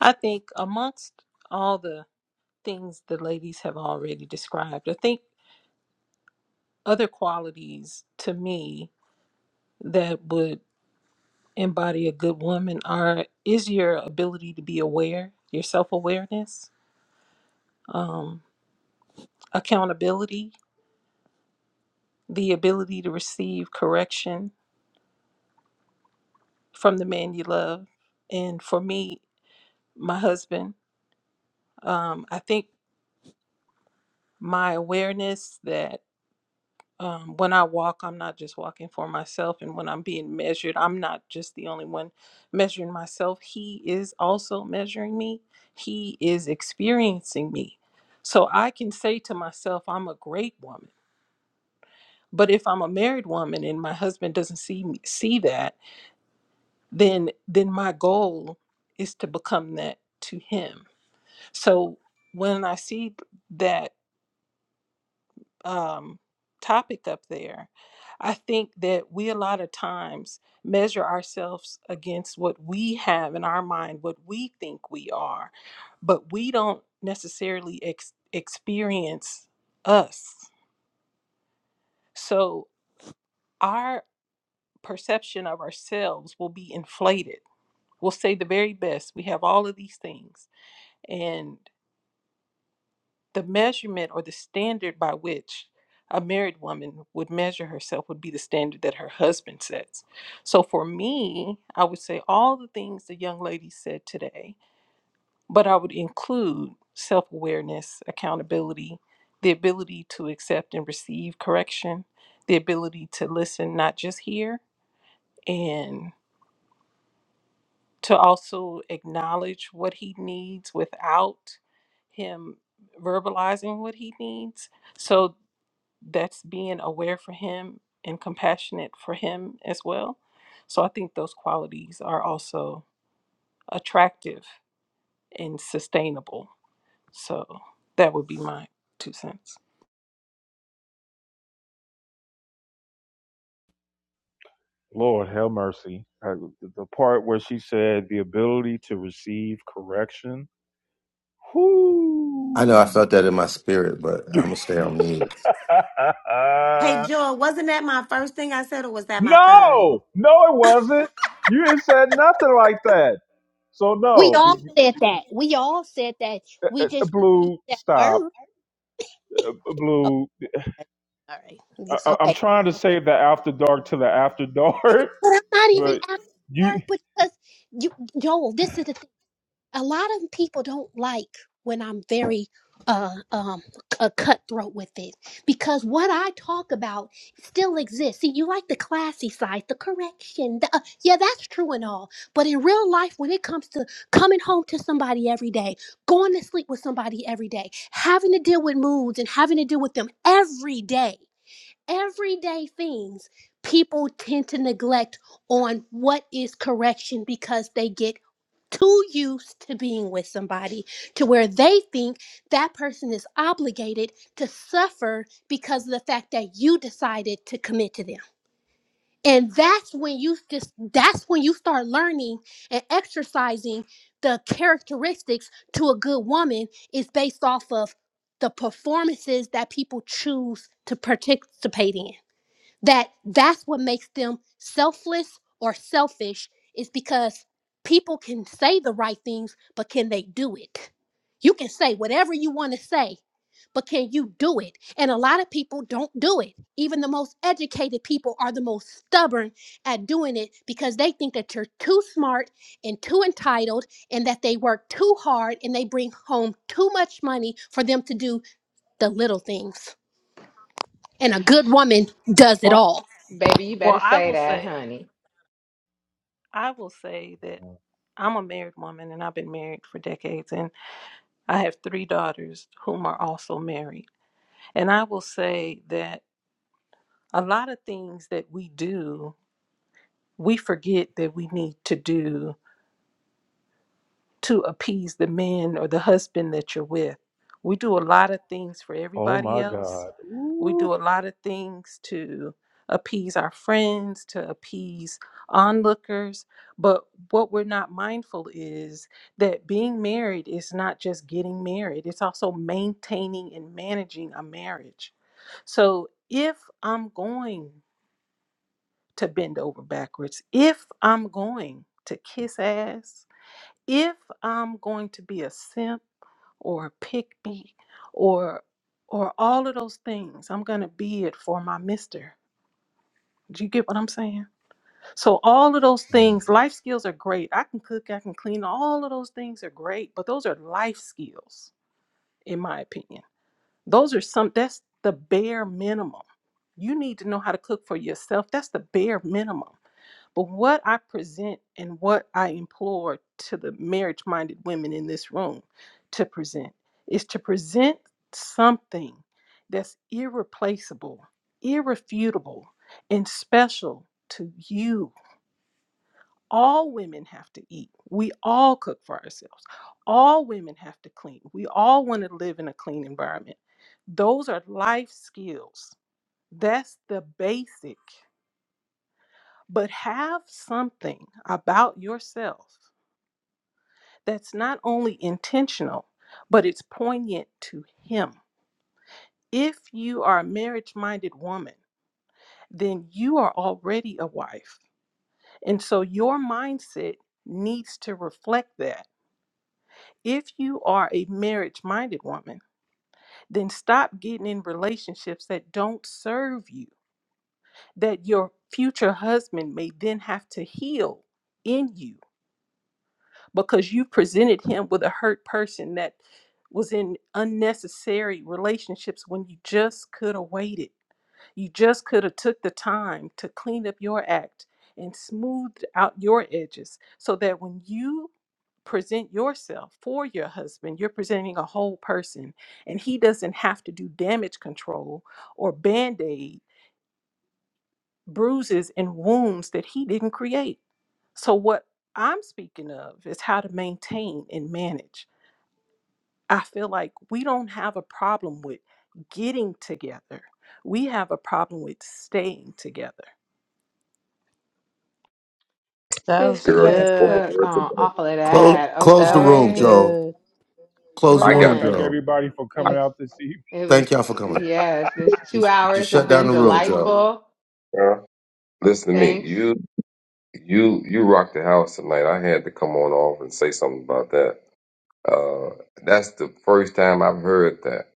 [SPEAKER 13] I think amongst all the things the ladies have already described, I think other qualities to me that would embody a good woman are is your ability to be aware, your self-awareness, um, accountability, the ability to receive correction from the man you love. And for me, my husband, um, I think my awareness that um, when I walk, I'm not just walking for myself. And when I'm being measured, I'm not just the only one measuring myself. He is also measuring me, He is experiencing me. So I can say to myself, I'm a great woman. But if I'm a married woman and my husband doesn't see me, see that, then then my goal is to become that to him. So when I see that um, topic up there. I think that we a lot of times measure ourselves against what we have in our mind, what we think we are, but we don't necessarily ex- experience us. So our perception of ourselves will be inflated. We'll say the very best. We have all of these things. and. The measurement or the standard by which a married woman would measure herself would be the standard that her husband sets. So for me, I would say all the things the young lady said today, but I would include self awareness, accountability, the ability to accept and receive correction, the ability to listen, not just hear, and to also acknowledge what he needs without him verbalizing what he needs. So that's being aware for him and compassionate for him as well. So I think those qualities are also attractive and sustainable. So that would be my two cents.
[SPEAKER 1] Lord, have mercy. Uh, The the part where she said the ability to receive correction. Whoo.
[SPEAKER 10] I know I felt that in my spirit, but I'm gonna stay on me.
[SPEAKER 8] Hey,
[SPEAKER 1] [laughs]
[SPEAKER 8] Joy, wasn't that my first thing I said, or was that my third?
[SPEAKER 1] No, no, it wasn't. You ain't said nothing like that. So
[SPEAKER 12] We
[SPEAKER 1] no,
[SPEAKER 12] all said that. We all said that. We
[SPEAKER 1] [laughs]
[SPEAKER 12] just used
[SPEAKER 1] blue,
[SPEAKER 12] that
[SPEAKER 1] stop,
[SPEAKER 12] word.
[SPEAKER 1] blue.
[SPEAKER 12] Okay, all right.
[SPEAKER 1] I,
[SPEAKER 12] Yes,
[SPEAKER 1] I- am
[SPEAKER 12] okay.
[SPEAKER 1] trying to save the after dark to the after [laughs] dark,
[SPEAKER 12] But I'm not even
[SPEAKER 1] but
[SPEAKER 12] after
[SPEAKER 1] you.
[SPEAKER 12] dark because you, Joel. This is the a lot of people don't like when I'm very uh um a cutthroat with it because what I talk about still exists. See, you like the classy side, the correction. The, uh, yeah, that's true and all. But in real life, when it comes to coming home to somebody every day, going to sleep with somebody every day, having to deal with moods and having to deal with them every day everyday things people tend to neglect on what is correction because they get too used to being with somebody to where they think that person is obligated to suffer because of the fact that you decided to commit to them. And that's when you just that's when you start learning and exercising the characteristics to a good woman is based off of the performances that people choose to participate in that that's what makes them selfless or selfish is because people can say the right things but can they do it you can say whatever you want to say but can you do it and a lot of people don't do it even the most educated people are the most stubborn at doing it because they think that you're too smart and too entitled and that they work too hard and they bring home too much money for them to do the little things and a good woman does it
[SPEAKER 13] Well,
[SPEAKER 12] all.
[SPEAKER 7] Baby, you
[SPEAKER 13] well,
[SPEAKER 7] better
[SPEAKER 13] I
[SPEAKER 7] say
[SPEAKER 13] will
[SPEAKER 7] that,
[SPEAKER 1] Okay.
[SPEAKER 13] say,
[SPEAKER 7] honey.
[SPEAKER 13] I will say that
[SPEAKER 1] well,
[SPEAKER 13] I'm a married woman and I've been married for decades, and I have three daughters whom are also married. And I will say that a lot of things that we do, we forget that we need to do to appease the man or the husband that you're with. We do a lot of things for
[SPEAKER 1] Oh
[SPEAKER 13] everybody
[SPEAKER 1] my
[SPEAKER 13] else.
[SPEAKER 1] God.
[SPEAKER 13] We
[SPEAKER 1] Ooh.
[SPEAKER 13] do a lot of things to appease our friends, to appease onlookers. But what we're not mindful is that being married is not just getting married, it's also maintaining and managing a marriage. So if I'm going to bend over backwards, if I'm going to kiss ass, if I'm going to be a simp or a pick me or or all of those things, I'm gonna be it for my mister. Do you get what I'm saying? So all of those
[SPEAKER 1] mm.
[SPEAKER 13] things, life skills are great. I can cook, I can clean, all of those things are great, but those are life skills, in my opinion. Those are some that's the bare minimum. You need to know how to cook for yourself. That's the bare minimum. But what I present and what I implore to the marriage minded women in this room to present is to present something that's irreplaceable, irrefutable, and special to you. All women have to eat. We all cook for ourselves. All women have to clean. We all want to live in a clean environment. Those are life skills. That's the basic. But have something about yourself that's not only intentional, but it's poignant to him. If you are a marriage minded woman, then you are already a wife. And so your mindset needs to reflect that. If you are a marriage minded woman, then stop getting in relationships that don't serve you, that your future husband may then have to heal in you because you presented him with a hurt person that was in unnecessary relationships when you just could have waited. You just could have took the time to clean up your act and smoothed out your edges so that when you present yourself for your husband, you're presenting a whole person and he doesn't have to do damage control or band-aid bruises and wounds that he didn't create. So what I'm speaking of is how to maintain and manage. I feel like we don't have a problem with getting together. We have a problem with staying together.
[SPEAKER 9] That
[SPEAKER 7] Sis,
[SPEAKER 9] was
[SPEAKER 7] you
[SPEAKER 6] Girl,
[SPEAKER 7] better
[SPEAKER 6] just spoke a
[SPEAKER 9] good.
[SPEAKER 7] cook
[SPEAKER 6] word
[SPEAKER 7] on
[SPEAKER 6] today.
[SPEAKER 7] all of
[SPEAKER 10] Close,
[SPEAKER 7] that,
[SPEAKER 10] close
[SPEAKER 9] That
[SPEAKER 10] the
[SPEAKER 9] was
[SPEAKER 10] room,
[SPEAKER 7] okay?
[SPEAKER 10] Joe.
[SPEAKER 9] good.
[SPEAKER 10] Close
[SPEAKER 7] We're
[SPEAKER 10] the
[SPEAKER 1] We
[SPEAKER 6] I
[SPEAKER 1] want to
[SPEAKER 6] got
[SPEAKER 10] room,
[SPEAKER 6] it,
[SPEAKER 1] thank
[SPEAKER 7] done.
[SPEAKER 10] Joe.
[SPEAKER 1] everybody for coming
[SPEAKER 7] It's
[SPEAKER 1] out this evening.
[SPEAKER 7] it was
[SPEAKER 10] Thank y'all for coming.
[SPEAKER 7] yes, this two
[SPEAKER 10] Just, just
[SPEAKER 7] hours have
[SPEAKER 10] shut down
[SPEAKER 7] been
[SPEAKER 10] the
[SPEAKER 1] Shut
[SPEAKER 10] room,
[SPEAKER 1] down the
[SPEAKER 10] Joe.
[SPEAKER 1] room.
[SPEAKER 7] delightful.
[SPEAKER 6] girl. Listen to me.
[SPEAKER 7] Thanks.
[SPEAKER 6] You You you rocked the house tonight. I had to come on off and say something about that. Uh, that's the first time I've heard that,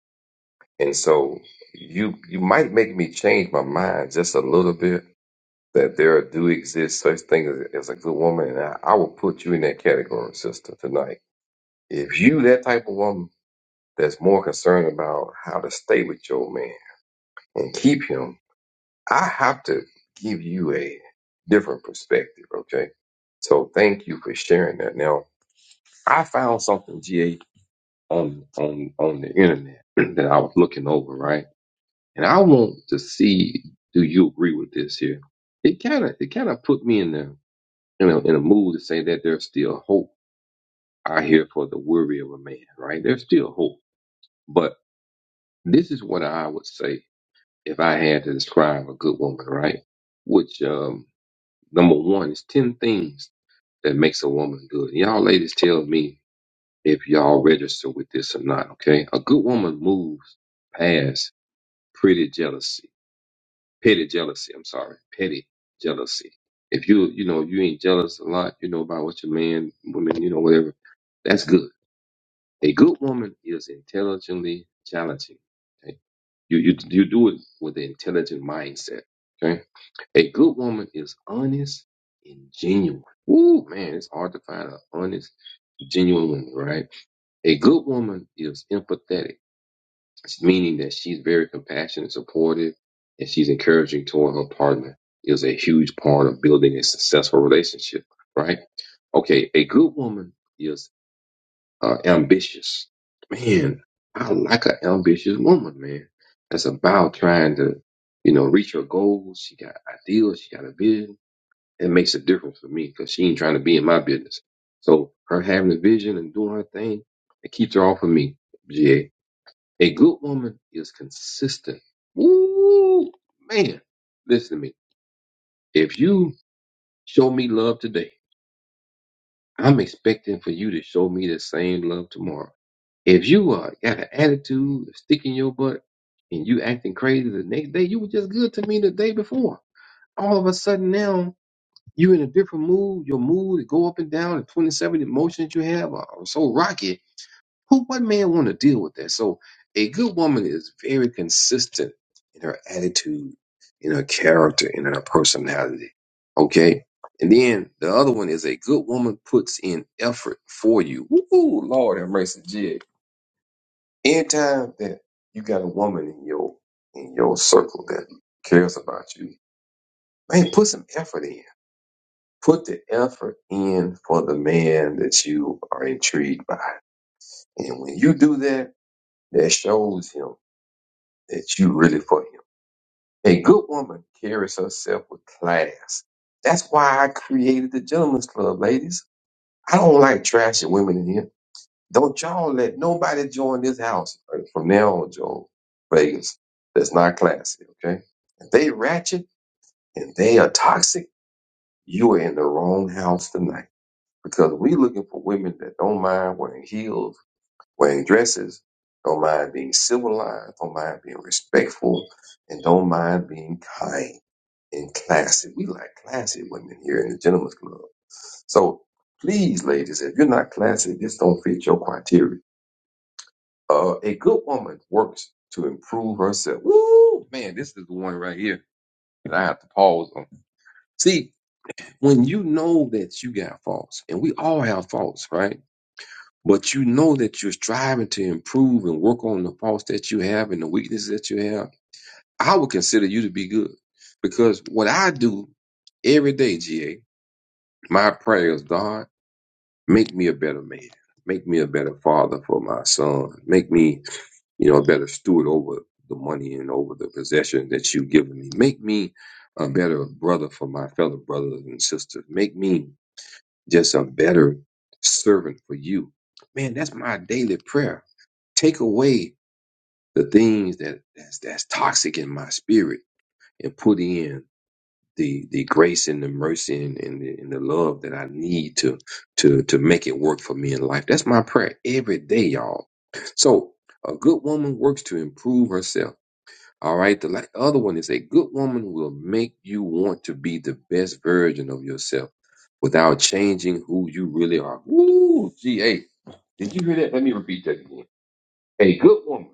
[SPEAKER 6] and so you you might make me change my mind just a little bit. That there do exist such things as, as a good woman, and I, I will put you in that category, sister, tonight. If you that type of woman that's more concerned about how to stay with your man and keep him, I have to give you a different perspective. Okay, so thank you for sharing that. Now I found something, GA, on on on the internet [clears throat] that I was looking over, right? And I want to see do you agree with this here? It kind of it kind of put me in the you know, in a mood to say that there's still hope out here for the worry of a man, right? There's still hope, but this is what I would say if I had to describe a good woman, right? Which um, number one is ten things that makes a woman good. Y'all ladies tell me if y'all register with this or not, okay? A good woman moves past pretty jealousy, petty jealousy, I'm sorry, petty jealousy. If you, you know, you ain't jealous a lot, you know, about what your man, woman, you know, whatever, that's good. A good woman is intelligently challenging. Okay? You, you, you do it with an intelligent mindset, okay? A good woman is honest and genuine. Ooh, man, it's hard to find an honest, genuine woman, right? A good woman is empathetic. meaning that she's very compassionate and supportive and she's encouraging toward her partner is a huge part of building a successful relationship right okay a good woman is uh, ambitious man i like an ambitious woman man that's about trying to you know reach her goals she got ideals she got a vision it makes a difference for me because she ain't trying to be in my business so her having a vision and doing her thing it keeps her off of me G A. A good woman is consistent. Woo, man. Listen to me. If you show me love today, I'm expecting for you to show me the same love tomorrow. If you uh, got an attitude, a stick in your butt, and you acting crazy the next day, you were just good to me the day before. All of a sudden now, you in a different mood. Your mood go up and down. The 27 emotions you have are are so rocky Who what man want to deal with that? So a good woman is very consistent in her attitude, in her character, and in her personality. Okay? And then the other one is a good woman puts in effort for you. Woo, Lord have mercy, Jig. Anytime that you got a woman in your in your circle that cares about you, man, put some effort in. Put the effort in for the man that you are intrigued by. And when you do that, that shows him. that you really for him. A good woman carries herself with class. That's why I created the Gentlemen's Club, ladies. I don't like trashy women in here. Don't y'all let nobody join this house uh, from now on, Joel Vegas. That's not classy, okay? If they ratchet and they are toxic, you are in the wrong house tonight because we looking for women that don't mind wearing heels wearing dresses, don't mind being civilized, don't mind being respectful, and don't mind being kind and classy. We like classy women here in the Gentlemen's Club. So please, ladies, if you're not classy, this don't fit your criteria. Uh, a good woman works to improve herself. Woo! Man, this is the one right here that I have to pause on. See, when you know that you got faults, and we all have faults, right? But you know that you're striving to improve and work on the faults that you have and the weaknesses that you have. I would consider you to be good because what I do every day, GA, my prayer is God, make me a better man, make me a better father for my son, make me, you know, a better steward over the money and over the possession that you've given me, make me a better brother for my fellow brothers and sisters, make me just a better servant for you. Man, that's my daily prayer take away the things that that's, that's toxic in my spirit and put in the the grace and the mercy and, and, the, and the love that I need to to to make it work for me in life. That's my prayer every day, y'all. So a good woman works to improve herself. All right. The like, other one is a good woman will make you want to be the best version of yourself without changing who you really are. Woo, gee, hey, did you hear that? Let me repeat that again. A good woman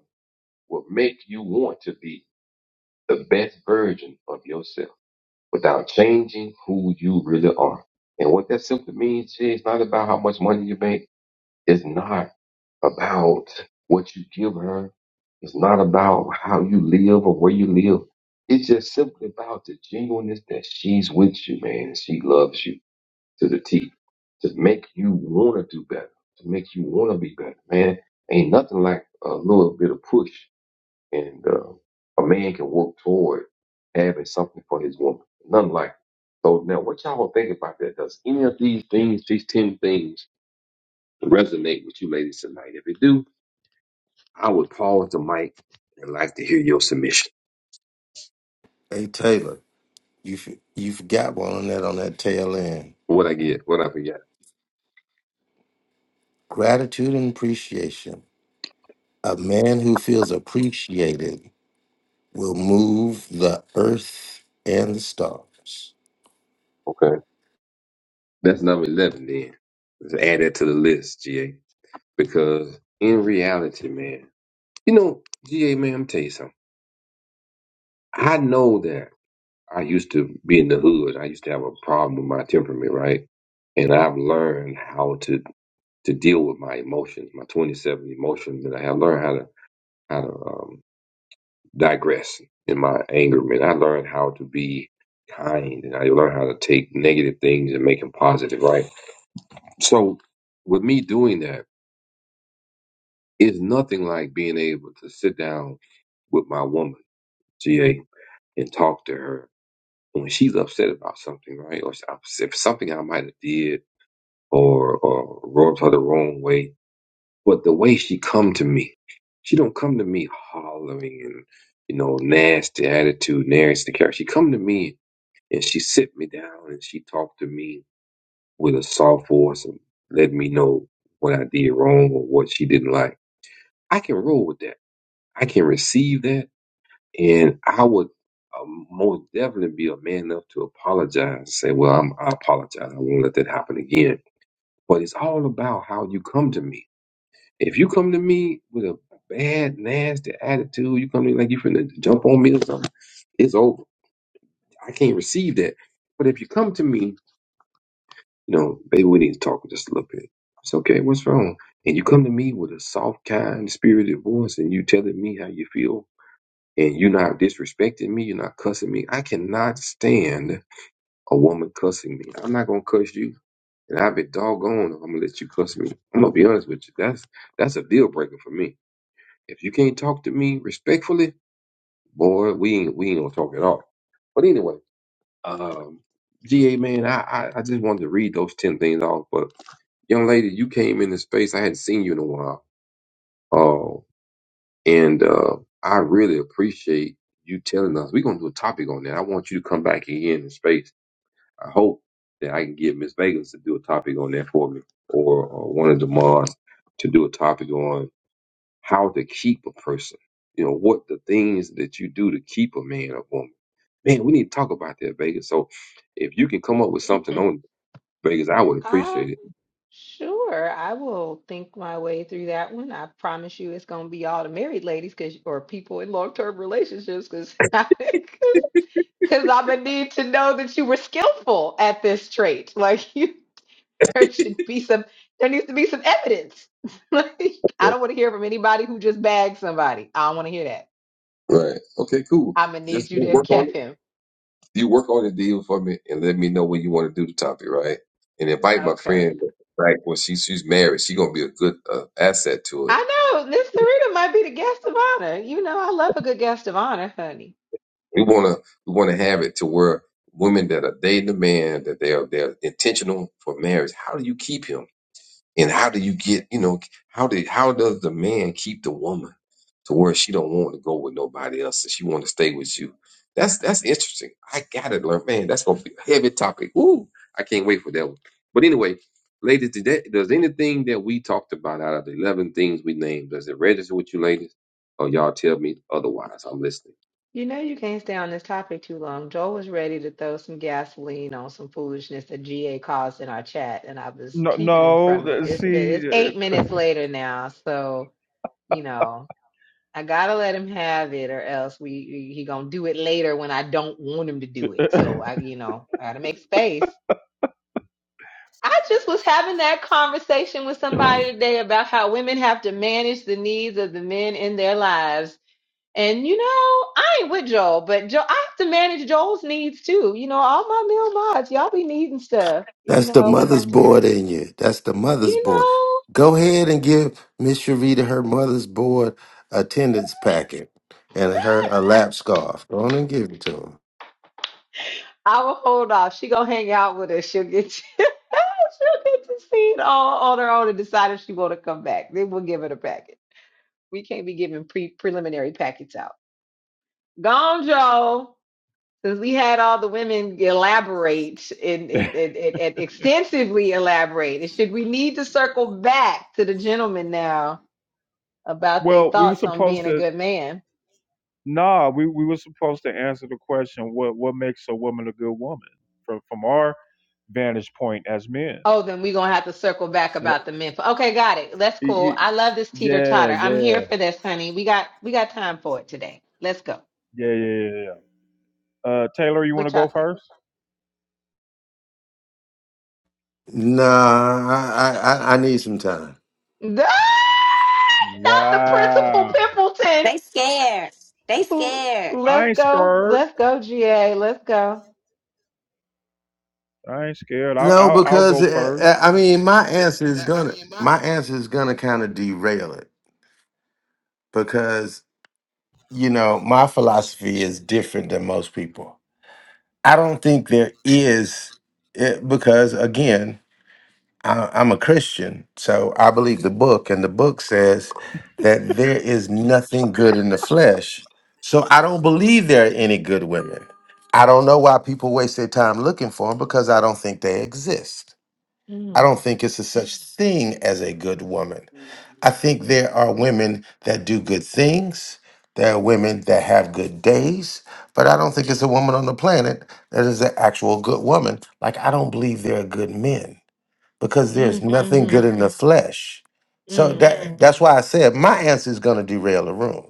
[SPEAKER 6] will make you want to be the best version of yourself without changing who you really are. And what that simply means is not about how much money you make. It's not about what you give her. It's not about how you live or where you live. It's just simply about the genuineness that she's with you, man, and she loves you to the teeth to make you want to do better, to make you want to be better, man. Ain't nothing like a little bit of push and uh, a man can work toward having something for his woman. Nothing like it. So now what y'all gonna think about that? Does any of these things, these ten things, resonate with you ladies tonight? If it do, I would pause the mic and like to hear your submission.
[SPEAKER 10] Hey Taylor, you f- you forgot one on that on that tail end.
[SPEAKER 6] What I get, what I forget.
[SPEAKER 10] Gratitude and appreciation. A man who feels appreciated will move the earth and the stars.
[SPEAKER 6] Okay. That's number eleven then. Let's add that to the list, GA. Because in reality, man, you know, GA man, I'm tell you something. I know that I used to be in the hood. I used to have a problem with my temperament, right? And I've learned how to to deal with my emotions, my 27 emotions, and I have learned how to how to um, digress in my anger. Man, I learned how to be kind, and I learned how to take negative things and make them positive, right? So, with me doing that, it's nothing like being able to sit down with my woman, GA, and talk to her when she's upset about something, right? Or if something I might have did or or rubbed her the wrong way. But the way she come to me, she don't come to me hollering and you know nasty attitude, nasty character. She come to me and she sit me down and she talked to me with a soft voice and let me know what I did wrong or what she didn't like. I can roll with that. I can receive that, and I would. uh most definitely be a man enough to apologize and say, Well, I'm, I apologize. I won't let that happen again. But it's all about how you come to me If you come to me with a bad, nasty attitude, you come to me like you finna jump on me or something, it's over. I can't receive that. But if you come to me, you know, baby, we need to talk just a little bit. It's okay, what's wrong? And you come to me with a soft, kind, spirited voice and you telling me how you feel and you're not disrespecting me, you're not cussing me. I cannot stand a woman cussing me. I'm not gonna cuss you. And I'll be doggone if I'm gonna let you cuss me. I'm gonna be honest with you. That's that's a deal breaker for me. If you can't talk to me respectfully, boy, we ain't we ain't gonna talk at all. But anyway, um, GA man, I, I I just wanted to read those ten things off. But young lady, you came in the space. I hadn't seen you in a while. Oh, and uh, I really appreciate you telling us. We're gonna do a topic on that. I want you to come back again in space. I hope that I can get Miss Vegas to do a topic on that for me, or, or one of the mods to do a topic on. how to keep a person. You know, what the things that you do to keep a man or woman. Man, we need to talk about that, Vegas. So if you can come up with something
[SPEAKER 7] Mhm.
[SPEAKER 6] on Vegas, I would
[SPEAKER 7] Um,
[SPEAKER 6] appreciate it.
[SPEAKER 7] sure. I will think my way through that one. I promise you it's gonna be all the married ladies cause or people in long term relationships because [laughs] Because I'm gonna need to know that you were skillful at this trait. [laughs] Like you, there should be some. There needs to be some evidence. [laughs] like I don't want to hear from anybody who just bagged somebody. I don't want to hear that.
[SPEAKER 6] Right. Okay, cool.
[SPEAKER 7] I'm gonna need
[SPEAKER 6] Just
[SPEAKER 7] you
[SPEAKER 6] you
[SPEAKER 7] to have
[SPEAKER 6] work on
[SPEAKER 7] kept
[SPEAKER 6] it.
[SPEAKER 7] him.
[SPEAKER 6] You work on the deal for me and let me know when you want to do the topic, right? And invite my
[SPEAKER 7] Okay.
[SPEAKER 6] friend right when she she's married, she gonna be a good uh, asset to it.
[SPEAKER 7] I know Miss Sarita might be the guest of honor. You know I love a good guest of honor, honey.
[SPEAKER 6] We wanna we wanna have it to where women that are dating a man that they are they're intentional for marriage. How do you keep him? And how do you get, you know, how did how does the man keep the woman to where she don't want to go with nobody else and she want to stay with you? That's that's interesting. I gotta learn, man. That's gonna be a heavy topic. Ooh, I can't wait for that one. But anyway, ladies, did that, does anything that we talked about out of the eleven things we named does it register with you, ladies? Or y'all tell me otherwise? I'm listening.
[SPEAKER 7] You know you can't stay on this topic too long. Joel was ready to throw some gasoline on some foolishness that GA caused in our chat, and I was
[SPEAKER 1] No,
[SPEAKER 7] keeping him
[SPEAKER 1] no.
[SPEAKER 7] from it.
[SPEAKER 1] th-
[SPEAKER 7] It's been it's
[SPEAKER 1] See,
[SPEAKER 7] eight minutes later now, so you know, I gotta let him have it, or else we he gonna do it later when I don't want him to do it. So I,
[SPEAKER 1] [laughs]
[SPEAKER 7] you know, I gotta make space. I just was having that conversation with somebody today about how women have to manage the needs of the men in their lives. And you know, I ain't with Joel, but Joel, I have to manage Joel's needs too. You know, all my male mods, y'all be needing stuff. You
[SPEAKER 10] That's the
[SPEAKER 7] know, we
[SPEAKER 10] mother's
[SPEAKER 7] got to,
[SPEAKER 10] board in you. That's the mother's
[SPEAKER 7] you
[SPEAKER 10] board.
[SPEAKER 7] know.
[SPEAKER 10] Go ahead and give Miss Sharita her mother's board attendance packet and her a lap scarf. Go on and give it to her.
[SPEAKER 7] I will hold off. She gonna hang out with us. She'll get to, [laughs] she'll get to see it all on her own and decide if she wanna come back. Then we'll give her the package. We can't be giving pre preliminary packets out. Gone, Joe. Since we had all the women elaborate and, and, and, and and extensively elaborate, and should we need to circle back to the gentlemen now about their
[SPEAKER 1] well, we were
[SPEAKER 7] thoughts on
[SPEAKER 1] supposed
[SPEAKER 7] being a
[SPEAKER 1] to.
[SPEAKER 7] good man?
[SPEAKER 1] Nah, we, we were supposed to answer the question what what makes a woman a good woman from from our vantage point as men.
[SPEAKER 7] Oh, then we're gonna have to circle back
[SPEAKER 1] So,
[SPEAKER 7] about the men. Okay, got it. That's
[SPEAKER 1] y-
[SPEAKER 7] cool.
[SPEAKER 1] y-
[SPEAKER 7] I love this teeter
[SPEAKER 1] yeah,
[SPEAKER 7] totter.
[SPEAKER 1] yeah,
[SPEAKER 7] I'm here
[SPEAKER 1] yeah,
[SPEAKER 7] for this, honey. We got we got time for it today. Let's go.
[SPEAKER 1] yeah, yeah. yeah. Uh, Taylor, you want
[SPEAKER 7] What
[SPEAKER 1] to
[SPEAKER 7] y'all
[SPEAKER 1] go
[SPEAKER 7] think?
[SPEAKER 1] first?
[SPEAKER 10] Nah, I, I, I I need some time.
[SPEAKER 7] [laughs] Ah, Not the principal
[SPEAKER 1] Wow,
[SPEAKER 7] Pimpleton.
[SPEAKER 8] They scared. They scared.
[SPEAKER 1] I
[SPEAKER 7] Let's
[SPEAKER 1] ain't
[SPEAKER 7] go.
[SPEAKER 1] scared.
[SPEAKER 7] Let's go, GA. Let's go.
[SPEAKER 1] I ain't scared. I'll
[SPEAKER 10] No,
[SPEAKER 1] I'll, I'll
[SPEAKER 10] because
[SPEAKER 1] go
[SPEAKER 10] uh,
[SPEAKER 1] first.
[SPEAKER 10] uh, I mean, my answer is gonna my answer is gonna kind of derail it because you know my philosophy is different than most people. I don't think there is it, because again, I, I'm a Christian, so I believe the book, and the book says that there is nothing good in the flesh. So I don't believe there are any good women. I don't know why people waste their time looking for them because I don't think they exist. I
[SPEAKER 7] Mm,
[SPEAKER 10] don't think it's a such thing as a good woman. I think there are women that do good things. There are women that have good days, but I don't think it's a woman on the planet that is an actual good woman. Like I don't believe there are good men because there's
[SPEAKER 7] mm,
[SPEAKER 10] nothing
[SPEAKER 7] mm-hmm,
[SPEAKER 10] good in the flesh. So
[SPEAKER 7] mm.
[SPEAKER 10] that that's why I said my answer is going to derail the room.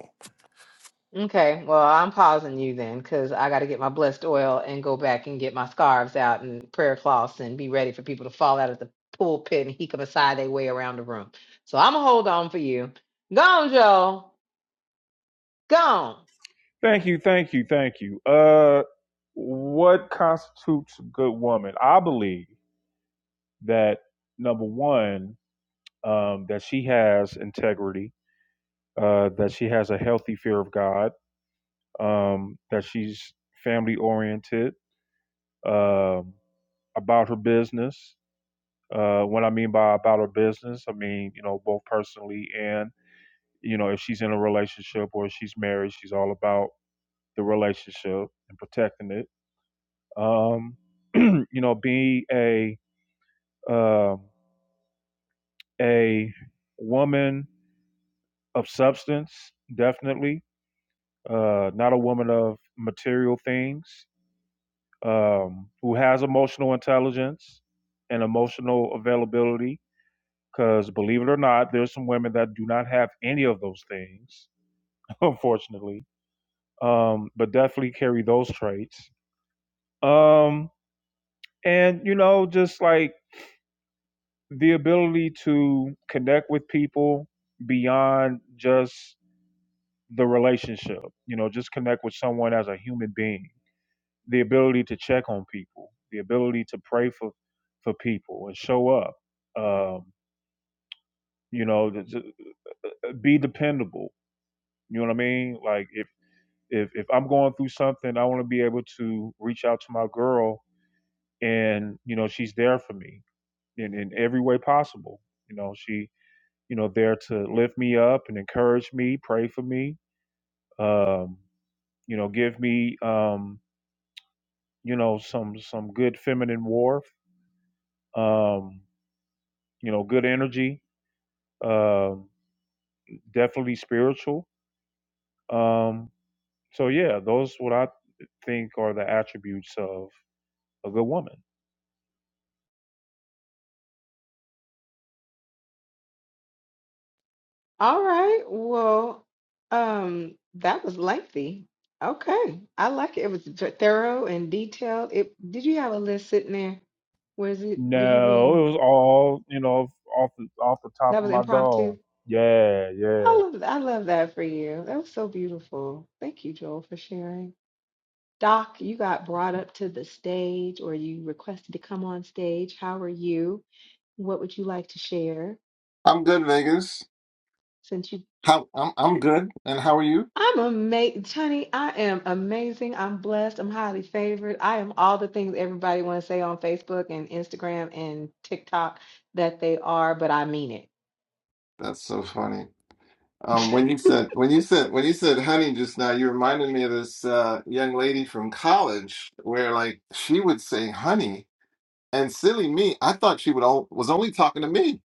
[SPEAKER 7] Okay, well, I'm pausing you then because I got to get my blessed oil and go back and get my scarves out and prayer cloths and be ready for people to fall out of the pulpit and heek 'em aside their way around the room. So I'm going to hold on for you. Gone, Joe. Gone.
[SPEAKER 1] Thank you, thank you, thank you. Uh, what constitutes a good woman? I believe that number one. um, that she has integrity, uh, that she has a healthy fear of God, um, that she's family oriented, um, about her business. Uh, what I mean by about her business, I mean, you know, both personally and, you know, if she's in a relationship or if she's married, she's all about the relationship and protecting it. Um, [clears throat] you know, be a, um a woman of substance, definitely uh, not a woman of material things, um, who has emotional intelligence and emotional availability. Because believe it or not, there's some women that do not have any of those things, [laughs] unfortunately, um, but definitely carry those traits. Um, and, you know, just like the ability to connect with people beyond just the relationship, you know, just connect with someone as a human being the ability to check on people, the ability to pray for for people and show up. Um, you know, to, to uh, be dependable. You know what I mean? Like if if if I'm going through something, I want to be able to reach out to my girl and you know she's there for me in in every way possible. You know, she you know there to lift me up and encourage me, pray for me. Um, you know, give me um, you know some some good feminine warmth. Um, you know, good energy um, definitely spiritual. Um, so yeah, those what I think are the attributes of a good woman.
[SPEAKER 7] All right. Well, um, that was lengthy. Okay. I like it. It was th- thorough and detailed. It did you have a list sitting there? Where is it? Were you
[SPEAKER 1] No,
[SPEAKER 7] reading?
[SPEAKER 1] it was all you know off the, off the top
[SPEAKER 7] That
[SPEAKER 1] of
[SPEAKER 7] was
[SPEAKER 1] my dome.
[SPEAKER 7] impromptu.
[SPEAKER 1] Yeah, yeah,
[SPEAKER 7] I love I love that for you. That was so beautiful. Thank you, Joel, for sharing. Doc, you got brought up to the stage or you requested to come on stage. How are you? What would you like to share?
[SPEAKER 14] I'm good, Vegas.
[SPEAKER 7] Since you
[SPEAKER 14] How I'm I'm good. And how are you?
[SPEAKER 7] I'm amazing, Tony. I am amazing. I'm blessed. I'm highly favored. I am all the things everybody want to say on Facebook and Instagram and TikTok that they are, but I mean it.
[SPEAKER 14] That's so funny. Um, when you said when you said when you said honey just now, you reminded me of this uh, young lady from college where like she would say honey, and silly me, I thought she would all, was only talking to me,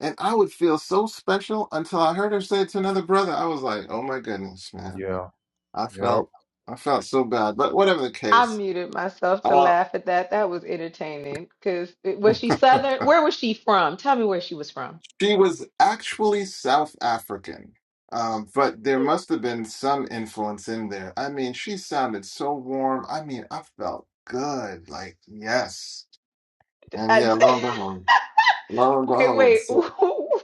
[SPEAKER 14] and I would feel so special until I heard her say it to another brother. I was like, oh my goodness, man,
[SPEAKER 1] yeah,
[SPEAKER 14] I
[SPEAKER 1] yep.
[SPEAKER 14] felt I felt so bad. But whatever the
[SPEAKER 7] I
[SPEAKER 14] case,
[SPEAKER 7] muted myself to
[SPEAKER 14] Uh,
[SPEAKER 7] laugh at that. That was entertaining. Because was she
[SPEAKER 14] [laughs]
[SPEAKER 7] Southern? Where was she from? Tell me where she was from.
[SPEAKER 14] She was actually South African, um, but there must have been some influence in there. I mean, she sounded so warm. I mean, I felt good. Like, yes. And
[SPEAKER 7] I-
[SPEAKER 14] yeah, lo and
[SPEAKER 7] [laughs]
[SPEAKER 14] behold, lo and
[SPEAKER 7] okay,
[SPEAKER 14] behold.
[SPEAKER 7] wait. [laughs]
[SPEAKER 14] So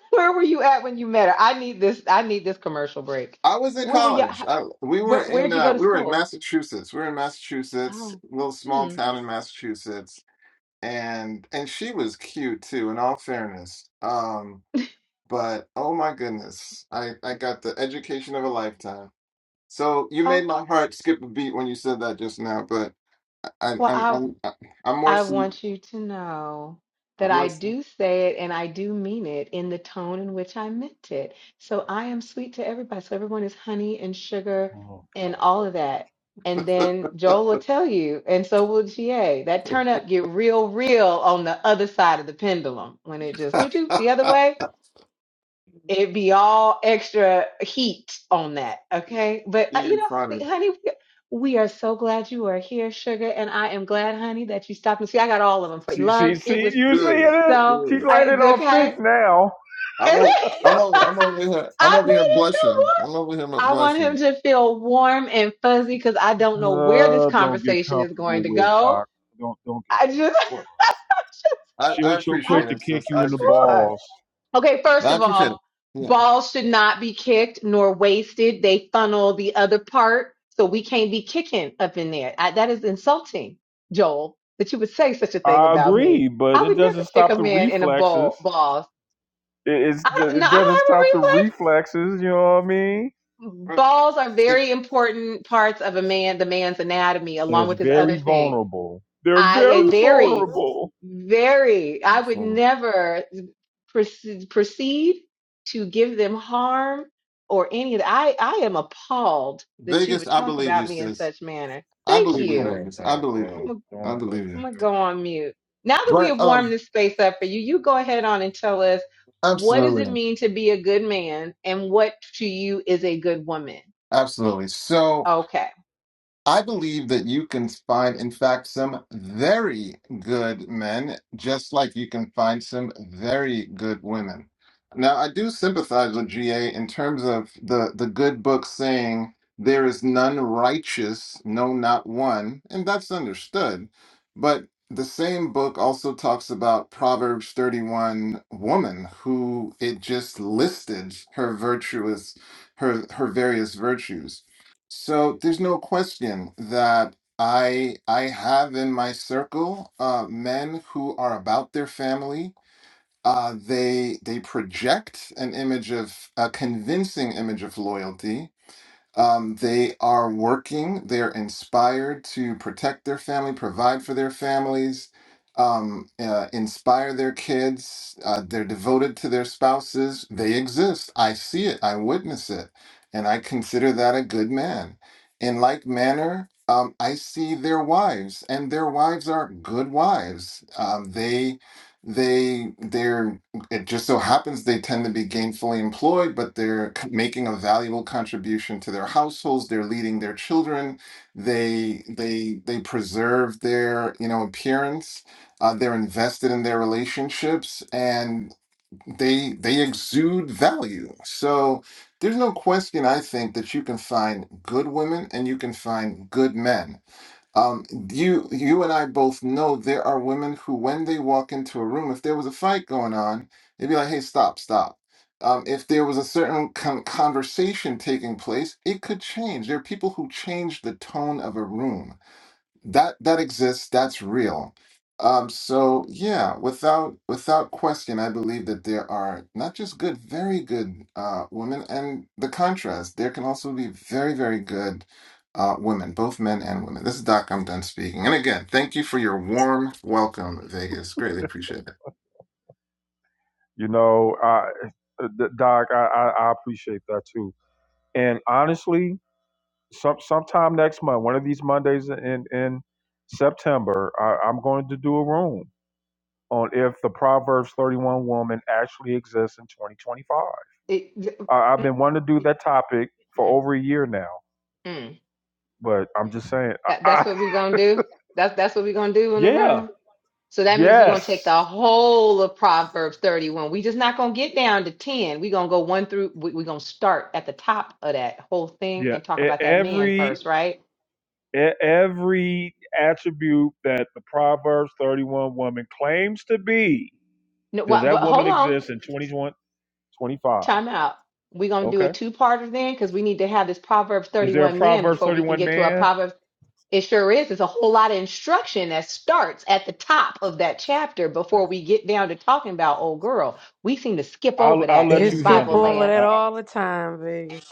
[SPEAKER 7] Where were you at when you met her? I need this. I need this commercial break.
[SPEAKER 14] I was in
[SPEAKER 7] Where were you?
[SPEAKER 14] college.
[SPEAKER 7] h-
[SPEAKER 14] I, we were
[SPEAKER 7] Where Where'd
[SPEAKER 14] in
[SPEAKER 7] you go
[SPEAKER 14] uh,
[SPEAKER 7] to
[SPEAKER 14] we were in
[SPEAKER 7] school?
[SPEAKER 14] Massachusetts. We were in Massachusetts,
[SPEAKER 7] Oh.
[SPEAKER 14] little small
[SPEAKER 7] Hmm.
[SPEAKER 14] town in Massachusetts, and and she was cute too. In all fairness, um, but oh my goodness, I I got the education of a lifetime. So you made
[SPEAKER 7] Oh.
[SPEAKER 14] my heart skip a beat when you said that just now, but I'm I'm
[SPEAKER 7] Well,
[SPEAKER 14] I'm I'm more
[SPEAKER 7] I
[SPEAKER 14] see
[SPEAKER 7] want you to know that
[SPEAKER 14] I'm
[SPEAKER 7] I
[SPEAKER 14] less
[SPEAKER 7] do say it and I do mean it in the tone in which I meant it. So I am sweet to everybody. So everyone is honey and sugar
[SPEAKER 1] Oh
[SPEAKER 7] and
[SPEAKER 1] god,
[SPEAKER 7] all of that. And then Joel will tell you, and so will GA. That turn up get real, real on the other side of the pendulum when it just do do the other
[SPEAKER 14] [laughs]
[SPEAKER 7] way. It'd be all extra heat on that, okay? But uh, you
[SPEAKER 14] you are
[SPEAKER 7] know,
[SPEAKER 14] funny.
[SPEAKER 7] honey, honey, we we are so glad you are here, sugar, and I am glad, honey, that you stopped and see. I got all of them for you.
[SPEAKER 1] she she
[SPEAKER 7] Love, it
[SPEAKER 1] see
[SPEAKER 7] was
[SPEAKER 1] you see
[SPEAKER 14] dude,
[SPEAKER 1] it is
[SPEAKER 7] so
[SPEAKER 1] she's
[SPEAKER 14] dude.
[SPEAKER 7] I,
[SPEAKER 1] landing on
[SPEAKER 7] okay.
[SPEAKER 1] thick now.
[SPEAKER 7] [laughs] I
[SPEAKER 14] I'm on am on am over here I'm
[SPEAKER 7] made
[SPEAKER 14] over here
[SPEAKER 7] it feel
[SPEAKER 14] blushing. I'm
[SPEAKER 7] warm.
[SPEAKER 14] over here
[SPEAKER 7] I want him
[SPEAKER 14] blushing.
[SPEAKER 7] to feel warm and fuzzy because I don't know where this
[SPEAKER 1] Uh, don't get
[SPEAKER 7] conversation is
[SPEAKER 1] comfortable
[SPEAKER 7] going to
[SPEAKER 1] with
[SPEAKER 7] go.
[SPEAKER 1] doc. Don't don't get.
[SPEAKER 7] I just,
[SPEAKER 14] Well, I, I
[SPEAKER 1] She'll she'll
[SPEAKER 7] [laughs] I'm
[SPEAKER 14] appreciate
[SPEAKER 1] quick to
[SPEAKER 14] it,
[SPEAKER 1] kick
[SPEAKER 14] sis.
[SPEAKER 1] you
[SPEAKER 14] I
[SPEAKER 1] in the
[SPEAKER 14] appreciate
[SPEAKER 7] sure.
[SPEAKER 14] it.
[SPEAKER 1] balls.
[SPEAKER 7] Okay, first
[SPEAKER 14] I
[SPEAKER 7] of
[SPEAKER 14] appreciate it.
[SPEAKER 7] all,
[SPEAKER 14] Yeah.
[SPEAKER 7] balls should not be kicked nor wasted. They funnel the other part, so we can't be kicking up in there. I, that is insulting, Joel, that you would say such a thing
[SPEAKER 1] I
[SPEAKER 7] about me.
[SPEAKER 1] agree, but
[SPEAKER 7] I
[SPEAKER 1] it
[SPEAKER 7] would never
[SPEAKER 1] doesn't
[SPEAKER 7] kick
[SPEAKER 1] stop
[SPEAKER 7] a
[SPEAKER 1] the
[SPEAKER 7] man in a
[SPEAKER 1] reflexes.
[SPEAKER 7] ball. Balls.
[SPEAKER 1] It, it's,
[SPEAKER 7] I don't. No,
[SPEAKER 1] it doesn't stop the
[SPEAKER 7] I
[SPEAKER 1] reflexes, you know what I mean?
[SPEAKER 7] don't have a reflex.
[SPEAKER 14] Uh,
[SPEAKER 7] Balls are
[SPEAKER 14] It,
[SPEAKER 7] very important parts of a man, the man's anatomy,
[SPEAKER 1] And
[SPEAKER 7] along
[SPEAKER 1] it's
[SPEAKER 7] with his other
[SPEAKER 1] very
[SPEAKER 7] things.
[SPEAKER 1] vulnerable. They're
[SPEAKER 7] I a
[SPEAKER 1] very
[SPEAKER 7] very,
[SPEAKER 1] vulnerable.
[SPEAKER 7] very, I would
[SPEAKER 14] awesome.
[SPEAKER 7] never proceed, proceed to give them harm or any of that. I, I am appalled that you
[SPEAKER 14] Vegas,
[SPEAKER 7] would
[SPEAKER 14] I
[SPEAKER 7] talk
[SPEAKER 14] believe you,
[SPEAKER 7] about me in
[SPEAKER 14] sis.
[SPEAKER 7] such manner.
[SPEAKER 14] I
[SPEAKER 7] Thank
[SPEAKER 1] Come,
[SPEAKER 14] believe you,
[SPEAKER 1] come
[SPEAKER 7] you.
[SPEAKER 1] on,
[SPEAKER 14] Vegas. I
[SPEAKER 1] Doc,
[SPEAKER 14] believe
[SPEAKER 1] bro.
[SPEAKER 14] you.
[SPEAKER 7] I'm a,
[SPEAKER 14] I
[SPEAKER 1] Don't.
[SPEAKER 14] believe
[SPEAKER 7] I'm
[SPEAKER 14] you.
[SPEAKER 7] gonna
[SPEAKER 1] Okay.
[SPEAKER 7] go on mute. Now that we
[SPEAKER 14] But
[SPEAKER 7] have warmed
[SPEAKER 14] um
[SPEAKER 7] this space up for you, you go ahead on and tell us what does it
[SPEAKER 14] absolutely.
[SPEAKER 7] mean to be a good man and what to you is a good woman.
[SPEAKER 14] Absolutely. So.
[SPEAKER 7] Okay.
[SPEAKER 14] I believe that you can find, in fact, some very good men, just like you can find some very good women. Now, I do sympathize with GA in terms of the, the good book saying there is none righteous, no, not one, and that's understood. But the same book also talks about Proverbs 31 woman who it just listed her virtuous, her her various virtues. So there's no question that I I have in my circle uh, men who are about their family. Uh, they they project an image of a convincing image of loyalty, um, they are working, they're inspired to protect their family, provide for their families, um, uh, inspire their kids. Uh, they're devoted to their spouses. They exist. I see it, I witness it, and I consider that a good man. In like manner, um, I see their wives, and their wives are good wives. Um, they they they're it just so happens they tend to be gainfully employed, but they're c- making a valuable contribution to their households. They're leading their children. They they they preserve their you know appearance. Uh, they're invested in their relationships, and they they exude value. So there's no question, I think, that you can find good women and you can find good men um, you you and I both know there are women who, when they walk into a room, if there was a fight going on, they'd be like, "Hey, stop, stop." Um, if there was a certain con conversation taking place, it could change. There are people who change the tone of a room that that exists that's real um so yeah without without question i believe that there are not just good very good uh women and the contrast there can also be very very good uh women both men and women this is doc i'm done speaking and again thank you for your warm welcome vegas greatly appreciate it
[SPEAKER 1] You know, I, uh, Doc, I, I, I appreciate that too. And honestly, some sometime next month, one of these Mondays in in September, I, I'm going to do a room on if the Proverbs 31 woman actually exists in 2025.
[SPEAKER 7] It, mm,
[SPEAKER 1] I, I've been wanting to do that topic for
[SPEAKER 7] mm,
[SPEAKER 1] over a year now.
[SPEAKER 7] mm.
[SPEAKER 1] But I'm just saying, I,
[SPEAKER 7] That, that's
[SPEAKER 1] I, [laughs]
[SPEAKER 7] what we're gonna do. That's that's what we're gonna do in the
[SPEAKER 1] Yeah.
[SPEAKER 7] room. So that means we're going to take
[SPEAKER 1] Yes.
[SPEAKER 7] the whole of Proverbs 31. we just not going to get down to 10. We're going to go one through, we- we're going to start at the top of that whole thing
[SPEAKER 1] Yeah.
[SPEAKER 7] and talk
[SPEAKER 1] E-
[SPEAKER 7] about that man first,
[SPEAKER 1] Every
[SPEAKER 7] right?
[SPEAKER 1] e- every attribute that the Proverbs 31 woman claims to be,
[SPEAKER 7] No,
[SPEAKER 1] does
[SPEAKER 7] what,
[SPEAKER 1] that
[SPEAKER 7] but
[SPEAKER 1] woman
[SPEAKER 7] hold on,
[SPEAKER 1] exist in 2025?
[SPEAKER 7] time out. We're going to do a
[SPEAKER 1] Okay.
[SPEAKER 7] two parter then because we need to have this Proverbs
[SPEAKER 1] Is there a
[SPEAKER 7] 31 man
[SPEAKER 1] Proverbs
[SPEAKER 7] before we can
[SPEAKER 1] 31
[SPEAKER 7] get to our
[SPEAKER 1] man?
[SPEAKER 7] Proverbs. It sure is. It's a whole lot of instruction that starts at the top of that chapter before we get down to talking about old girl. We seem to skip
[SPEAKER 1] I'll
[SPEAKER 7] over
[SPEAKER 1] I'll
[SPEAKER 7] that
[SPEAKER 9] They
[SPEAKER 1] let
[SPEAKER 7] in
[SPEAKER 1] you
[SPEAKER 9] skip
[SPEAKER 7] Bible
[SPEAKER 1] handle that.
[SPEAKER 9] over
[SPEAKER 7] land,
[SPEAKER 9] that all the time,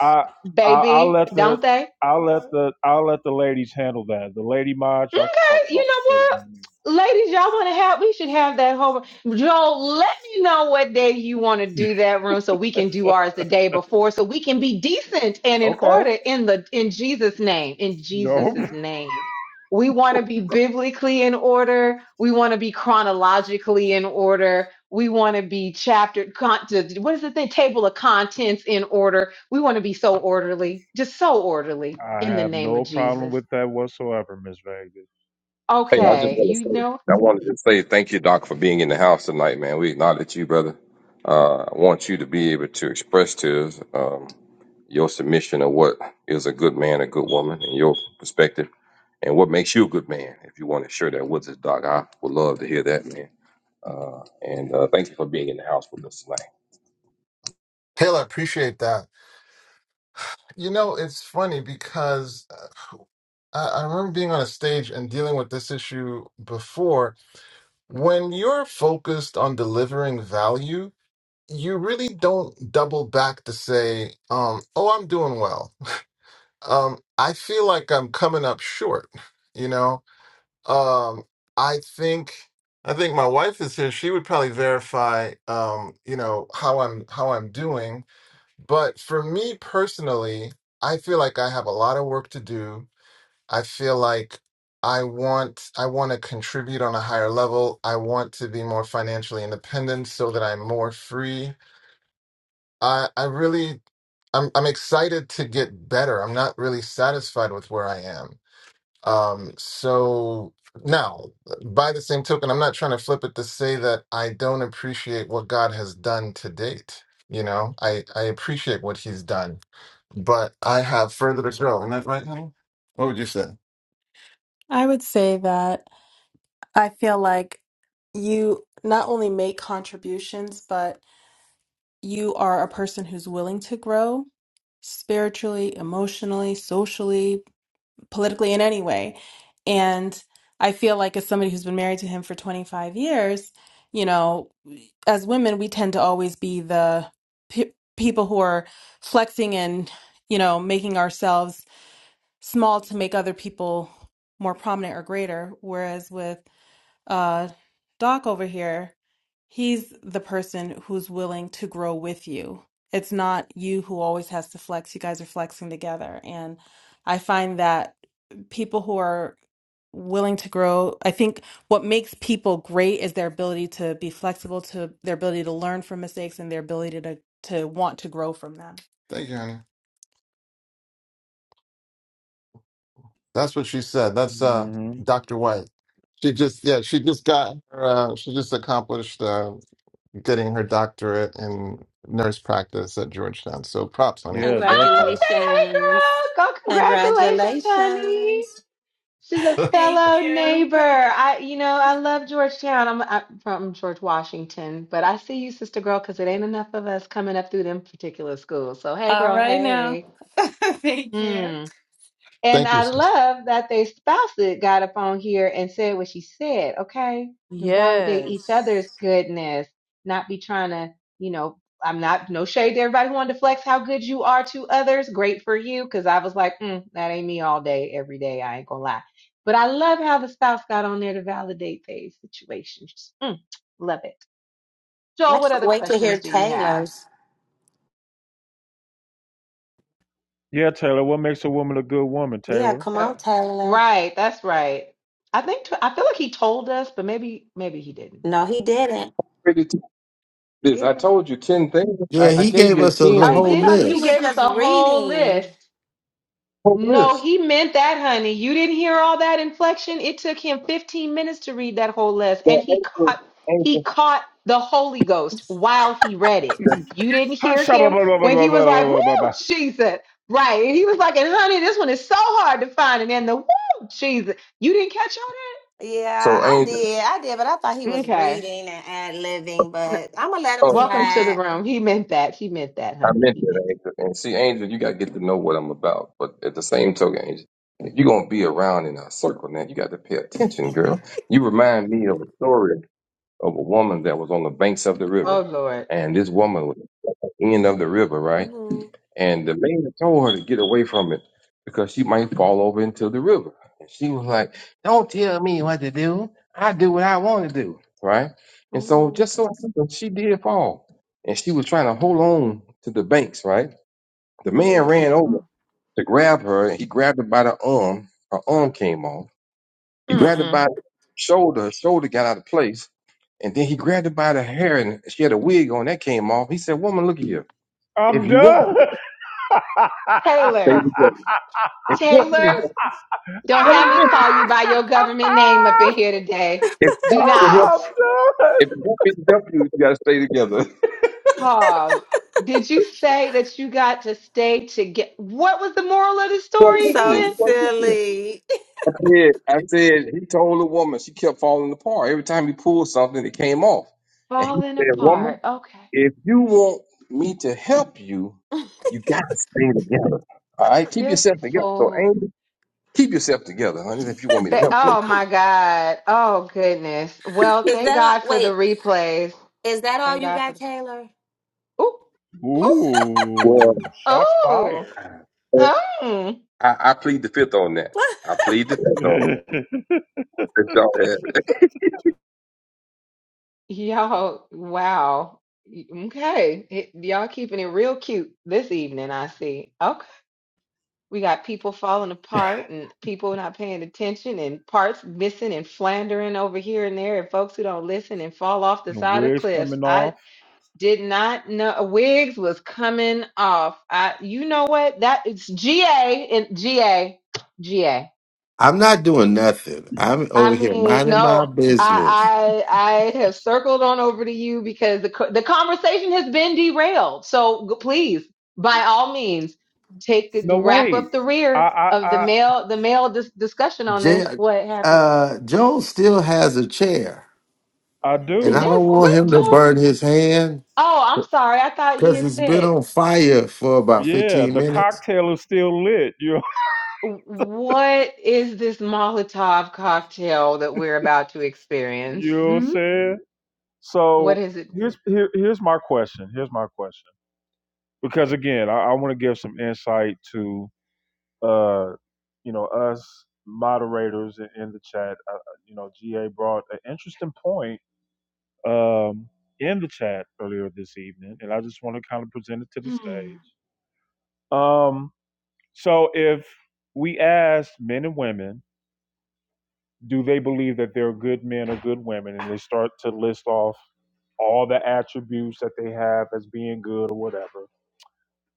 [SPEAKER 1] I I, I I'll
[SPEAKER 7] baby,
[SPEAKER 1] let the
[SPEAKER 7] don't they?
[SPEAKER 1] I'll let the I'll let the ladies handle that. The lady mods,
[SPEAKER 7] Okay,
[SPEAKER 1] y'all can talk about
[SPEAKER 7] you know
[SPEAKER 1] the
[SPEAKER 7] what?
[SPEAKER 1] 31
[SPEAKER 7] Ladies, y'all want to have, we should have that whole, Joel, let me know what day you want to
[SPEAKER 1] men.
[SPEAKER 7] do that room so we can do ours the day before so we can be decent and in
[SPEAKER 1] Okay.
[SPEAKER 7] order in the, in Jesus' name, in
[SPEAKER 1] No.
[SPEAKER 7] Jesus' name. We
[SPEAKER 1] [laughs]
[SPEAKER 7] want to be biblically in order. We want to be chronologically in order. We want to be chapter, con, to- what is the thing? Table of contents in order. We want to be so orderly, just so orderly
[SPEAKER 1] I
[SPEAKER 7] in the
[SPEAKER 1] have
[SPEAKER 7] name of
[SPEAKER 1] no problem
[SPEAKER 7] Jesus.
[SPEAKER 1] with that whatsoever, Miss Vegas.
[SPEAKER 6] Hey, I just
[SPEAKER 7] Okay,
[SPEAKER 6] want to
[SPEAKER 7] you
[SPEAKER 6] say,
[SPEAKER 7] know
[SPEAKER 6] I wanted to say thank you, Doc, for being in the house tonight, man. We acknowledge you, brother. Uh, I want you to be able to express to us um, your submission of what is a good man, a good woman, and your perspective, and what makes you a good man. If you want to share that with us, Doc, I would love to hear that, man. Uh, and uh, thank you for being in the house with us tonight.
[SPEAKER 14] Taylor, appreciate that. You know, it's funny because uh, I, I remember being on a stage and dealing with this issue before, When you're focused on delivering value, you really don't double back to say, um, oh, I'm doing well. Um, I feel like I'm coming up short, you know? Um, I think I think my wife is here. She would probably verify um, you know, how I'm how I'm doing. But for me personally, I feel like I have a lot of work to do I feel like I want I want to contribute on a higher level. I want to be more financially independent so that I'm more free. I I really I'm I'm excited to get better. I'm not really satisfied with where I am. Um so now, by the same token, I'm not trying to flip it to say that I don't appreciate what God has done to date. You know, I I appreciate what he's done, but I have further to grow. Isn't that right, honey? What would you say? I would say that. I feel like you not only make contributions, but you are a person who's willing to grow spiritually, emotionally, socially, politically, in any way. And I feel like as somebody who's been married to him for 25 years, you know, as women, we tend to always be the pe- people who are flexing and, you know, making ourselves small to make other people more prominent or greater. Whereas with uh, Doc over here, he's the person who's willing to grow with you. It's not you who always has to flex. You guys are flexing together. And I find that people who are willing to grow, I think what makes people great is their ability to be flexible, to their ability to learn from mistakes and their ability to to want to grow from them. Thank you, honey. That's what she said. That's uh
[SPEAKER 1] hmm
[SPEAKER 14] Dr. White. She just yeah, she just got her, uh, she just accomplished uh, getting her doctorate in nurse practice at Georgetown. So props, honey.
[SPEAKER 1] Yeah,
[SPEAKER 7] Oh,
[SPEAKER 1] definitely.
[SPEAKER 7] say
[SPEAKER 8] Congratulations.
[SPEAKER 7] hey, girl. Go, congratulations, honey.
[SPEAKER 8] Congratulations.
[SPEAKER 7] She's a
[SPEAKER 14] [laughs]
[SPEAKER 7] fellow neighbor. I, you know, I love Georgetown. I'm, I'm from George Washington, but I see you, sister girl, because it ain't enough of us coming up through them particular schools. So, hey, girl, hey. Hmm. And
[SPEAKER 14] Thank you,
[SPEAKER 7] I
[SPEAKER 14] sis.
[SPEAKER 7] love that their spouses got up on here and said what she said, okay? And validate
[SPEAKER 9] Yes.
[SPEAKER 7] each other's goodness, not be trying to, you know, I'm not, no shade to everybody who wanted to flex how good you are to others. Great for you. Cause I was like, mm, that ain't me all day, every day. I ain't gonna lie. But I love how the spouse got on there to validate their situations. Mm, love it.
[SPEAKER 8] I
[SPEAKER 7] Joel, what
[SPEAKER 8] can't
[SPEAKER 7] other
[SPEAKER 8] wait to
[SPEAKER 7] questions
[SPEAKER 8] hear
[SPEAKER 7] do you have?
[SPEAKER 8] Taylor's.
[SPEAKER 1] Yeah, Taylor. What makes a woman a good woman,
[SPEAKER 8] Yeah,
[SPEAKER 1] Taylor?
[SPEAKER 8] come
[SPEAKER 7] Oh,
[SPEAKER 8] on, Taylor.
[SPEAKER 7] right. That's right. I think, I feel like he told us, but maybe, maybe he didn't.
[SPEAKER 8] No, he didn't.
[SPEAKER 6] Again,
[SPEAKER 7] It was.
[SPEAKER 10] Yeah, he gave us a l-
[SPEAKER 8] Oh,
[SPEAKER 7] He
[SPEAKER 6] and
[SPEAKER 10] whole
[SPEAKER 8] we
[SPEAKER 7] did.
[SPEAKER 8] thought you
[SPEAKER 7] He
[SPEAKER 8] was
[SPEAKER 10] list.
[SPEAKER 7] gave us
[SPEAKER 8] just
[SPEAKER 7] a whole list.
[SPEAKER 8] reading.
[SPEAKER 6] hold
[SPEAKER 7] No,
[SPEAKER 6] this.
[SPEAKER 7] he meant that, honey. You didn't hear all that inflection. It took him 15 minutes to read that whole list,
[SPEAKER 6] Yeah,
[SPEAKER 7] and he
[SPEAKER 6] Angel,
[SPEAKER 7] caught he
[SPEAKER 6] Angel.
[SPEAKER 7] caught the Holy Ghost while he read it. You didn't hear him
[SPEAKER 1] [laughs]
[SPEAKER 7] when he was like, "Woo, Jesus!" Right? And he was like, "And honey, this one is so hard to find." And then the "Woo, Jesus!" You didn't catch all
[SPEAKER 8] Yeah,
[SPEAKER 6] So,
[SPEAKER 8] I
[SPEAKER 6] Angel,
[SPEAKER 8] did. I did, but I thought he
[SPEAKER 7] that.
[SPEAKER 8] was
[SPEAKER 7] Okay.
[SPEAKER 8] reading and ad living,
[SPEAKER 7] No.
[SPEAKER 8] but I'm going to let him
[SPEAKER 7] Welcome
[SPEAKER 6] oh,
[SPEAKER 7] to the
[SPEAKER 8] slide.
[SPEAKER 7] room. He meant that. He meant that,
[SPEAKER 6] I
[SPEAKER 7] honey.
[SPEAKER 6] meant
[SPEAKER 7] He meant.
[SPEAKER 6] that, Angel. And see, Angel, you gotta get to know what I'm about. But at the same token, Angel, if you're gonna be around in our circle now, you got to pay attention, girl. You remind me of a story of a woman that was on the banks of the
[SPEAKER 7] Oh
[SPEAKER 6] river,
[SPEAKER 7] Lord.
[SPEAKER 6] and this woman was at the end of the river, right?
[SPEAKER 8] hmm
[SPEAKER 6] And the man told her to get away from it because she might fall over into the river. And she was like, "Don't tell me what to do. I do what I want to do." Right? And so,
[SPEAKER 8] hmm
[SPEAKER 6] just so happened, she did fall, and she was trying to hold on to the banks, right? The
[SPEAKER 8] hmm
[SPEAKER 6] man ran over
[SPEAKER 7] Oh.
[SPEAKER 6] to grab her, and he grabbed her by the arm. Her arm came off. He grabbed her by
[SPEAKER 7] Mm-mm.
[SPEAKER 6] the shoulder. Her shoulder got out of place. And then he grabbed her by the hair, and she had a wig on. That came off. He said, Woman, look at you. If
[SPEAKER 1] I'm
[SPEAKER 6] you want me
[SPEAKER 1] done.
[SPEAKER 6] to
[SPEAKER 1] [laughs]
[SPEAKER 6] stay
[SPEAKER 7] Taylor.
[SPEAKER 6] together, if you want me
[SPEAKER 7] Taylor.
[SPEAKER 6] to help,
[SPEAKER 7] Don't
[SPEAKER 6] tell
[SPEAKER 7] have
[SPEAKER 6] him,
[SPEAKER 7] me
[SPEAKER 6] Chris,
[SPEAKER 7] call you by your government name up in here today.
[SPEAKER 6] if you
[SPEAKER 7] Do
[SPEAKER 6] want me to
[SPEAKER 7] not.
[SPEAKER 6] help,
[SPEAKER 1] I'm done.
[SPEAKER 6] if you want me to help you, you got to stay together. [laughs]
[SPEAKER 7] Hog, did you say that you got to stay to get what was the moral of the
[SPEAKER 6] You weren't
[SPEAKER 8] It's
[SPEAKER 7] story
[SPEAKER 6] listening.
[SPEAKER 8] So
[SPEAKER 7] again?
[SPEAKER 6] You weren't listening.
[SPEAKER 8] silly.
[SPEAKER 6] I said, I said, he told the woman, she kept falling apart. Every time he pulled something, it came off. And he
[SPEAKER 7] Falling
[SPEAKER 6] said, Woman,
[SPEAKER 7] apart. Okay.
[SPEAKER 6] If you want me to help you, you got to stay together. All right, keep
[SPEAKER 7] This
[SPEAKER 6] yourself together. So,
[SPEAKER 7] fool.
[SPEAKER 6] Angel, keep yourself together, honey. If you want me to
[SPEAKER 7] ba-
[SPEAKER 6] help you,
[SPEAKER 7] Oh my God. Oh goodness. Well,
[SPEAKER 8] Is
[SPEAKER 7] thank
[SPEAKER 8] that
[SPEAKER 7] God
[SPEAKER 8] all?
[SPEAKER 7] for the
[SPEAKER 8] Wait,
[SPEAKER 7] replays.
[SPEAKER 8] is that all
[SPEAKER 7] Thank
[SPEAKER 8] you
[SPEAKER 7] God for
[SPEAKER 8] got,
[SPEAKER 7] the.
[SPEAKER 8] Taylor?
[SPEAKER 7] Ooh, ooh,
[SPEAKER 6] well,
[SPEAKER 1] Ooh, shots fired.
[SPEAKER 7] oh, oh.
[SPEAKER 6] I, I plead the fifth on that.
[SPEAKER 8] [laughs]
[SPEAKER 6] I plead the
[SPEAKER 1] [laughs]
[SPEAKER 6] fifth on.
[SPEAKER 1] and
[SPEAKER 6] Let y'all have
[SPEAKER 7] Y'all, wow. Y- Okay. It, y'all keeping it real cute this evening, I see. Okay. We got people falling apart and people not paying attention and parts missing and floundering over here and there and folks who don't listen and fall off the side of
[SPEAKER 1] wigs
[SPEAKER 7] cliffs.
[SPEAKER 1] coming
[SPEAKER 7] I
[SPEAKER 1] off.
[SPEAKER 7] did not know wigs was coming off. I, you know what? That it's GA and GA, GA.
[SPEAKER 10] I'm not doing nothing. I'm over
[SPEAKER 7] I
[SPEAKER 10] here
[SPEAKER 7] mean,
[SPEAKER 10] minding
[SPEAKER 7] no,
[SPEAKER 10] my business.
[SPEAKER 7] I I I have circled on over to you because the co- the conversation has been derailed. So g- please, by all means, take the
[SPEAKER 1] No,
[SPEAKER 7] wrap
[SPEAKER 1] wait.
[SPEAKER 7] up the
[SPEAKER 1] I,
[SPEAKER 7] rear
[SPEAKER 1] I,
[SPEAKER 7] of the
[SPEAKER 1] I,
[SPEAKER 7] male the male dis- discussion on
[SPEAKER 10] J-
[SPEAKER 7] this. What happened?
[SPEAKER 10] uh, Joel still has a chair,
[SPEAKER 1] I
[SPEAKER 7] J-
[SPEAKER 10] and I
[SPEAKER 1] do.
[SPEAKER 7] Yes,
[SPEAKER 10] don't want
[SPEAKER 7] what
[SPEAKER 10] him to
[SPEAKER 7] Joe?
[SPEAKER 10] burn his hand.
[SPEAKER 7] Oh, I'm sorry. I thought he
[SPEAKER 10] because
[SPEAKER 7] had
[SPEAKER 10] it's been
[SPEAKER 7] said.
[SPEAKER 10] on fire for about
[SPEAKER 1] Yeah,
[SPEAKER 10] 15
[SPEAKER 1] the
[SPEAKER 10] minutes.
[SPEAKER 1] cocktail is still lit. You,
[SPEAKER 7] "W- What is this Molotov cocktail that we're about to
[SPEAKER 1] [laughs]
[SPEAKER 7] experience?
[SPEAKER 1] you know what I'm
[SPEAKER 7] Hmm?
[SPEAKER 1] saying?
[SPEAKER 7] What
[SPEAKER 1] So
[SPEAKER 7] is it?
[SPEAKER 1] here's here, here's my question. Here's my question. Because again, I, I want to give some insight to uh, you know us moderators in, in the chat. Uh, uh, you know, GA brought an interesting point um, in the chat earlier this evening, and I just want to kind of present it to the
[SPEAKER 7] Hmm.
[SPEAKER 1] stage. Um, so if we asked men and women, do they believe that they're good men or good women, and they start to list off all the attributes that they have as being good or whatever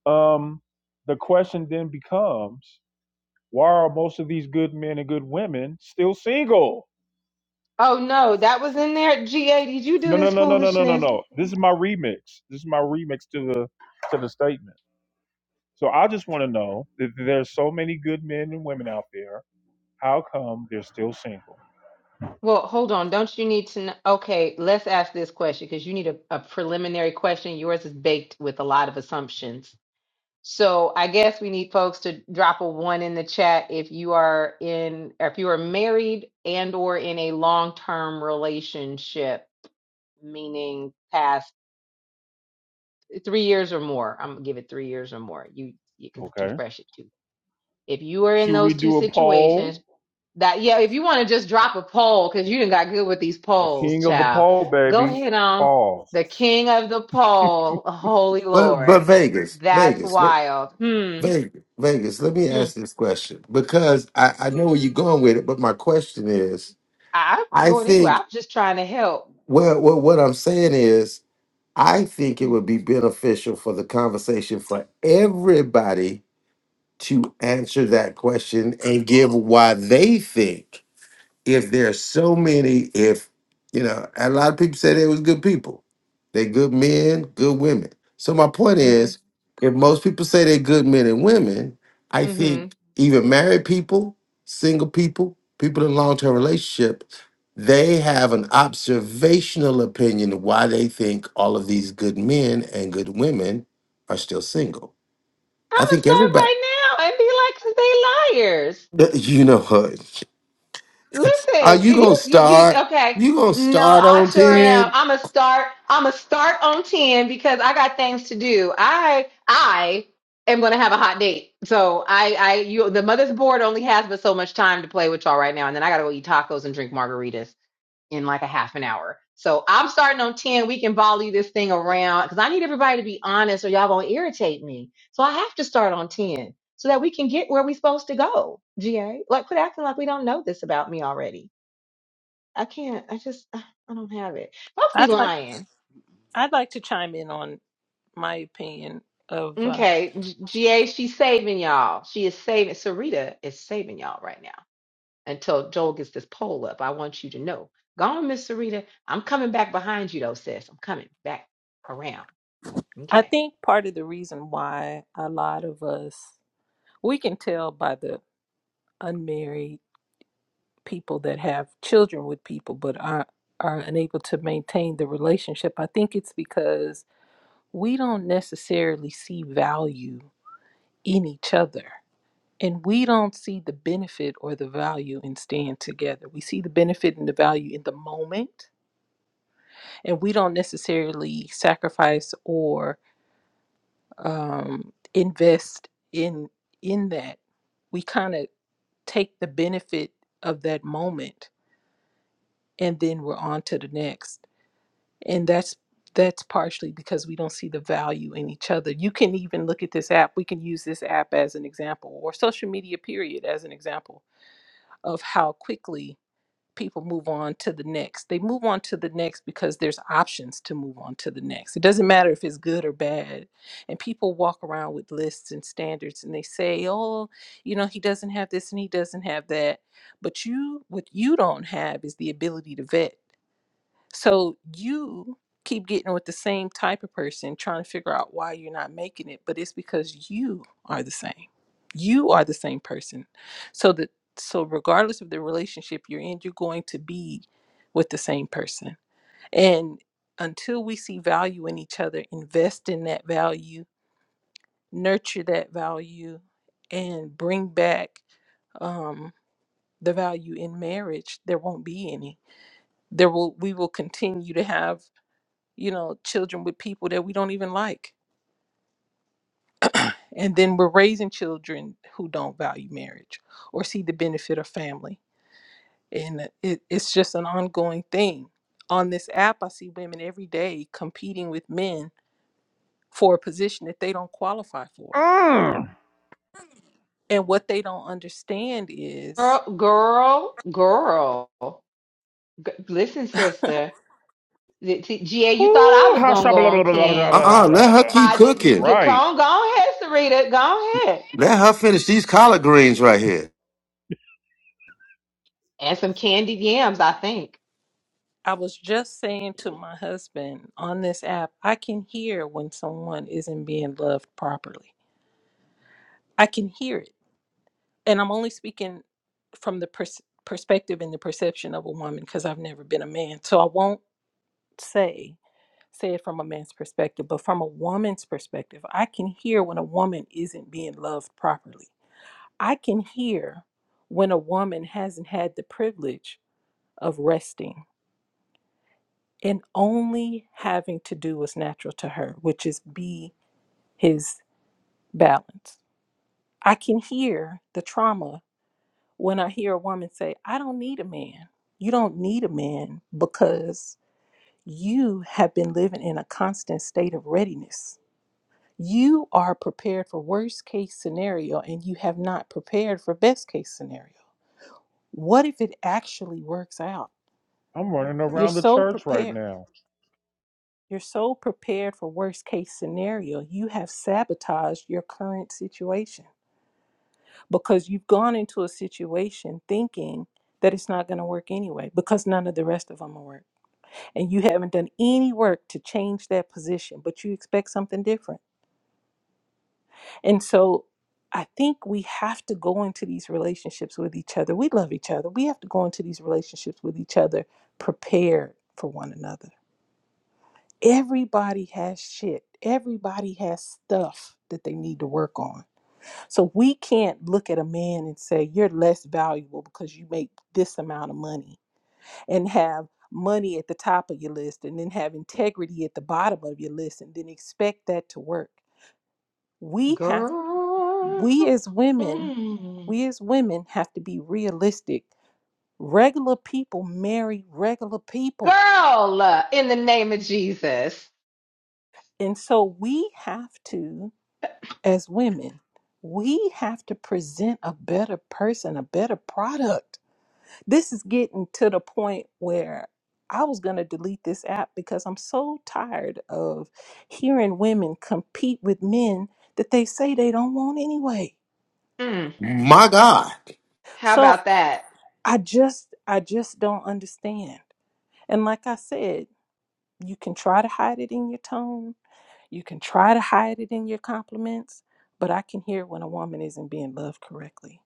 [SPEAKER 1] um, the question then becomes why are most of these good men and good women still single
[SPEAKER 7] Oh no, that was in there. GA, did you do
[SPEAKER 1] no no
[SPEAKER 7] this
[SPEAKER 1] no no no no no
[SPEAKER 7] foolishness?
[SPEAKER 1] no this is my remix this is my remix to the to the statement so i just want to know that there's so many good men and women out there how come they're still single
[SPEAKER 7] Well, hold on. Don't you need to know? Okay, let's ask this question because you need a, a preliminary question. Yours is baked with a lot of assumptions. So I guess we need folks to drop a one in the chat if you are in, if you are married and or in a long-term relationship, meaning past three years or more. I'm gonna give it three years or more. You because it's too
[SPEAKER 1] okay
[SPEAKER 7] fresh at two. If you are in
[SPEAKER 1] Should we
[SPEAKER 7] those two
[SPEAKER 1] do a
[SPEAKER 7] situations,
[SPEAKER 1] poll?
[SPEAKER 7] That yeah, if you want to just drop a poll, because you done got good with these
[SPEAKER 1] The
[SPEAKER 7] polls,
[SPEAKER 1] king of the
[SPEAKER 7] child.
[SPEAKER 1] poll,
[SPEAKER 7] Go
[SPEAKER 1] baby.
[SPEAKER 7] ahead on.
[SPEAKER 1] Pause.
[SPEAKER 7] The king of the poll, holy
[SPEAKER 10] But but
[SPEAKER 7] Lord.
[SPEAKER 10] Vegas,
[SPEAKER 7] That's
[SPEAKER 10] Vegas, let-
[SPEAKER 7] wild. Hmm.
[SPEAKER 10] Vegas, Vegas, let me
[SPEAKER 7] hmm.
[SPEAKER 10] ask this question because I, I know where you're going with it, but my question is
[SPEAKER 7] I, I'm not
[SPEAKER 10] I
[SPEAKER 7] going anywhere.
[SPEAKER 10] think,
[SPEAKER 7] I'm just trying to help.
[SPEAKER 10] well, well, what I'm saying is, I think it would
[SPEAKER 7] Mm-hmm.
[SPEAKER 10] be beneficial for the conversation for everybody to answer that question and give why they think if there's so many, if you know, a lot of people say they was good people, they good men, good women. So my point is, if most people say they're good men and women, I
[SPEAKER 7] Mm-hmm.
[SPEAKER 10] think even married people, single people, people in long term relationship, they have an observational opinion of why they think all of these good men and good women are still single.
[SPEAKER 7] I'm
[SPEAKER 10] I
[SPEAKER 7] gonna
[SPEAKER 10] think
[SPEAKER 7] start
[SPEAKER 10] everybody,
[SPEAKER 7] right now and be like, 'cause they liars.
[SPEAKER 10] [laughs] you know, what? are
[SPEAKER 7] Listen,
[SPEAKER 10] you
[SPEAKER 7] you,
[SPEAKER 10] gonna
[SPEAKER 7] you, you,
[SPEAKER 10] start?
[SPEAKER 7] okay.
[SPEAKER 10] You gonna
[SPEAKER 7] No,
[SPEAKER 10] start
[SPEAKER 7] I
[SPEAKER 10] on
[SPEAKER 7] sure
[SPEAKER 10] ten?
[SPEAKER 7] am. I'm a start. I'm a start on 10 because I got things to do. I, I am going to have a hot date. So I, I, you, the mother's board only has but so much time to play with y'all right now. And then I got to go eat tacos and drink margaritas in like a half an hour. So I'm starting on 10. We can volley this thing around because I need everybody to be honest or y'all gonna irritate me. So I have to start on 10 so that we can get where we are supposed to go, GA. Like quit acting like we don't know this about me already. I can't, I just uh, I don't have it. Must be
[SPEAKER 13] I'd like
[SPEAKER 7] lying.
[SPEAKER 13] I'd like to chime in on my opinion of uh,
[SPEAKER 7] Okay, G- GA, she's saving y'all. She is saving Sarita is saving y'all right now until Joel gets this poll up. I want you to know. Go on, Miss Sarita. I'm coming back behind you though, sis. I'm coming back around.
[SPEAKER 13] I
[SPEAKER 7] Okay.
[SPEAKER 13] think part of the reason why a lot of us we can tell by the unmarried people that have children with people but are are unable to maintain the relationship. I think it's because we don't necessarily see value in each other. And we don't see the benefit or the value in staying together. We see the benefit and the value in the moment, and we don't necessarily sacrifice or um, invest in in that. We kind of take the benefit of that moment, and then we're on to the next. And that's that's partially because we don't see the value in each other. You can even look at this app. We can use this app as an example, or social media period as an example of how quickly people move on to the next. They move on to the next because there's options to move on to the next. It doesn't matter if it's good or bad. And people walk around with lists and standards and they say, "Oh, you know, he doesn't have this and he doesn't have that." But you what you don't have is the ability to vet so you keep getting with the same type of person, trying to figure out why you're not making it, but it's because you are the same. You are the same person. So that so regardless of the relationship you're in, you're going to be with the same person. And until we see value in each other, invest in that value, nurture that value, and bring back um, the value in marriage, there won't be any. There will we will continue to have you know, children with people that we don't even like. And then we're raising children who don't value marriage or see the benefit of family. And it, it's just an ongoing thing. On this app, I see women every day competing with men for a position that they don't qualify for. And what they don't understand is
[SPEAKER 7] Girl, girl, girl. G- Listen,
[SPEAKER 13] [laughs] I
[SPEAKER 7] sister. Th- t- GA, you thought
[SPEAKER 1] Whoo,
[SPEAKER 7] I was
[SPEAKER 1] ha,
[SPEAKER 7] going to
[SPEAKER 1] sha,
[SPEAKER 7] go
[SPEAKER 1] blah, blah,
[SPEAKER 7] on
[SPEAKER 1] blah, blah, blah, blah,
[SPEAKER 7] 10.
[SPEAKER 1] blah,
[SPEAKER 10] Uh-uh, let her keep
[SPEAKER 7] How did you
[SPEAKER 10] cooking.
[SPEAKER 7] get
[SPEAKER 1] Right.
[SPEAKER 7] on? Go ahead, Sarita. Go ahead.
[SPEAKER 10] Let her finish these collard greens right here.
[SPEAKER 7] And some candied yams, I think.
[SPEAKER 13] was just saying to my husband on this app, I can hear when someone isn't being loved properly. I can hear it and I'm only speaking from the pers- perspective and the perception of a woman because I've never been a man. So I won't say say it from a man's perspective, but from a woman's perspective, I can hear when a woman isn't being loved properly. I can hear when a woman hasn't had the privilege of resting and only having to do what's natural to her, which is be his balance. I can hear the trauma when I hear a woman say, I don't need a man. You don't need a man because you have been living in a constant state of readiness. You are prepared for worst case scenario and you have not prepared for best case scenario. What if it actually works out?
[SPEAKER 1] I'm running
[SPEAKER 13] You're
[SPEAKER 1] around the
[SPEAKER 13] so
[SPEAKER 1] church right
[SPEAKER 13] prepared.
[SPEAKER 1] now.
[SPEAKER 13] You're so prepared for worst case scenario, you have sabotaged your current situation because you've gone into a situation thinking that it's not going to work anyway because none of the rest of them will work. and you haven't done any work to change that position, but you expect something different. And so I think we have to go into these relationships with each other. We love each other. We have to go into these relationships with each other prepared for one another. Everybody has shit. Everybody has stuff that they need to work on. So we can't look at a man and say, you're less valuable because you make this amount of money and have money at the top of your list and then have integrity at the bottom of your list and then expect that to work. We have
[SPEAKER 7] Girl.
[SPEAKER 13] we as women,
[SPEAKER 7] Mm.
[SPEAKER 13] we as women have to be realistic. Regular people marry regular people.
[SPEAKER 7] Girl, uh, in the name of Jesus.
[SPEAKER 13] And so we have to as women, we have to present a better person, a better product This is getting to the point where I was going to delete this app because I'm so tired of hearing women compete with men that they say they don't want anyway.
[SPEAKER 7] Mm.
[SPEAKER 10] My God.
[SPEAKER 7] How
[SPEAKER 13] So
[SPEAKER 7] about that?
[SPEAKER 13] I just I just don't understand. And like I said, you can try to hide it in your tone, you can try to hide it in your compliments, but I can hear when a woman isn't being loved correctly.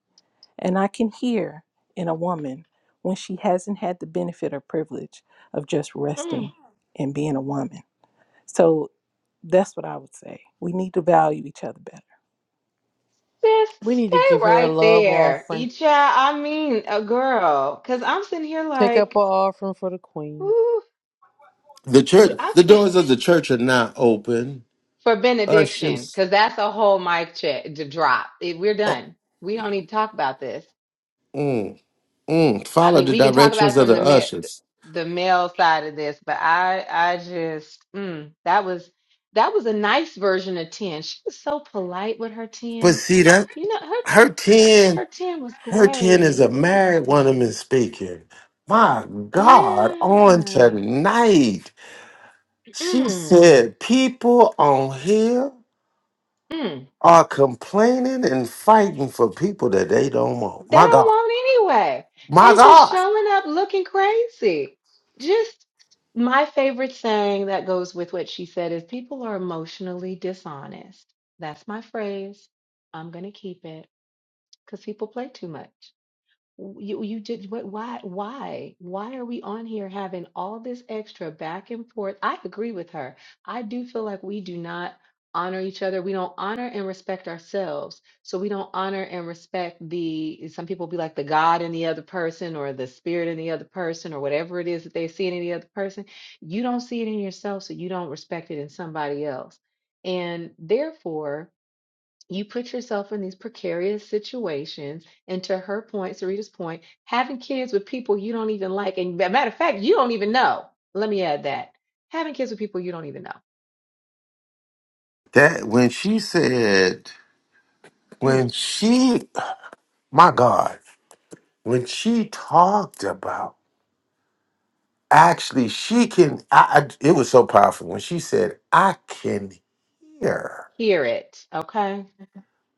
[SPEAKER 13] And I can hear in a woman when she hasn't had the benefit or privilege of just
[SPEAKER 7] Mm.
[SPEAKER 13] resting and being a woman. So that's what I would say. We need to value each other
[SPEAKER 7] Sis,
[SPEAKER 9] We need to
[SPEAKER 7] stay
[SPEAKER 9] give her a
[SPEAKER 7] right
[SPEAKER 9] love
[SPEAKER 7] there.
[SPEAKER 9] offering.
[SPEAKER 7] Each, I mean, a girl. Because I'm sitting here
[SPEAKER 9] Take up
[SPEAKER 7] like,
[SPEAKER 9] an offering for the queen.
[SPEAKER 7] ooh.
[SPEAKER 10] The
[SPEAKER 7] We,
[SPEAKER 10] church, the
[SPEAKER 7] I
[SPEAKER 10] doors of the church are not open.
[SPEAKER 7] for benediction
[SPEAKER 10] Ushers.
[SPEAKER 7] because that's a whole mic check to drop. It, we're
[SPEAKER 10] Oh,
[SPEAKER 7] done. We don't need to talk about this.
[SPEAKER 10] mm, mm,
[SPEAKER 7] I
[SPEAKER 10] follow
[SPEAKER 7] mean,
[SPEAKER 10] the
[SPEAKER 7] we can talk about
[SPEAKER 10] directions
[SPEAKER 7] it
[SPEAKER 10] of
[SPEAKER 7] from
[SPEAKER 10] the
[SPEAKER 7] the ma-
[SPEAKER 10] ushers.
[SPEAKER 7] the male side of this, but I I just mm, that was that was a nice version of ten. She was so polite with her
[SPEAKER 10] But
[SPEAKER 7] ten.
[SPEAKER 10] see that
[SPEAKER 7] You know her t-
[SPEAKER 10] her 10,
[SPEAKER 7] her ten was
[SPEAKER 10] her 10 is a
[SPEAKER 7] great. It was
[SPEAKER 10] married woman
[SPEAKER 7] great.
[SPEAKER 10] speaking. My God, on
[SPEAKER 7] Yeah.
[SPEAKER 10] tonight. She
[SPEAKER 7] Mm,
[SPEAKER 10] said people on here
[SPEAKER 7] mm.
[SPEAKER 10] are complaining and fighting for people that they don't
[SPEAKER 7] they
[SPEAKER 10] want. My
[SPEAKER 7] don't
[SPEAKER 10] God.
[SPEAKER 7] want anyway
[SPEAKER 10] My
[SPEAKER 7] and just
[SPEAKER 10] God.
[SPEAKER 7] showing up looking crazy just my favorite saying that goes with what she said is people are emotionally dishonest that's my phrase i'm going to keep it because people play too much you, you did what, why why why are we on here having all this extra back and forth? I agree with her. I do feel like we do not honor each other. We don't honor and respect ourselves. So we don't honor and respect the some people be like the God in the other person or the spirit in the other person or whatever it is that they see in the other person. You don't see it in yourself, so you don't respect it in somebody else. And therefore, you put yourself in these precarious situations and to her point sarita's point having kids with people you don't even like and a matter of fact you don't even know let me add that having kids with people you don't even know
[SPEAKER 10] That when she said, when
[SPEAKER 7] mm,
[SPEAKER 10] she, my God, when she talked about, actually, she can, I, I, it was so powerful when she said, I can hear.
[SPEAKER 7] hear it okay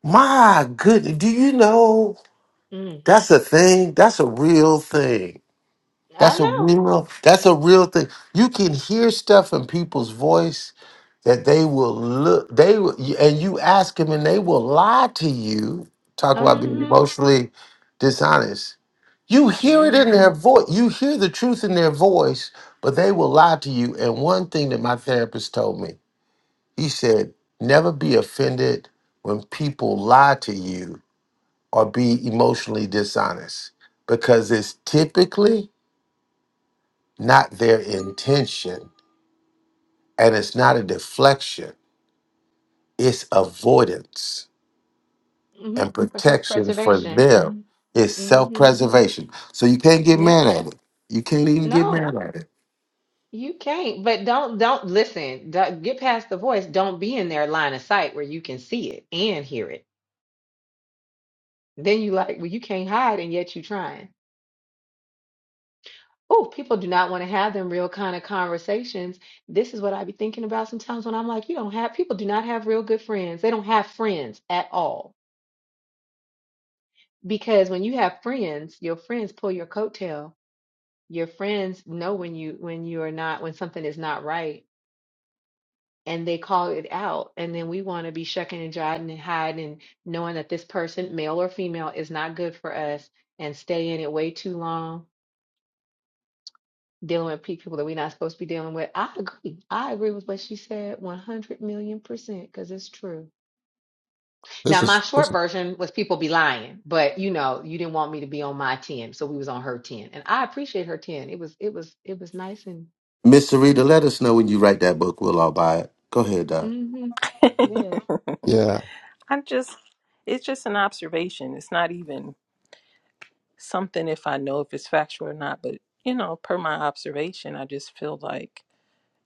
[SPEAKER 10] My goodness, do you know
[SPEAKER 7] mm,
[SPEAKER 10] that's a thing? That's a real thing.
[SPEAKER 7] i
[SPEAKER 10] That's a
[SPEAKER 7] know
[SPEAKER 10] real, that's a real thing. You can hear stuff in people's voice that they will look they will and you ask them and they will lie to you talk about being
[SPEAKER 7] mm-hmm,
[SPEAKER 10] emotionally dishonest you hear it in
[SPEAKER 7] mm-hmm,
[SPEAKER 10] their voice you hear the truth in their voice but they will lie to you and one thing that my therapist told me he said never be offended when people lie to you or be emotionally dishonest because it's typically not their intention and it's not a deflection it's avoidance
[SPEAKER 7] mm-hmm.
[SPEAKER 10] and
[SPEAKER 7] for
[SPEAKER 10] protection for
[SPEAKER 7] self-preservation
[SPEAKER 10] them. It's self
[SPEAKER 7] mm-hmm,
[SPEAKER 10] preservation. So you can't get
[SPEAKER 7] yep
[SPEAKER 10] mad at it. You can't even get
[SPEAKER 7] no
[SPEAKER 10] mad at it.
[SPEAKER 7] you can't but don't don't listen Don't- get past the voice don't be in their line of sight where you can see it and hear it Then you like, well, you can't hide and yet you trying. Oh, people do not want to have them real kind of conversations. This is what I be thinking about sometimes when I'm like, you don't have people do not have real good friends. They don't have friends at all. Because when you have friends, your friends pull your coattail. Your friends know when you when you are not when something is not right and they call it out. And then we want to be shucking and jiving and hiding and knowing that this person, male or female, is not good for us and stay in it way too long dealing with pe- people that we're not supposed to be dealing with. I agree. I agree with what she said 100 million percent because it's true. Now,
[SPEAKER 14] This
[SPEAKER 7] my
[SPEAKER 14] is,
[SPEAKER 7] short
[SPEAKER 14] this is
[SPEAKER 7] version was people be lying, but you know, you didn't want me to be on my 10. So we was on her 10 and I appreciate her 10. It was, it was, it was nice and
[SPEAKER 10] Miss Sarita, let us know when you write that book. We'll all buy it. Go ahead, Doc.
[SPEAKER 7] mm-hmm.
[SPEAKER 13] better.
[SPEAKER 7] Yes.
[SPEAKER 13] [laughs]
[SPEAKER 14] yeah.
[SPEAKER 13] I'm just, it's just an observation. It's not even something if I know if it's factual or not, but you know, per my observation, I just feel like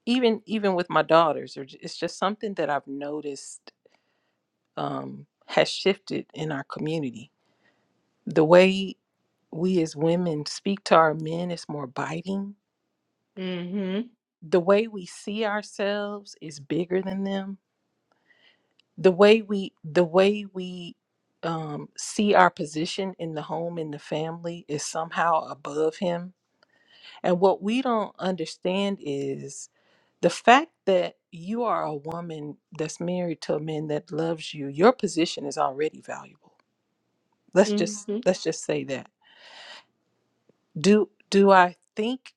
[SPEAKER 13] even even with my daughters, or j- it's just something that I've noticed um, has shifted in our community. The way we as women speak to our men is more biting.
[SPEAKER 7] Mm-hmm.
[SPEAKER 13] The way we see ourselves is bigger than them. The way we the way we um, see our position in the home in the family is somehow above him. And what we don't understand is the fact that you are a woman that's married to a man that loves you. Your position is already valuable. Let's just
[SPEAKER 7] Mm-hmm.
[SPEAKER 13] let's just say that Do do I think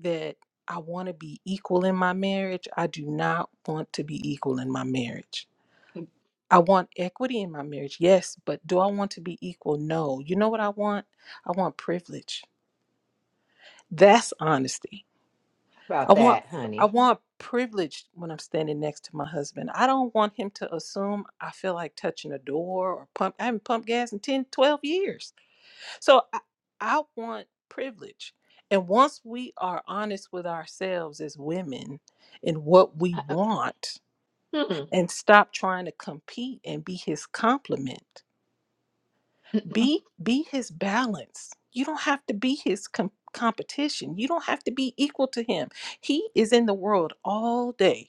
[SPEAKER 13] that I want to be equal in my marriage? I do not want to be equal in my marriage.
[SPEAKER 7] How
[SPEAKER 13] I want equity in my marriage. Yes, but do I want to be equal? No. You know what I want? I want privilege. That's honesty.
[SPEAKER 7] About
[SPEAKER 13] I want
[SPEAKER 7] that,
[SPEAKER 13] I
[SPEAKER 7] honey.
[SPEAKER 13] want privilege when I'm standing next to my husband. I don't want him to assume I feel like touching a door or pump I haven't pumped gas in 10, 12 years So I, I want privilege. And once we are honest with ourselves as women and what we
[SPEAKER 7] Uh,
[SPEAKER 13] want
[SPEAKER 7] uh,
[SPEAKER 13] and stop trying to compete and be his complement, be be his balance. You don't have to be his com- competition. You don't have to be equal to him. He is in the world all day.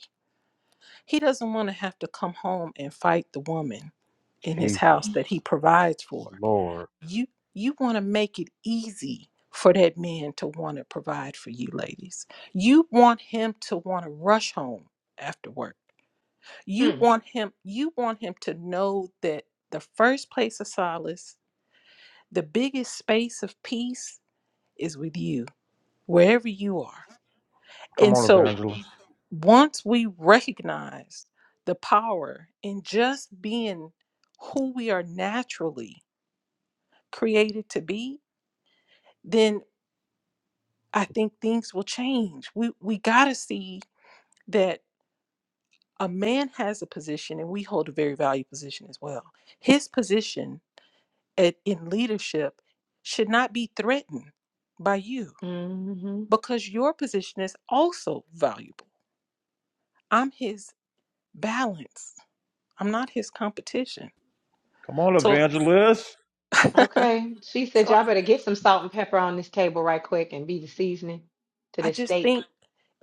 [SPEAKER 13] He doesn't want to have to come home and fight the woman in his
[SPEAKER 1] Jesus.
[SPEAKER 13] house that he provides for.
[SPEAKER 1] Lord.
[SPEAKER 13] you you want to make it easy for that man to want to provide for you ladies you want him to want to rush home after work you
[SPEAKER 7] mm,
[SPEAKER 13] want him you want him to know that the first place of solace the biggest space of peace is with you wherever you are
[SPEAKER 1] Come
[SPEAKER 13] and
[SPEAKER 1] on,
[SPEAKER 13] so
[SPEAKER 1] evangelist.
[SPEAKER 13] once we recognize the power in just being who we are naturally created to be then. I think things will change. We we got to see that a man has a position, and we hold a very valued position as well. His position at, in leadership should not be threatened by you
[SPEAKER 7] mm-hmm.
[SPEAKER 13] because your position is also valuable. I'm his balance. I'm not his competition.
[SPEAKER 1] Come on,
[SPEAKER 13] So,
[SPEAKER 1] evangelist.
[SPEAKER 13] [laughs] so
[SPEAKER 7] Okay. She said,
[SPEAKER 13] I
[SPEAKER 7] y'all better get some salt and pepper on this table right quick and be the seasoning to
[SPEAKER 13] I
[SPEAKER 7] this
[SPEAKER 13] just
[SPEAKER 7] steak.
[SPEAKER 13] think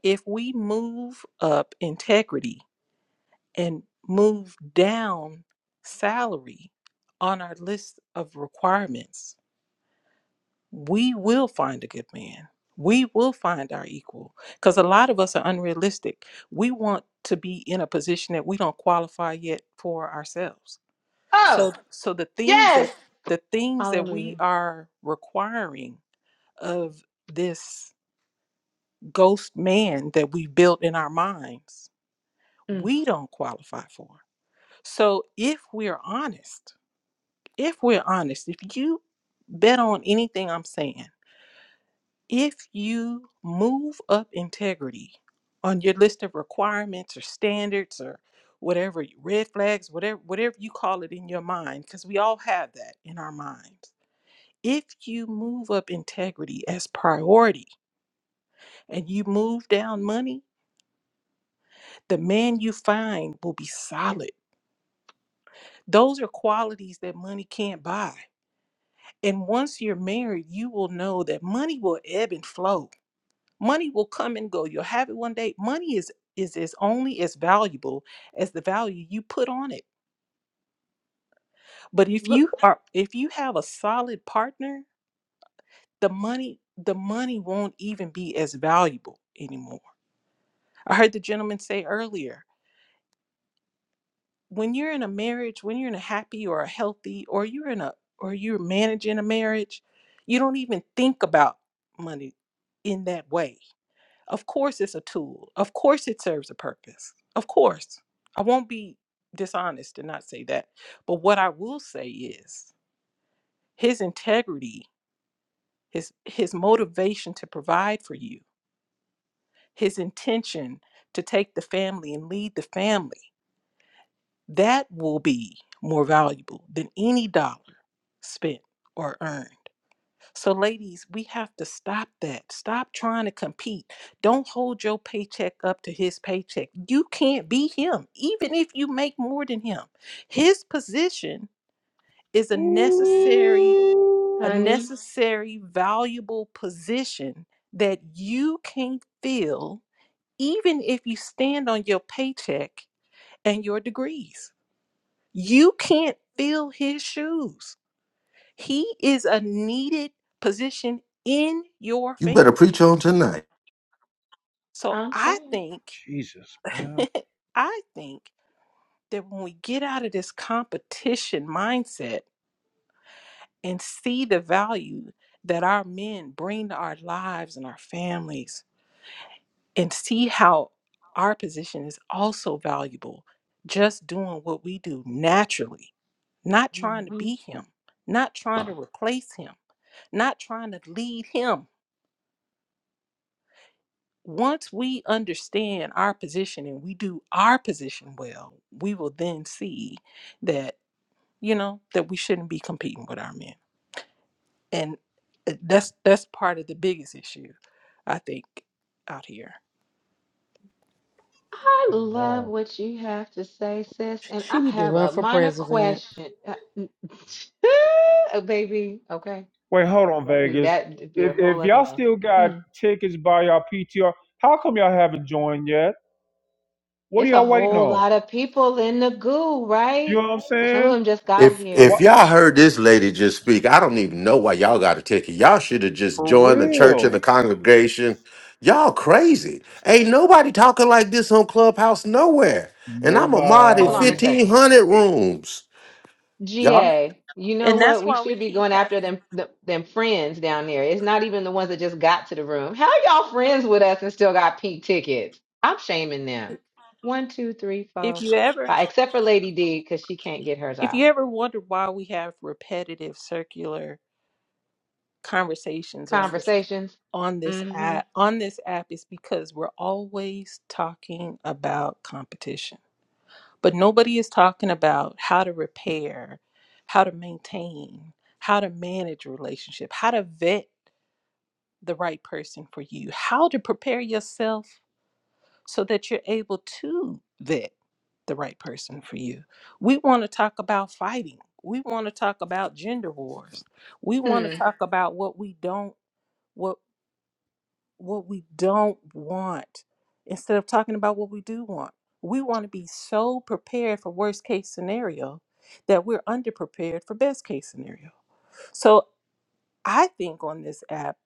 [SPEAKER 13] if we move up integrity and move down salary on our list of requirements, we will find a good man. We will find our equal because a lot of us are unrealistic. We want to be in a position that we don't qualify yet for ourselves.
[SPEAKER 7] oh.
[SPEAKER 13] So, so the things that
[SPEAKER 7] Yes.
[SPEAKER 13] the things that
[SPEAKER 7] Hallelujah.
[SPEAKER 13] we are requiring of this ghost man that we built in our minds,
[SPEAKER 7] Mm.
[SPEAKER 13] we don't qualify for. So, if we're honest, if we're honest, if you bet on anything I'm saying, if you move up integrity on your list of requirements or standards or whatever red flags, whatever whatever you call it in your mind, because we all have that in our minds. If you move up integrity as priority and you move down money, the man you find will be solid. Those are qualities that money can't buy. And once you're married, you will know that money will ebb and flow money will come and go you'll have it one day money is is is only as valuable as the value you put on it but if you
[SPEAKER 7] But
[SPEAKER 13] are if you have a solid partner the money the money won't even be as valuable anymore i heard the gentleman say earlier when you're in a marriage when you're in a happy or a healthy or you're in a or you're managing a marriage you don't even think about money in that way Of course, it's a tool. Of course, it serves a purpose. Of course. I won't be dishonest and not say that. But what I will say is his integrity, his, his motivation to provide for you, his intention to take the family and lead the family, that will be more valuable than any dollar spent or earned. So, ladies, we have to stop that. Stop trying to compete. Don't hold your paycheck up to his paycheck. You can't be him, even if you make more than him. His position is a necessary, a
[SPEAKER 1] Ooh.
[SPEAKER 7] Honey,
[SPEAKER 13] necessary, valuable position that you can't fill, even if you stand on your paycheck and your degrees. You can't fill his shoes. He is a needed position in your
[SPEAKER 10] You better
[SPEAKER 13] family
[SPEAKER 10] preach on tonight.
[SPEAKER 13] So
[SPEAKER 7] I'm
[SPEAKER 13] I
[SPEAKER 7] saying.
[SPEAKER 13] think,
[SPEAKER 1] Jesus, man.
[SPEAKER 13] [laughs] I think that when we get out of this competition mindset and see the value that our men bring to our lives and our families, and see how our position is also valuable, just doing what we do naturally, not trying to
[SPEAKER 7] Mhm.
[SPEAKER 13] be him, not trying to replace him, not trying to lead him. once we understand our position and we do our position well, we will then see that you know that we shouldn't be competing with our men, and uh, that's that's part of the biggest issue, I think, out here.
[SPEAKER 7] I
[SPEAKER 1] Come
[SPEAKER 7] love
[SPEAKER 1] on.
[SPEAKER 7] what you have to say, sis.
[SPEAKER 9] She,
[SPEAKER 7] And I
[SPEAKER 9] she need to
[SPEAKER 7] have
[SPEAKER 9] run
[SPEAKER 7] a
[SPEAKER 9] for
[SPEAKER 7] minor
[SPEAKER 9] president.
[SPEAKER 7] question. Uh, n- [laughs] oh, baby, okay.
[SPEAKER 1] Wait, hold on, Vegas.
[SPEAKER 7] That'd be
[SPEAKER 1] If,
[SPEAKER 7] a whole
[SPEAKER 1] if
[SPEAKER 7] other
[SPEAKER 1] y'all
[SPEAKER 7] mess.
[SPEAKER 1] still got
[SPEAKER 7] Mhm.
[SPEAKER 1] tickets by y'all PTR, how come y'all haven't joined yet? What are
[SPEAKER 7] It's a
[SPEAKER 1] y'all waiting
[SPEAKER 7] whole
[SPEAKER 1] on?
[SPEAKER 7] lot of people in the goo,
[SPEAKER 1] You know
[SPEAKER 7] right?
[SPEAKER 1] what I'm
[SPEAKER 7] Some of
[SPEAKER 1] saying?
[SPEAKER 7] them just got
[SPEAKER 10] If
[SPEAKER 1] Why
[SPEAKER 10] if
[SPEAKER 7] here.
[SPEAKER 10] y'all heard this lady just speak, I don't even know why y'all got a ticket. Y'all should have just
[SPEAKER 1] For
[SPEAKER 10] joined the church and
[SPEAKER 1] real.
[SPEAKER 10] the congregation. Y'all crazy. Ain't nobody talking like this on Clubhouse nowhere. And I'm a mod in
[SPEAKER 7] Hold on a
[SPEAKER 1] Nobody.
[SPEAKER 7] second.
[SPEAKER 10] 1,500 rooms. Y'all.
[SPEAKER 7] GA, you know
[SPEAKER 13] And
[SPEAKER 7] what?
[SPEAKER 13] that's
[SPEAKER 7] We
[SPEAKER 13] why we
[SPEAKER 7] should be
[SPEAKER 13] keep
[SPEAKER 7] going
[SPEAKER 13] having.
[SPEAKER 7] after them th- them friends down there. It's not even the ones that just got to the room. How y'all friends with us and still got pink tickets? I'm shaming them. One, two, three,
[SPEAKER 13] If
[SPEAKER 7] four,
[SPEAKER 13] you ever,
[SPEAKER 7] five. Except for Lady D, because she can't get hers
[SPEAKER 13] if
[SPEAKER 7] off.
[SPEAKER 13] you ever wonder why we have repetitive circular conversations on this
[SPEAKER 7] Conversations.
[SPEAKER 13] on this
[SPEAKER 7] Mm-hmm.
[SPEAKER 13] app on this app is because we're always talking about competition But nobody is talking about how to repair, how to maintain, how to manage a relationship, how to vet the right person for you, how to prepare yourself so that you're able to vet the right person for you. We want to talk about fighting. We want to talk about gender wars. We want
[SPEAKER 7] Hmm.
[SPEAKER 13] to talk about what we don't what what we don't want instead of talking about what we do want. We want to be so prepared for worst case scenario that we're underprepared for best case scenario. So I think on this app,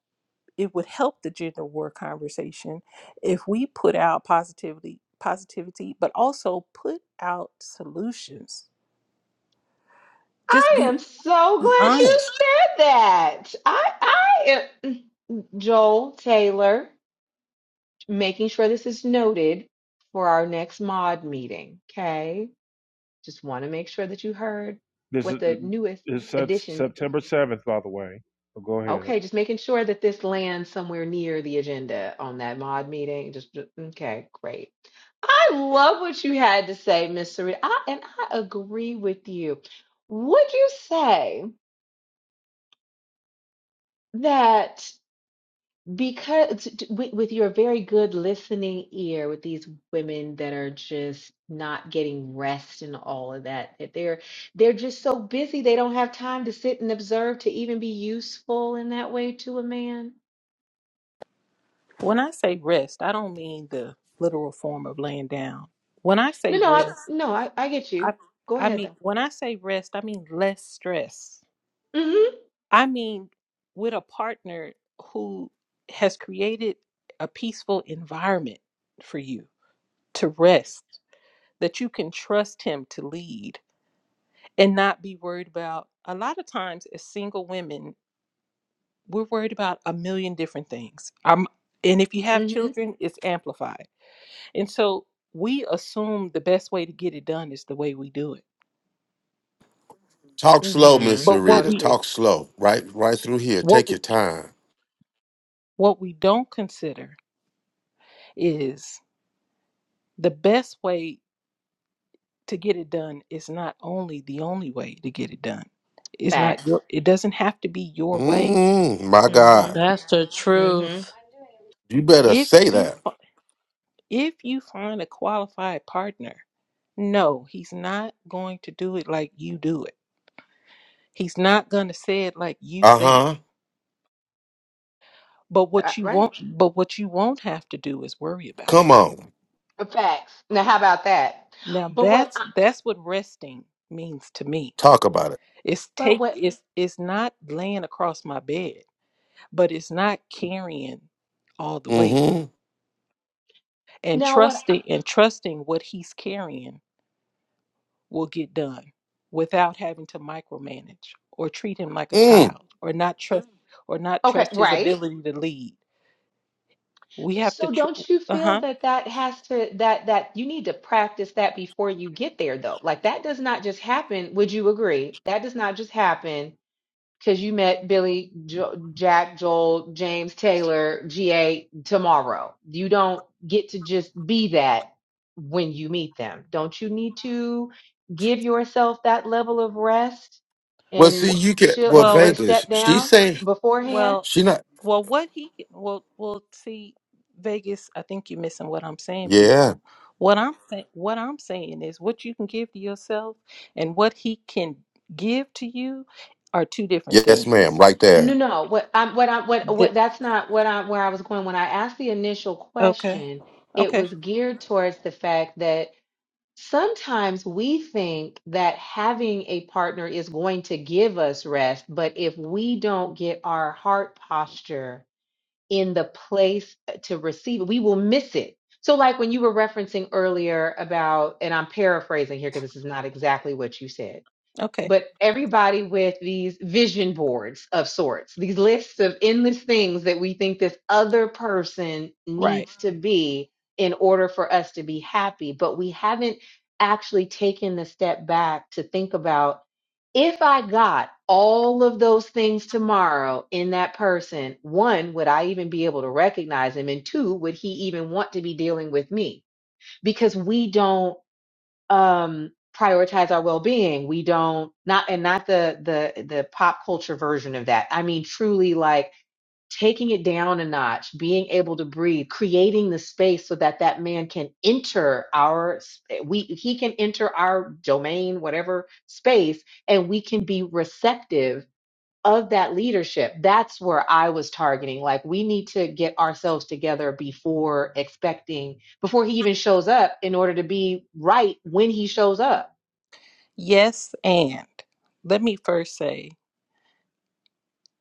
[SPEAKER 13] it would help the gender war conversation if we put out positivity, positivity, but also put out solutions. Just
[SPEAKER 7] I
[SPEAKER 13] be
[SPEAKER 7] am so
[SPEAKER 13] be
[SPEAKER 7] glad you
[SPEAKER 13] honest.
[SPEAKER 7] said that. I I am mm, Joel Taylor, making sure this is noted for our next mod meeting. Okay. Just want to make sure that you heard
[SPEAKER 1] This is
[SPEAKER 7] what the newest
[SPEAKER 1] it's
[SPEAKER 7] addition.
[SPEAKER 1] September 7th, by the way. So go ahead.
[SPEAKER 7] Okay, just making sure that this lands somewhere near the agenda on that mod meeting. Just just- okay, great. I love what you had to say, Miss Sarita, I, and I agree with you. Would you say that? Because with, with your very good listening ear, with these women that are just not getting rest and all of that, that they're they're just so busy they don't have time to sit and observe to even be useful in that way to a man.
[SPEAKER 13] When I say rest, I don't mean the literal form of laying down. When I
[SPEAKER 7] No,
[SPEAKER 13] say
[SPEAKER 7] no, I,
[SPEAKER 13] rest,
[SPEAKER 7] no, I, I get you.
[SPEAKER 13] I
[SPEAKER 7] Go
[SPEAKER 13] I
[SPEAKER 7] ahead
[SPEAKER 13] mean,
[SPEAKER 7] though.
[SPEAKER 13] when I say rest, I mean less stress.
[SPEAKER 7] Mm-hmm.
[SPEAKER 13] I mean with a partner who has created a peaceful environment for you to rest, that you can trust him to lead and not be worried about. A lot of times as single women, we're worried about a million different things. Um and if you have
[SPEAKER 7] Mm-hmm.
[SPEAKER 13] children, it's amplified. And so we assume the best way to get it done is the way we do it.
[SPEAKER 10] Talk slow, Miss
[SPEAKER 7] Mm-hmm.
[SPEAKER 13] But
[SPEAKER 7] I would
[SPEAKER 13] what
[SPEAKER 10] Rita.
[SPEAKER 13] we
[SPEAKER 7] agree.
[SPEAKER 10] Talk slow. Right, right through here.
[SPEAKER 13] what
[SPEAKER 10] Take your time.
[SPEAKER 13] What we don't consider is the best way to get it done is not only the only way to get it done. It's not
[SPEAKER 7] Facts.
[SPEAKER 13] your it doesn't have to be your way.
[SPEAKER 10] Mm, my
[SPEAKER 7] Mm-hmm.
[SPEAKER 10] God,
[SPEAKER 9] That's the
[SPEAKER 7] Mm-hmm.
[SPEAKER 9] truth.
[SPEAKER 10] you better
[SPEAKER 13] If
[SPEAKER 10] say
[SPEAKER 13] you
[SPEAKER 10] that.
[SPEAKER 13] fi- if you find a qualified partner, no, he's not going to do it like you do it. He's not going to say it like you
[SPEAKER 10] Uh
[SPEAKER 13] say it.
[SPEAKER 10] huh.
[SPEAKER 13] But
[SPEAKER 7] Uh,
[SPEAKER 13] what you
[SPEAKER 7] Right.
[SPEAKER 13] won't but what you won't have to do is worry about it.
[SPEAKER 10] Come on,
[SPEAKER 7] Uh, Facts. Now, how about that?
[SPEAKER 13] Now
[SPEAKER 7] But what?
[SPEAKER 13] that's
[SPEAKER 7] I,
[SPEAKER 13] that's what resting means to me
[SPEAKER 10] talk about it.
[SPEAKER 13] It's
[SPEAKER 7] but
[SPEAKER 13] take
[SPEAKER 7] what?
[SPEAKER 13] it's it's not laying across my bed, but it's not carrying all the weight.
[SPEAKER 10] Mm-hmm.
[SPEAKER 13] And
[SPEAKER 7] Now, what? I-
[SPEAKER 13] trusting and trusting what he's carrying will get done without having to micromanage or treat him like a
[SPEAKER 10] Mm.
[SPEAKER 13] child or not trust Mm. or not
[SPEAKER 7] Okay.
[SPEAKER 13] trust his
[SPEAKER 7] Right.
[SPEAKER 13] ability to lead. We have to
[SPEAKER 7] So don't
[SPEAKER 13] tr-
[SPEAKER 7] you feel
[SPEAKER 13] uh-huh.
[SPEAKER 7] that that has to that that you need to practice that before you get there though? Like that does not just happen. Would you agree? That does not just happen because you met Billy, jo Jack, Joel, James, Taylor, GA tomorrow. You don't get to just be that when you meet them. Don't you need to give yourself that level of rest
[SPEAKER 10] Well, see,
[SPEAKER 7] and
[SPEAKER 10] you can.
[SPEAKER 7] chill,
[SPEAKER 10] Well,
[SPEAKER 13] Well,
[SPEAKER 7] bre-
[SPEAKER 10] Vegas,
[SPEAKER 7] step
[SPEAKER 10] she
[SPEAKER 7] down
[SPEAKER 10] say
[SPEAKER 7] beforehand?
[SPEAKER 13] Well,
[SPEAKER 10] she not.
[SPEAKER 13] well, what he well, well, see, Vegas. I think you're missing what I'm saying,
[SPEAKER 10] Yeah.
[SPEAKER 13] beautiful. What I'm saying, what I'm saying is what you can give to yourself and what he can give to you are two different
[SPEAKER 10] Yes, ma'am.
[SPEAKER 13] things.
[SPEAKER 10] Right
[SPEAKER 7] No,
[SPEAKER 10] there.
[SPEAKER 7] no. What I'm, what I, what,
[SPEAKER 13] The,
[SPEAKER 7] what, that's not what I, where I was going. When I asked the initial
[SPEAKER 13] okay,
[SPEAKER 7] question, it
[SPEAKER 13] okay,
[SPEAKER 7] was geared towards the fact that sometimes we think that having a partner is going to give us rest, but if we don't get our heart posture in the place to receive it, we will miss it. So, like when you were referencing earlier about, and I'm paraphrasing here because this is not exactly what you said
[SPEAKER 13] okay,
[SPEAKER 7] but everybody with these vision boards of sorts, these lists of endless things that we think this other person
[SPEAKER 13] right.
[SPEAKER 7] needs to be in order for us to be happy. But we haven't actually taken the step back to think about if I got all of those things tomorrow in that person, one, would I even be able to recognize him? And two, would he even want to be dealing with me? Because we don't um prioritize our well-being we don't not and not the the the pop culture version of that i mean truly like taking it down a notch being able to breathe creating the space so that that man can enter our sp- we he can enter our domain whatever space and we can be receptive of that leadership that's where i was targeting like we need to get ourselves together before expecting before he even shows up in order to be right when he shows up
[SPEAKER 13] Yes, and let me first say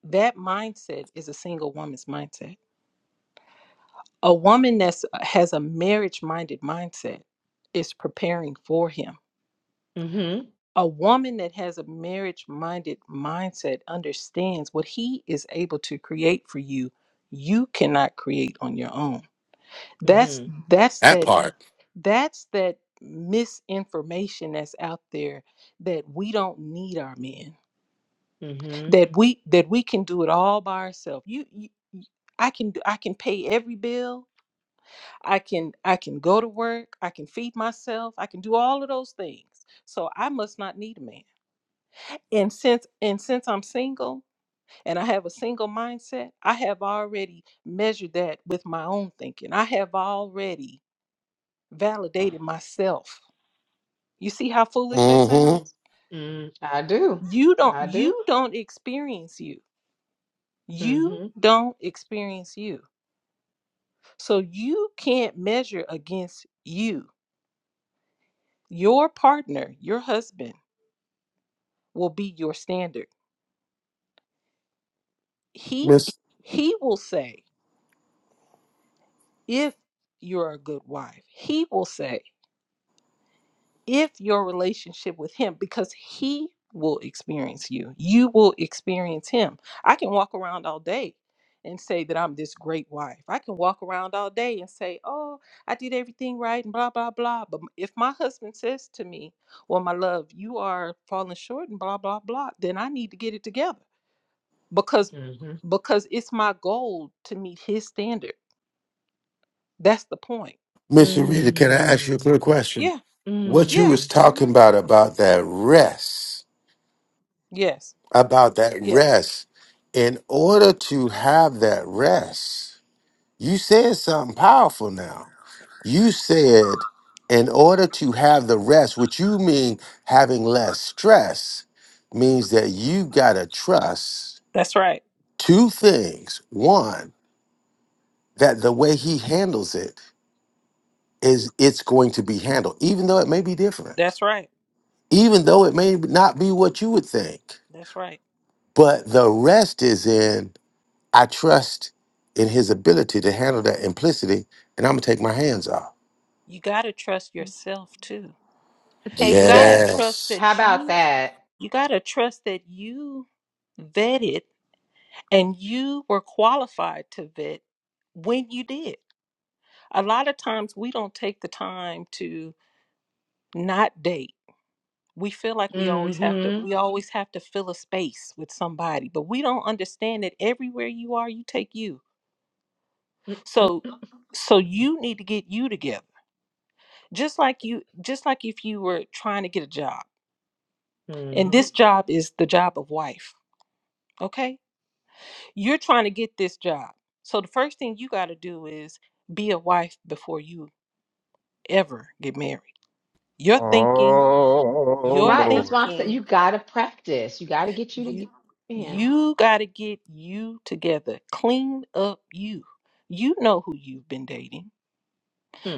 [SPEAKER 13] that mindset is a single woman's mindset. A woman that has a marriage-minded mindset is preparing for him.
[SPEAKER 7] mhm
[SPEAKER 13] A woman that has a marriage minded mindset understands what he is able to create for you, you cannot create on your own. That's
[SPEAKER 7] mhm
[SPEAKER 13] that's
[SPEAKER 10] That
[SPEAKER 13] that
[SPEAKER 10] part.
[SPEAKER 13] that's that misinformation that's out there that we don't need our men.
[SPEAKER 7] mhm
[SPEAKER 13] That we that we can do it all by ourselves. You, you you- I can do I can pay every bill. I can I can go to work. I can feed myself. I can do all of those things. So I must not need a man and since and since i'm single and i have a single mindset i have already measured that with my own thinking i have already validated myself you see how foolish that
[SPEAKER 10] Mm-hmm.
[SPEAKER 13] sounds
[SPEAKER 7] mm, i do
[SPEAKER 13] you don't
[SPEAKER 7] i do
[SPEAKER 13] you don't experience you you
[SPEAKER 7] mhm
[SPEAKER 13] don't experience you so you can't measure against you your partner your husband will be your standard he
[SPEAKER 10] Miss
[SPEAKER 13] he will say if you're a good wife he will say if your relationship with him because he will experience you you will experience him i can walk around all day and say that i'm this great wife i can walk around all day and say oh i did everything right and blah blah blah but if my husband says to me well my love you are falling short and blah blah blah then i need to get it together because
[SPEAKER 7] mhm
[SPEAKER 13] because it's my goal to meet his standard that's the point
[SPEAKER 10] Miss Rita, can I ask you a quick
[SPEAKER 7] mm,
[SPEAKER 10] question?
[SPEAKER 13] yeah
[SPEAKER 10] What you
[SPEAKER 13] yeah
[SPEAKER 10] was
[SPEAKER 7] mm.
[SPEAKER 13] hmm
[SPEAKER 10] talking about about that rest?
[SPEAKER 13] yes
[SPEAKER 10] about that
[SPEAKER 13] yes
[SPEAKER 10] rest. In order to have that rest, you said something powerful now. You said, in order to have the rest, which you mean having less stress, means that you got to trust
[SPEAKER 13] that's right
[SPEAKER 10] two things. One, that the way he handles it is it's going to be handled, even though it may be different,
[SPEAKER 13] that's right
[SPEAKER 10] even though it may not be what you would think.
[SPEAKER 13] That's right.
[SPEAKER 10] But the rest is in. I trust in his ability to handle that implicity, and I'm gonna take my hands off.
[SPEAKER 13] You got to trust yourself too.
[SPEAKER 7] thank
[SPEAKER 13] You got to trust
[SPEAKER 7] yes
[SPEAKER 10] Yes.
[SPEAKER 7] how
[SPEAKER 13] that
[SPEAKER 7] about
[SPEAKER 13] you
[SPEAKER 7] that
[SPEAKER 13] you got to trust that you vetted and you were qualified to vet when you did. A lot of times we don't take the time to not date. We feel like we always have to
[SPEAKER 7] mhm
[SPEAKER 13] we always have to fill a space with somebody, but we don't understand that everywhere you are, you take you. So so you need to get you together. Just like you just like if you were trying to get a job And
[SPEAKER 7] mm-hmm.
[SPEAKER 13] this job is the job of wife, okay? You're trying to get this job. So the first thing you got to do is be a wife before you ever get married. You're thinking,
[SPEAKER 1] Oh,
[SPEAKER 13] you're
[SPEAKER 7] right that's
[SPEAKER 1] Lord.
[SPEAKER 7] why i said
[SPEAKER 13] thinking,
[SPEAKER 7] you gotta practice you gotta get you to get
[SPEAKER 13] you
[SPEAKER 7] man
[SPEAKER 13] you got to get you together. Clean up you. You know who you've been dating.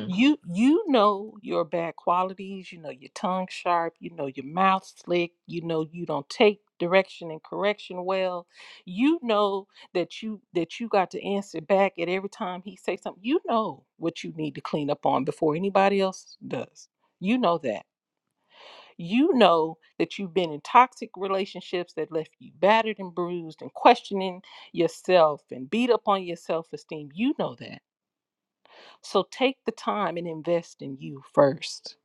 [SPEAKER 13] you you know your bad qualities you know your tongue sharp you know your mouth slick you know you don't take direction and correction well you know that you that you got to answer back at every time he say something you know what you need to clean up on before anybody else does you know that you know that you've been in toxic relationships that left you battered and bruised and questioning yourself and beat up on your self-esteem you know that so take the time and invest in you first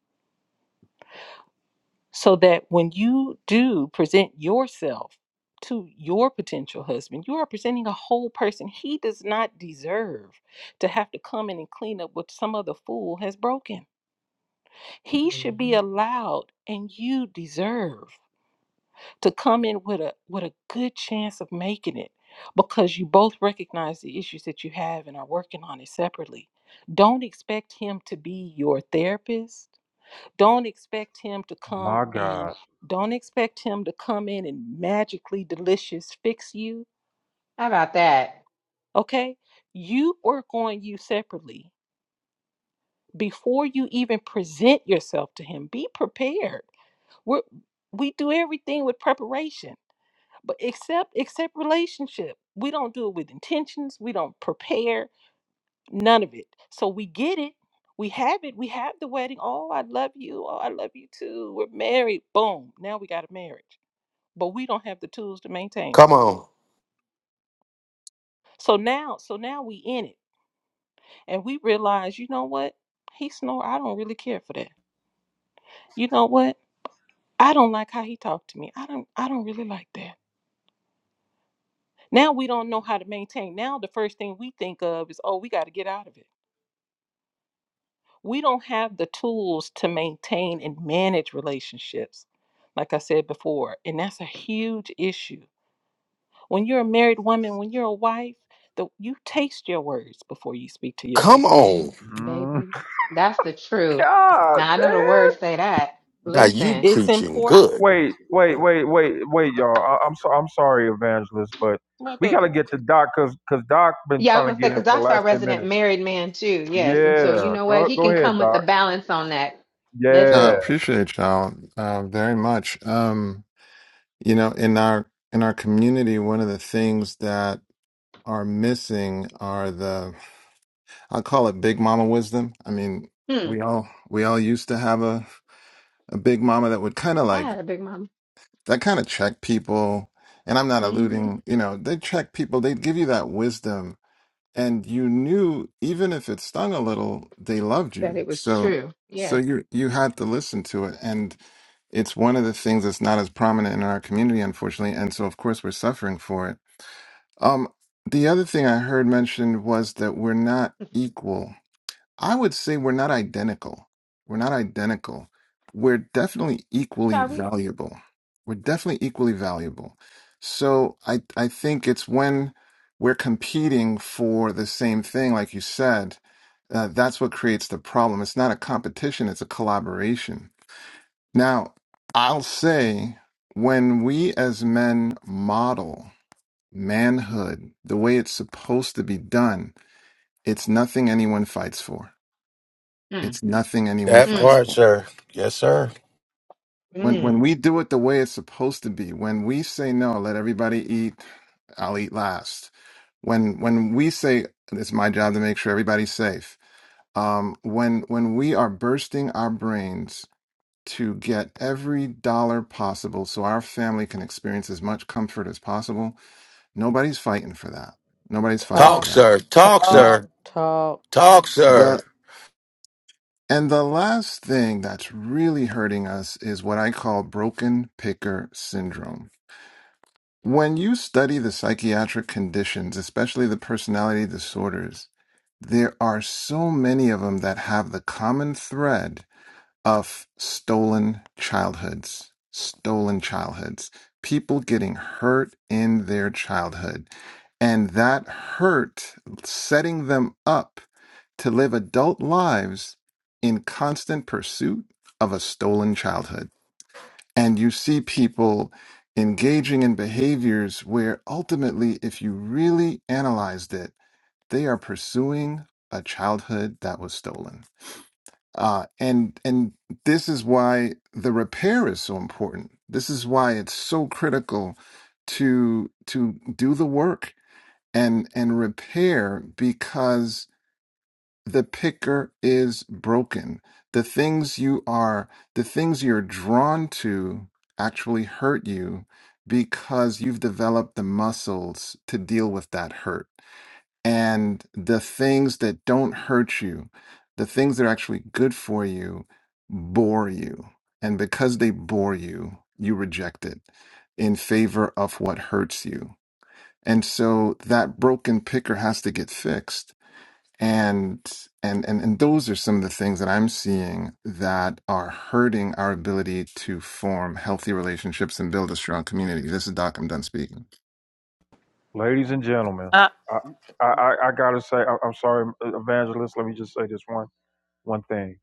[SPEAKER 13] so that when you do present yourself to your potential husband, you are presenting a whole person. He does not deserve to have to come in and clean up what some other fool has broken. He should be
[SPEAKER 7] hmm
[SPEAKER 13] allowed and you deserve to come in with a with a good chance of making it because you both recognize the issues that you have and are working on it separately. Don't expect him to be your therapist Don't expect him to come
[SPEAKER 1] My
[SPEAKER 13] and
[SPEAKER 1] God.
[SPEAKER 13] don't expect him to come in and magically delicious fix you.
[SPEAKER 7] How about that,
[SPEAKER 13] Okay? You work on you separately before you even present yourself to him. Be prepared. we we do everything with preparation, but except except relationship, we don't do it with intentions. We don't prepare none of it. So we get it. We have it. We have the wedding. Oh, I love you. Oh, I love you too. We're married. Boom. Now we got a marriage. but we don't have the tools to maintain it.
[SPEAKER 10] Come on.
[SPEAKER 13] So now, so now we in it, and we realize, you know what? He snore. I don't really care for that. You know what? I don't like how he talked to me. I don't. I don't really like that. Now we don't know how to maintain. Now the first thing we think of is, oh, we got to get out of it. We don't have the tools to maintain and manage relationships, like I said before, and that's a huge issue. When you're a married woman, when you're a wife, the, you taste your words before you speak to your
[SPEAKER 10] Come
[SPEAKER 13] husband.
[SPEAKER 10] on.
[SPEAKER 1] Mm.
[SPEAKER 7] baby? That's the truth. Now I know the words say that.
[SPEAKER 10] Now you
[SPEAKER 7] Listen,
[SPEAKER 13] It's
[SPEAKER 10] preaching
[SPEAKER 7] I-
[SPEAKER 13] important
[SPEAKER 10] good.
[SPEAKER 1] Wait, wait, wait, wait, wait, y'all. I, I'm so I'm sorry, Evangelist, but
[SPEAKER 13] My
[SPEAKER 1] we gotta
[SPEAKER 13] baby.
[SPEAKER 1] get to Doc because cause Doc been
[SPEAKER 7] yeah, I was
[SPEAKER 1] trying
[SPEAKER 7] gonna
[SPEAKER 1] to
[SPEAKER 7] say
[SPEAKER 1] get in
[SPEAKER 7] because
[SPEAKER 1] for the
[SPEAKER 7] Doc's our
[SPEAKER 1] last ten
[SPEAKER 7] resident
[SPEAKER 1] minutes.
[SPEAKER 7] married man too. Yes, and so you
[SPEAKER 1] Yeah,
[SPEAKER 7] know what?
[SPEAKER 1] go
[SPEAKER 7] He
[SPEAKER 1] go
[SPEAKER 7] can
[SPEAKER 1] ahead,
[SPEAKER 7] come with the
[SPEAKER 1] Doc.
[SPEAKER 7] balance on that. Let's
[SPEAKER 14] No, I
[SPEAKER 1] Yeah,
[SPEAKER 7] go.
[SPEAKER 14] appreciate y'all uh, very much. Um, you know, in our in our community, one of the things that are missing are the I call it big mama wisdom. I mean,
[SPEAKER 7] Hmm.
[SPEAKER 14] we all we all used to have a a big mama that would kind of
[SPEAKER 7] I
[SPEAKER 14] like
[SPEAKER 7] had a big mama.
[SPEAKER 14] that kind of check people. And I'm not
[SPEAKER 7] hmm
[SPEAKER 14] alluding, you know, they check people. They give you that wisdom and you knew even if it stung a little they loved
[SPEAKER 7] That
[SPEAKER 14] you
[SPEAKER 7] it was
[SPEAKER 14] so
[SPEAKER 7] true.
[SPEAKER 14] so
[SPEAKER 7] Yeah.
[SPEAKER 14] you you had to listen to it and it's one of the things that's not as prominent in our community unfortunately and so of course we're suffering for it um the other thing i heard mentioned was that we're not equal I would say we're not identical. We're not identical. We're definitely equally
[SPEAKER 7] Shall we?
[SPEAKER 14] valuable. We're definitely equally valuable. So I I think it's when we're competing for the same thing, like you said, uh, that's what creates the problem. It's not a competition, it's a collaboration. Now, I'll say when we as men model manhood the way it's supposed to be done, it's nothing anyone fights for
[SPEAKER 7] Mm.
[SPEAKER 14] it's nothing anyone
[SPEAKER 10] That
[SPEAKER 14] fights
[SPEAKER 10] part,
[SPEAKER 14] for.
[SPEAKER 10] sir. Yes, sir.
[SPEAKER 14] When
[SPEAKER 7] Mm.
[SPEAKER 14] when we do it the way it's supposed to be, when we say no, let everybody eat, I'll eat last. When when we say it's my job to make sure everybody's safe. Um, when when we are bursting our brains to get every dollar possible so our family can experience as much comfort as possible, nobody's fighting for that. Nobody's fighting for
[SPEAKER 10] Talk,
[SPEAKER 9] Talk,
[SPEAKER 14] that.
[SPEAKER 10] sir. Talk,
[SPEAKER 9] talk,
[SPEAKER 10] sir.
[SPEAKER 9] talk.
[SPEAKER 10] Talk,
[SPEAKER 14] Yep.
[SPEAKER 10] sir.
[SPEAKER 14] And the last thing that's really hurting us is what I call broken picker syndrome. When you study the psychiatric conditions, especially the personality disorders, there are so many of them that have the common thread of stolen childhoods, stolen childhoods, people getting hurt in their childhood. And that hurt setting them up to live adult lives in constant pursuit of a stolen childhood. And you see people engaging in behaviors where ultimately, if you really analyzed it, they are pursuing a childhood that was stolen. Uh, and and this is why the repair is so important. This is why it's so critical to to do the work and and repair because the picker is broken. The things you are the things you're drawn to actually hurt you because you've developed the muscles to deal with that hurt and the things that don't hurt you, the things that are actually good for you, bore you. And because they bore you, you reject it in favor of what hurts you. And so that broken picker has to get fixed. And and and and those are some of the things that I'm seeing that are hurting our ability to form healthy relationships and build a strong community. This is Doc. I'm done speaking.
[SPEAKER 1] ladies and gentlemen,
[SPEAKER 13] I,
[SPEAKER 1] I I, I I gotta say I, I'm sorry, Evangelist. Let me just say this one one thing.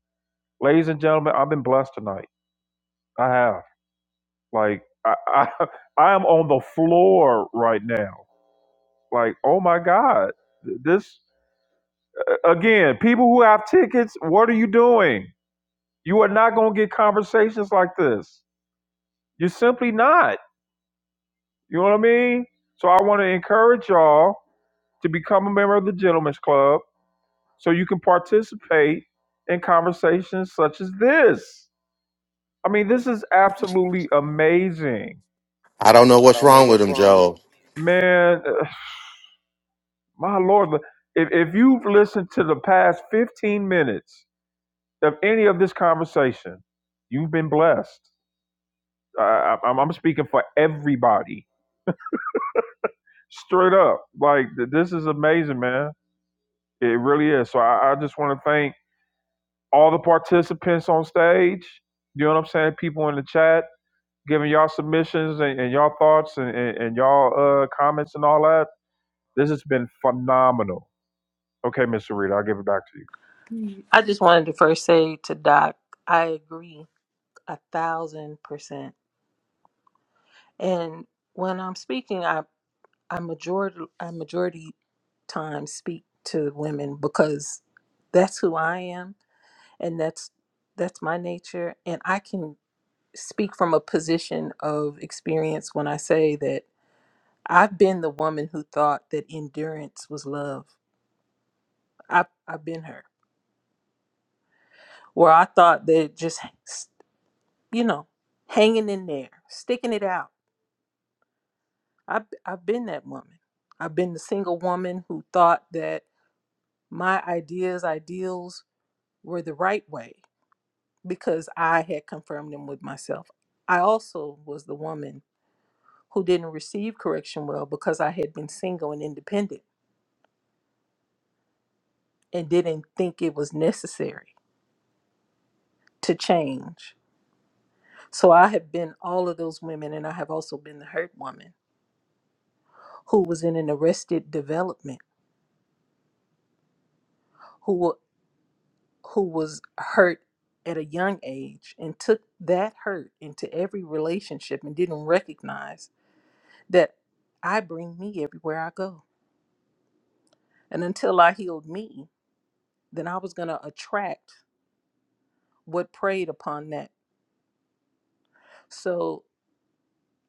[SPEAKER 1] ladies and gentlemen, I've been blessed tonight. I have. Like I, I, [laughs] I am on the floor right now. Like, oh my God, this again. People who have tickets, what are you doing? You are not going to get conversations like this. You're simply not. You know what I mean? So I want to encourage y'all to become a member of the Gentlemen's Club so you can participate in conversations such as this. I mean, this is absolutely amazing.
[SPEAKER 10] I don't know
[SPEAKER 1] I
[SPEAKER 10] what's
[SPEAKER 1] don't know
[SPEAKER 10] wrong with
[SPEAKER 1] what's
[SPEAKER 10] him,
[SPEAKER 1] wrong with
[SPEAKER 10] Joel.
[SPEAKER 1] him. Man, [sighs] uh, my Lord, if, if you've listened to the past 15 minutes of any of this conversation, you've been blessed. I, I, I'm I'm speaking for everybody. Straight up. Like, th- this is amazing, man. It really is. So I, I just want to thank all the participants on stage. You know what I'm saying? People in the chat giving y'all submissions and, and y'all thoughts and, and, and y'all uh, comments and all that. This has been phenomenal Okay, Mr. Reed, I'll give it back to you.
[SPEAKER 13] I just wanted to first say to Doc, I agree a thousand percent. And when I'm speaking, I I majority I majority time speak to women because that's who I am and that's that's my nature and I can speak from a position of experience when I say that I've been the woman who thought that endurance was love. I I've I've been her. Where I thought that just you know, hanging in there, sticking it out. I've, I've been that woman. I've been the single woman who thought that my ideas, ideals were the right way because I had confirmed them with myself. I also was the woman who didn't receive correction well because I had been single and independent and didn't think it was necessary to change. So I have been all of those women, and I have also been the hurt woman who was in an arrested development Who. who was hurt at a young age and took that hurt into every relationship and didn't recognize that I bring me everywhere I go. And until I healed me, then I was going to attract what preyed upon that. So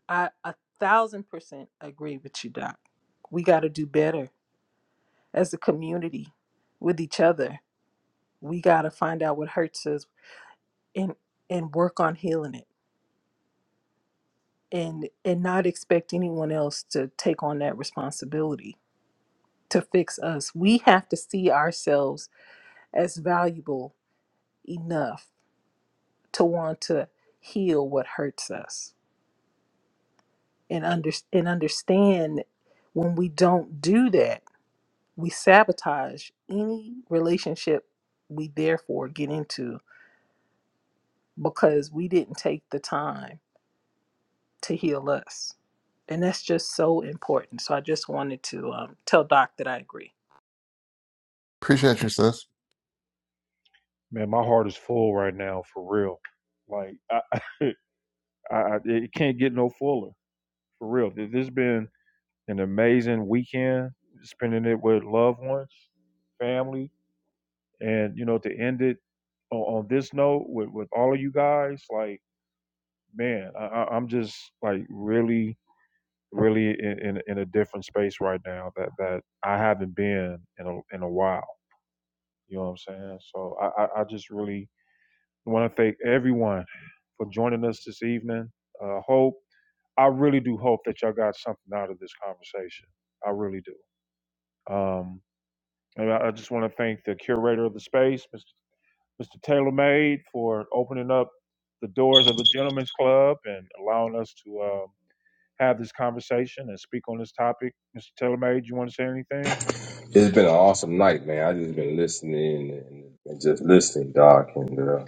[SPEAKER 13] I a thousand percent agree with you, Doc. We got to do better as a community with each other. We got to find out what hurts us and and work on healing it and and not expect anyone else to take on that responsibility to fix us we have to see ourselves as valuable enough to want to heal what hurts us and under and understand when we don't do that we sabotage any relationship we therefore get into because we didn't take the time to heal us and that's just so important so i just wanted to um, tell doc that i agree
[SPEAKER 14] Appreciate you, sis.
[SPEAKER 1] Man, my heart is full right now for real. Like I, I, I it can't get no fuller for real. This has been an amazing weekend, spending it with loved ones, family, and you know to end it on, on this note with with all of you guys. Like man, I, I- I'm just like really, really in, in in a different space right now that that I haven't been in a in a while. You know what I'm saying? So I, I, I just really I want to thank everyone for joining us this evening. Uh, hope I really do hope that y'all got something out of this conversation. I really do. Um, and I, I just want to thank the curator of the space, Mr. Mr. Taylor made for opening up the doors of the Gentlemen's Club and allowing us to um, have this conversation and speak on this topic. Mr. Taylor made, you want to say anything?
[SPEAKER 6] it. It's been an awesome night, man. I just been listening and, and just listening, Doc. And uh,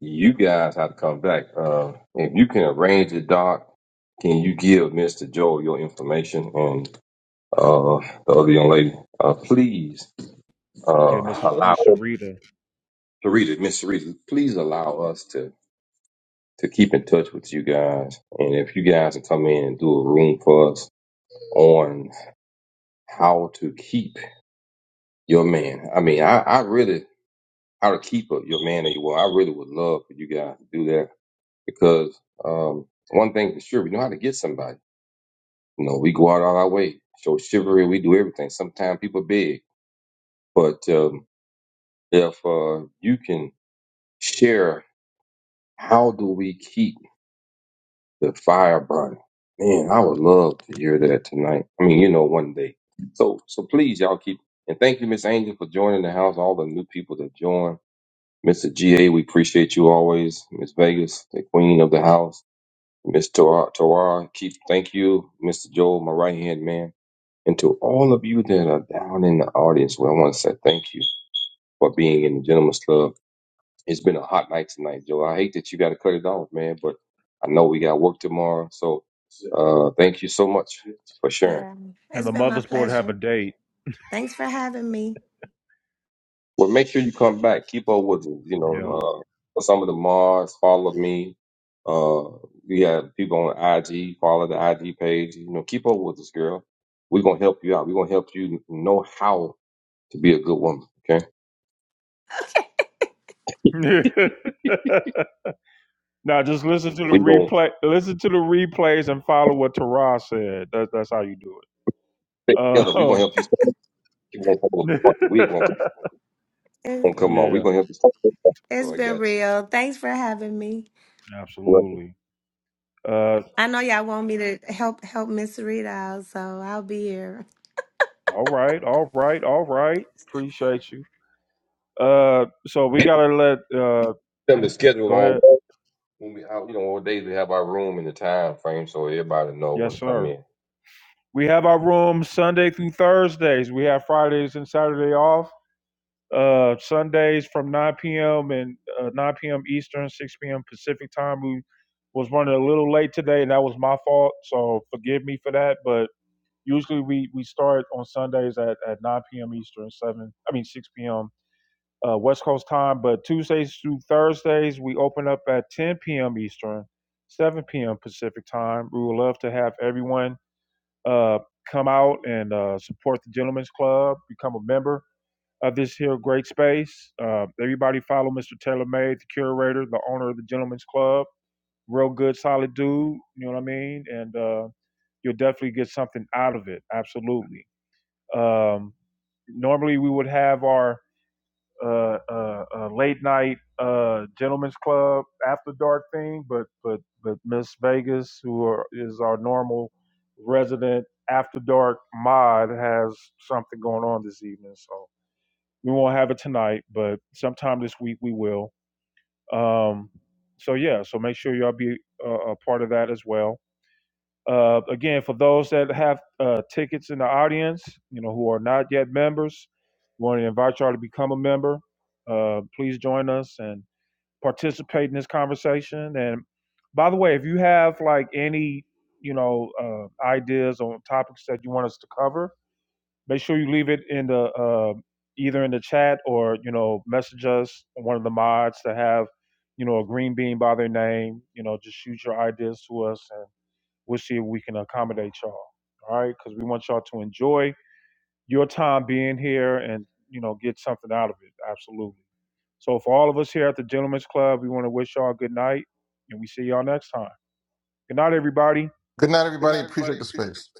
[SPEAKER 6] you guys have to come back. Uh, if you can arrange it, Doc, can you give Mister Joe your information and uh, the other young lady, uh, please?
[SPEAKER 1] Yeah,
[SPEAKER 6] uh,
[SPEAKER 1] Miss
[SPEAKER 6] allow
[SPEAKER 1] Miss
[SPEAKER 6] oh,
[SPEAKER 1] Sarita.
[SPEAKER 6] Sarita, Miss Sarita, please allow us to to keep in touch with you guys. And if you guys can come in and do a room for us on how to keep your man. I mean, I, I really how to keep a, your man or your woman. I really would love for you guys to do that because um, one thing for sure, we know how to get somebody. You know, we go out all our way, show chivalry, we do everything. Sometimes people beg, but um, if uh, you can share, how do we keep? the fire burning. Man, I would love to hear that tonight. I mean, you know, one day. So, so please, y'all keep and thank you, Miss Angel, for joining the house. All the new people that joined, Mr. GA, we appreciate you always. Miss Vegas, the queen of the house, Miss Torah, Torah, keep thank you, Mr. Joel, my right hand man, and to all of you that are down in the audience. Well, I want to say thank you for being in the Gentleman's Club. It's been a hot night tonight, Joe. I hate that you got to cut it off, man, but I know we got work tomorrow. So uh, thank you so much for sharing.
[SPEAKER 8] Yeah,
[SPEAKER 1] And
[SPEAKER 8] it's
[SPEAKER 1] the
[SPEAKER 8] been my
[SPEAKER 1] Mothers Board have a
[SPEAKER 8] pleasure.
[SPEAKER 1] date.
[SPEAKER 8] Thanks for having me.
[SPEAKER 6] Well, make sure you come back. Keep up with, it. you
[SPEAKER 1] Yeah.
[SPEAKER 6] know, uh, some of the Mars. Follow me. Uh, we have people on IG. Follow the IG page. You know, keep up with us, girl. We're going to help you out. We're going to help you know how to be a good woman. Okay.
[SPEAKER 1] [laughs] now just listen to the
[SPEAKER 6] We're going to
[SPEAKER 1] replay. Listen to the replays and follow what Tara said. That's that's how you do it.
[SPEAKER 6] stick
[SPEAKER 1] Uh,
[SPEAKER 6] together. We're going to
[SPEAKER 1] Um,
[SPEAKER 6] help you. We're going to come
[SPEAKER 1] [laughs]
[SPEAKER 6] apart. We're going to
[SPEAKER 8] It-
[SPEAKER 6] come on. We're
[SPEAKER 1] yeah,
[SPEAKER 6] going to help you.
[SPEAKER 8] It's
[SPEAKER 6] So I
[SPEAKER 8] been
[SPEAKER 6] got you.
[SPEAKER 8] real. Thanks for having me.
[SPEAKER 6] Well,
[SPEAKER 1] absolutely. Uh,
[SPEAKER 8] I know y'all want me to help help Miss Rita out, so I'll be here.
[SPEAKER 1] all right, all right, all right. Appreciate you. Uh, so we gotta let. Uh,
[SPEAKER 6] them to schedule
[SPEAKER 1] go
[SPEAKER 6] on
[SPEAKER 1] ahead.
[SPEAKER 6] when we, how- you know, what days we have our room and the time frame, so everybody know
[SPEAKER 1] Yes,
[SPEAKER 6] when to come
[SPEAKER 1] sir.
[SPEAKER 6] in.
[SPEAKER 1] We have our room Sunday through Thursdays. We have Fridays and Saturday off. Uh, Sundays from 9 p.m. and uh, 9 p.m. Eastern, 6 p.m. Pacific time. We was running a little late today, and that was my fault. So forgive me for that. But usually we we start on Sundays at, at 9 p.m. Eastern, 7 I mean 6 p.m. Uh, West Coast time. But Tuesdays through Thursdays we open up at 10 p.m. Eastern, 7 p.m. Pacific time. We would love to have everyone uh, come out and uh, support the Gentlemen's Club, become a member of this here great space. Uh, everybody follow Mr. Taylor Made, the curator, the owner of the Gentleman's Club. Real good, solid dude. You know what I mean? And uh, you'll definitely get something out of it. Absolutely. Um, normally we would have our uh, uh, uh, late night uh, Gentlemen's Club after dark thing, but but but Miss Vegas, who are, is our normal resident after dark mod, has something going on this evening. so. We won't have it tonight, but sometime this week we will. Um, so yeah, so make sure y'all be uh, a part of that as well. Uh, again, for those that have uh, tickets in the audience, you know, who are not yet members, we want to invite y'all to become a member. Uh, please join us and participate in this conversation. And by the way, if you have like any, you know, uh, ideas on topics that you want us to cover, make sure you leave it in the uh, either in the chat or you know message us one of the mods to have you know a green bean by their name you know just shoot your ideas to us and we'll see if we can accommodate y'all all right because we want y'all to enjoy your time being here and you know get something out of it absolutely so for all of us here at the gentlemen's club we want to wish y'all good night and we see y'all next time good night everybody
[SPEAKER 14] Good night,
[SPEAKER 1] good
[SPEAKER 14] everybody.
[SPEAKER 1] night everybody
[SPEAKER 14] Appreciate the
[SPEAKER 1] appreciate the
[SPEAKER 14] space.
[SPEAKER 1] space.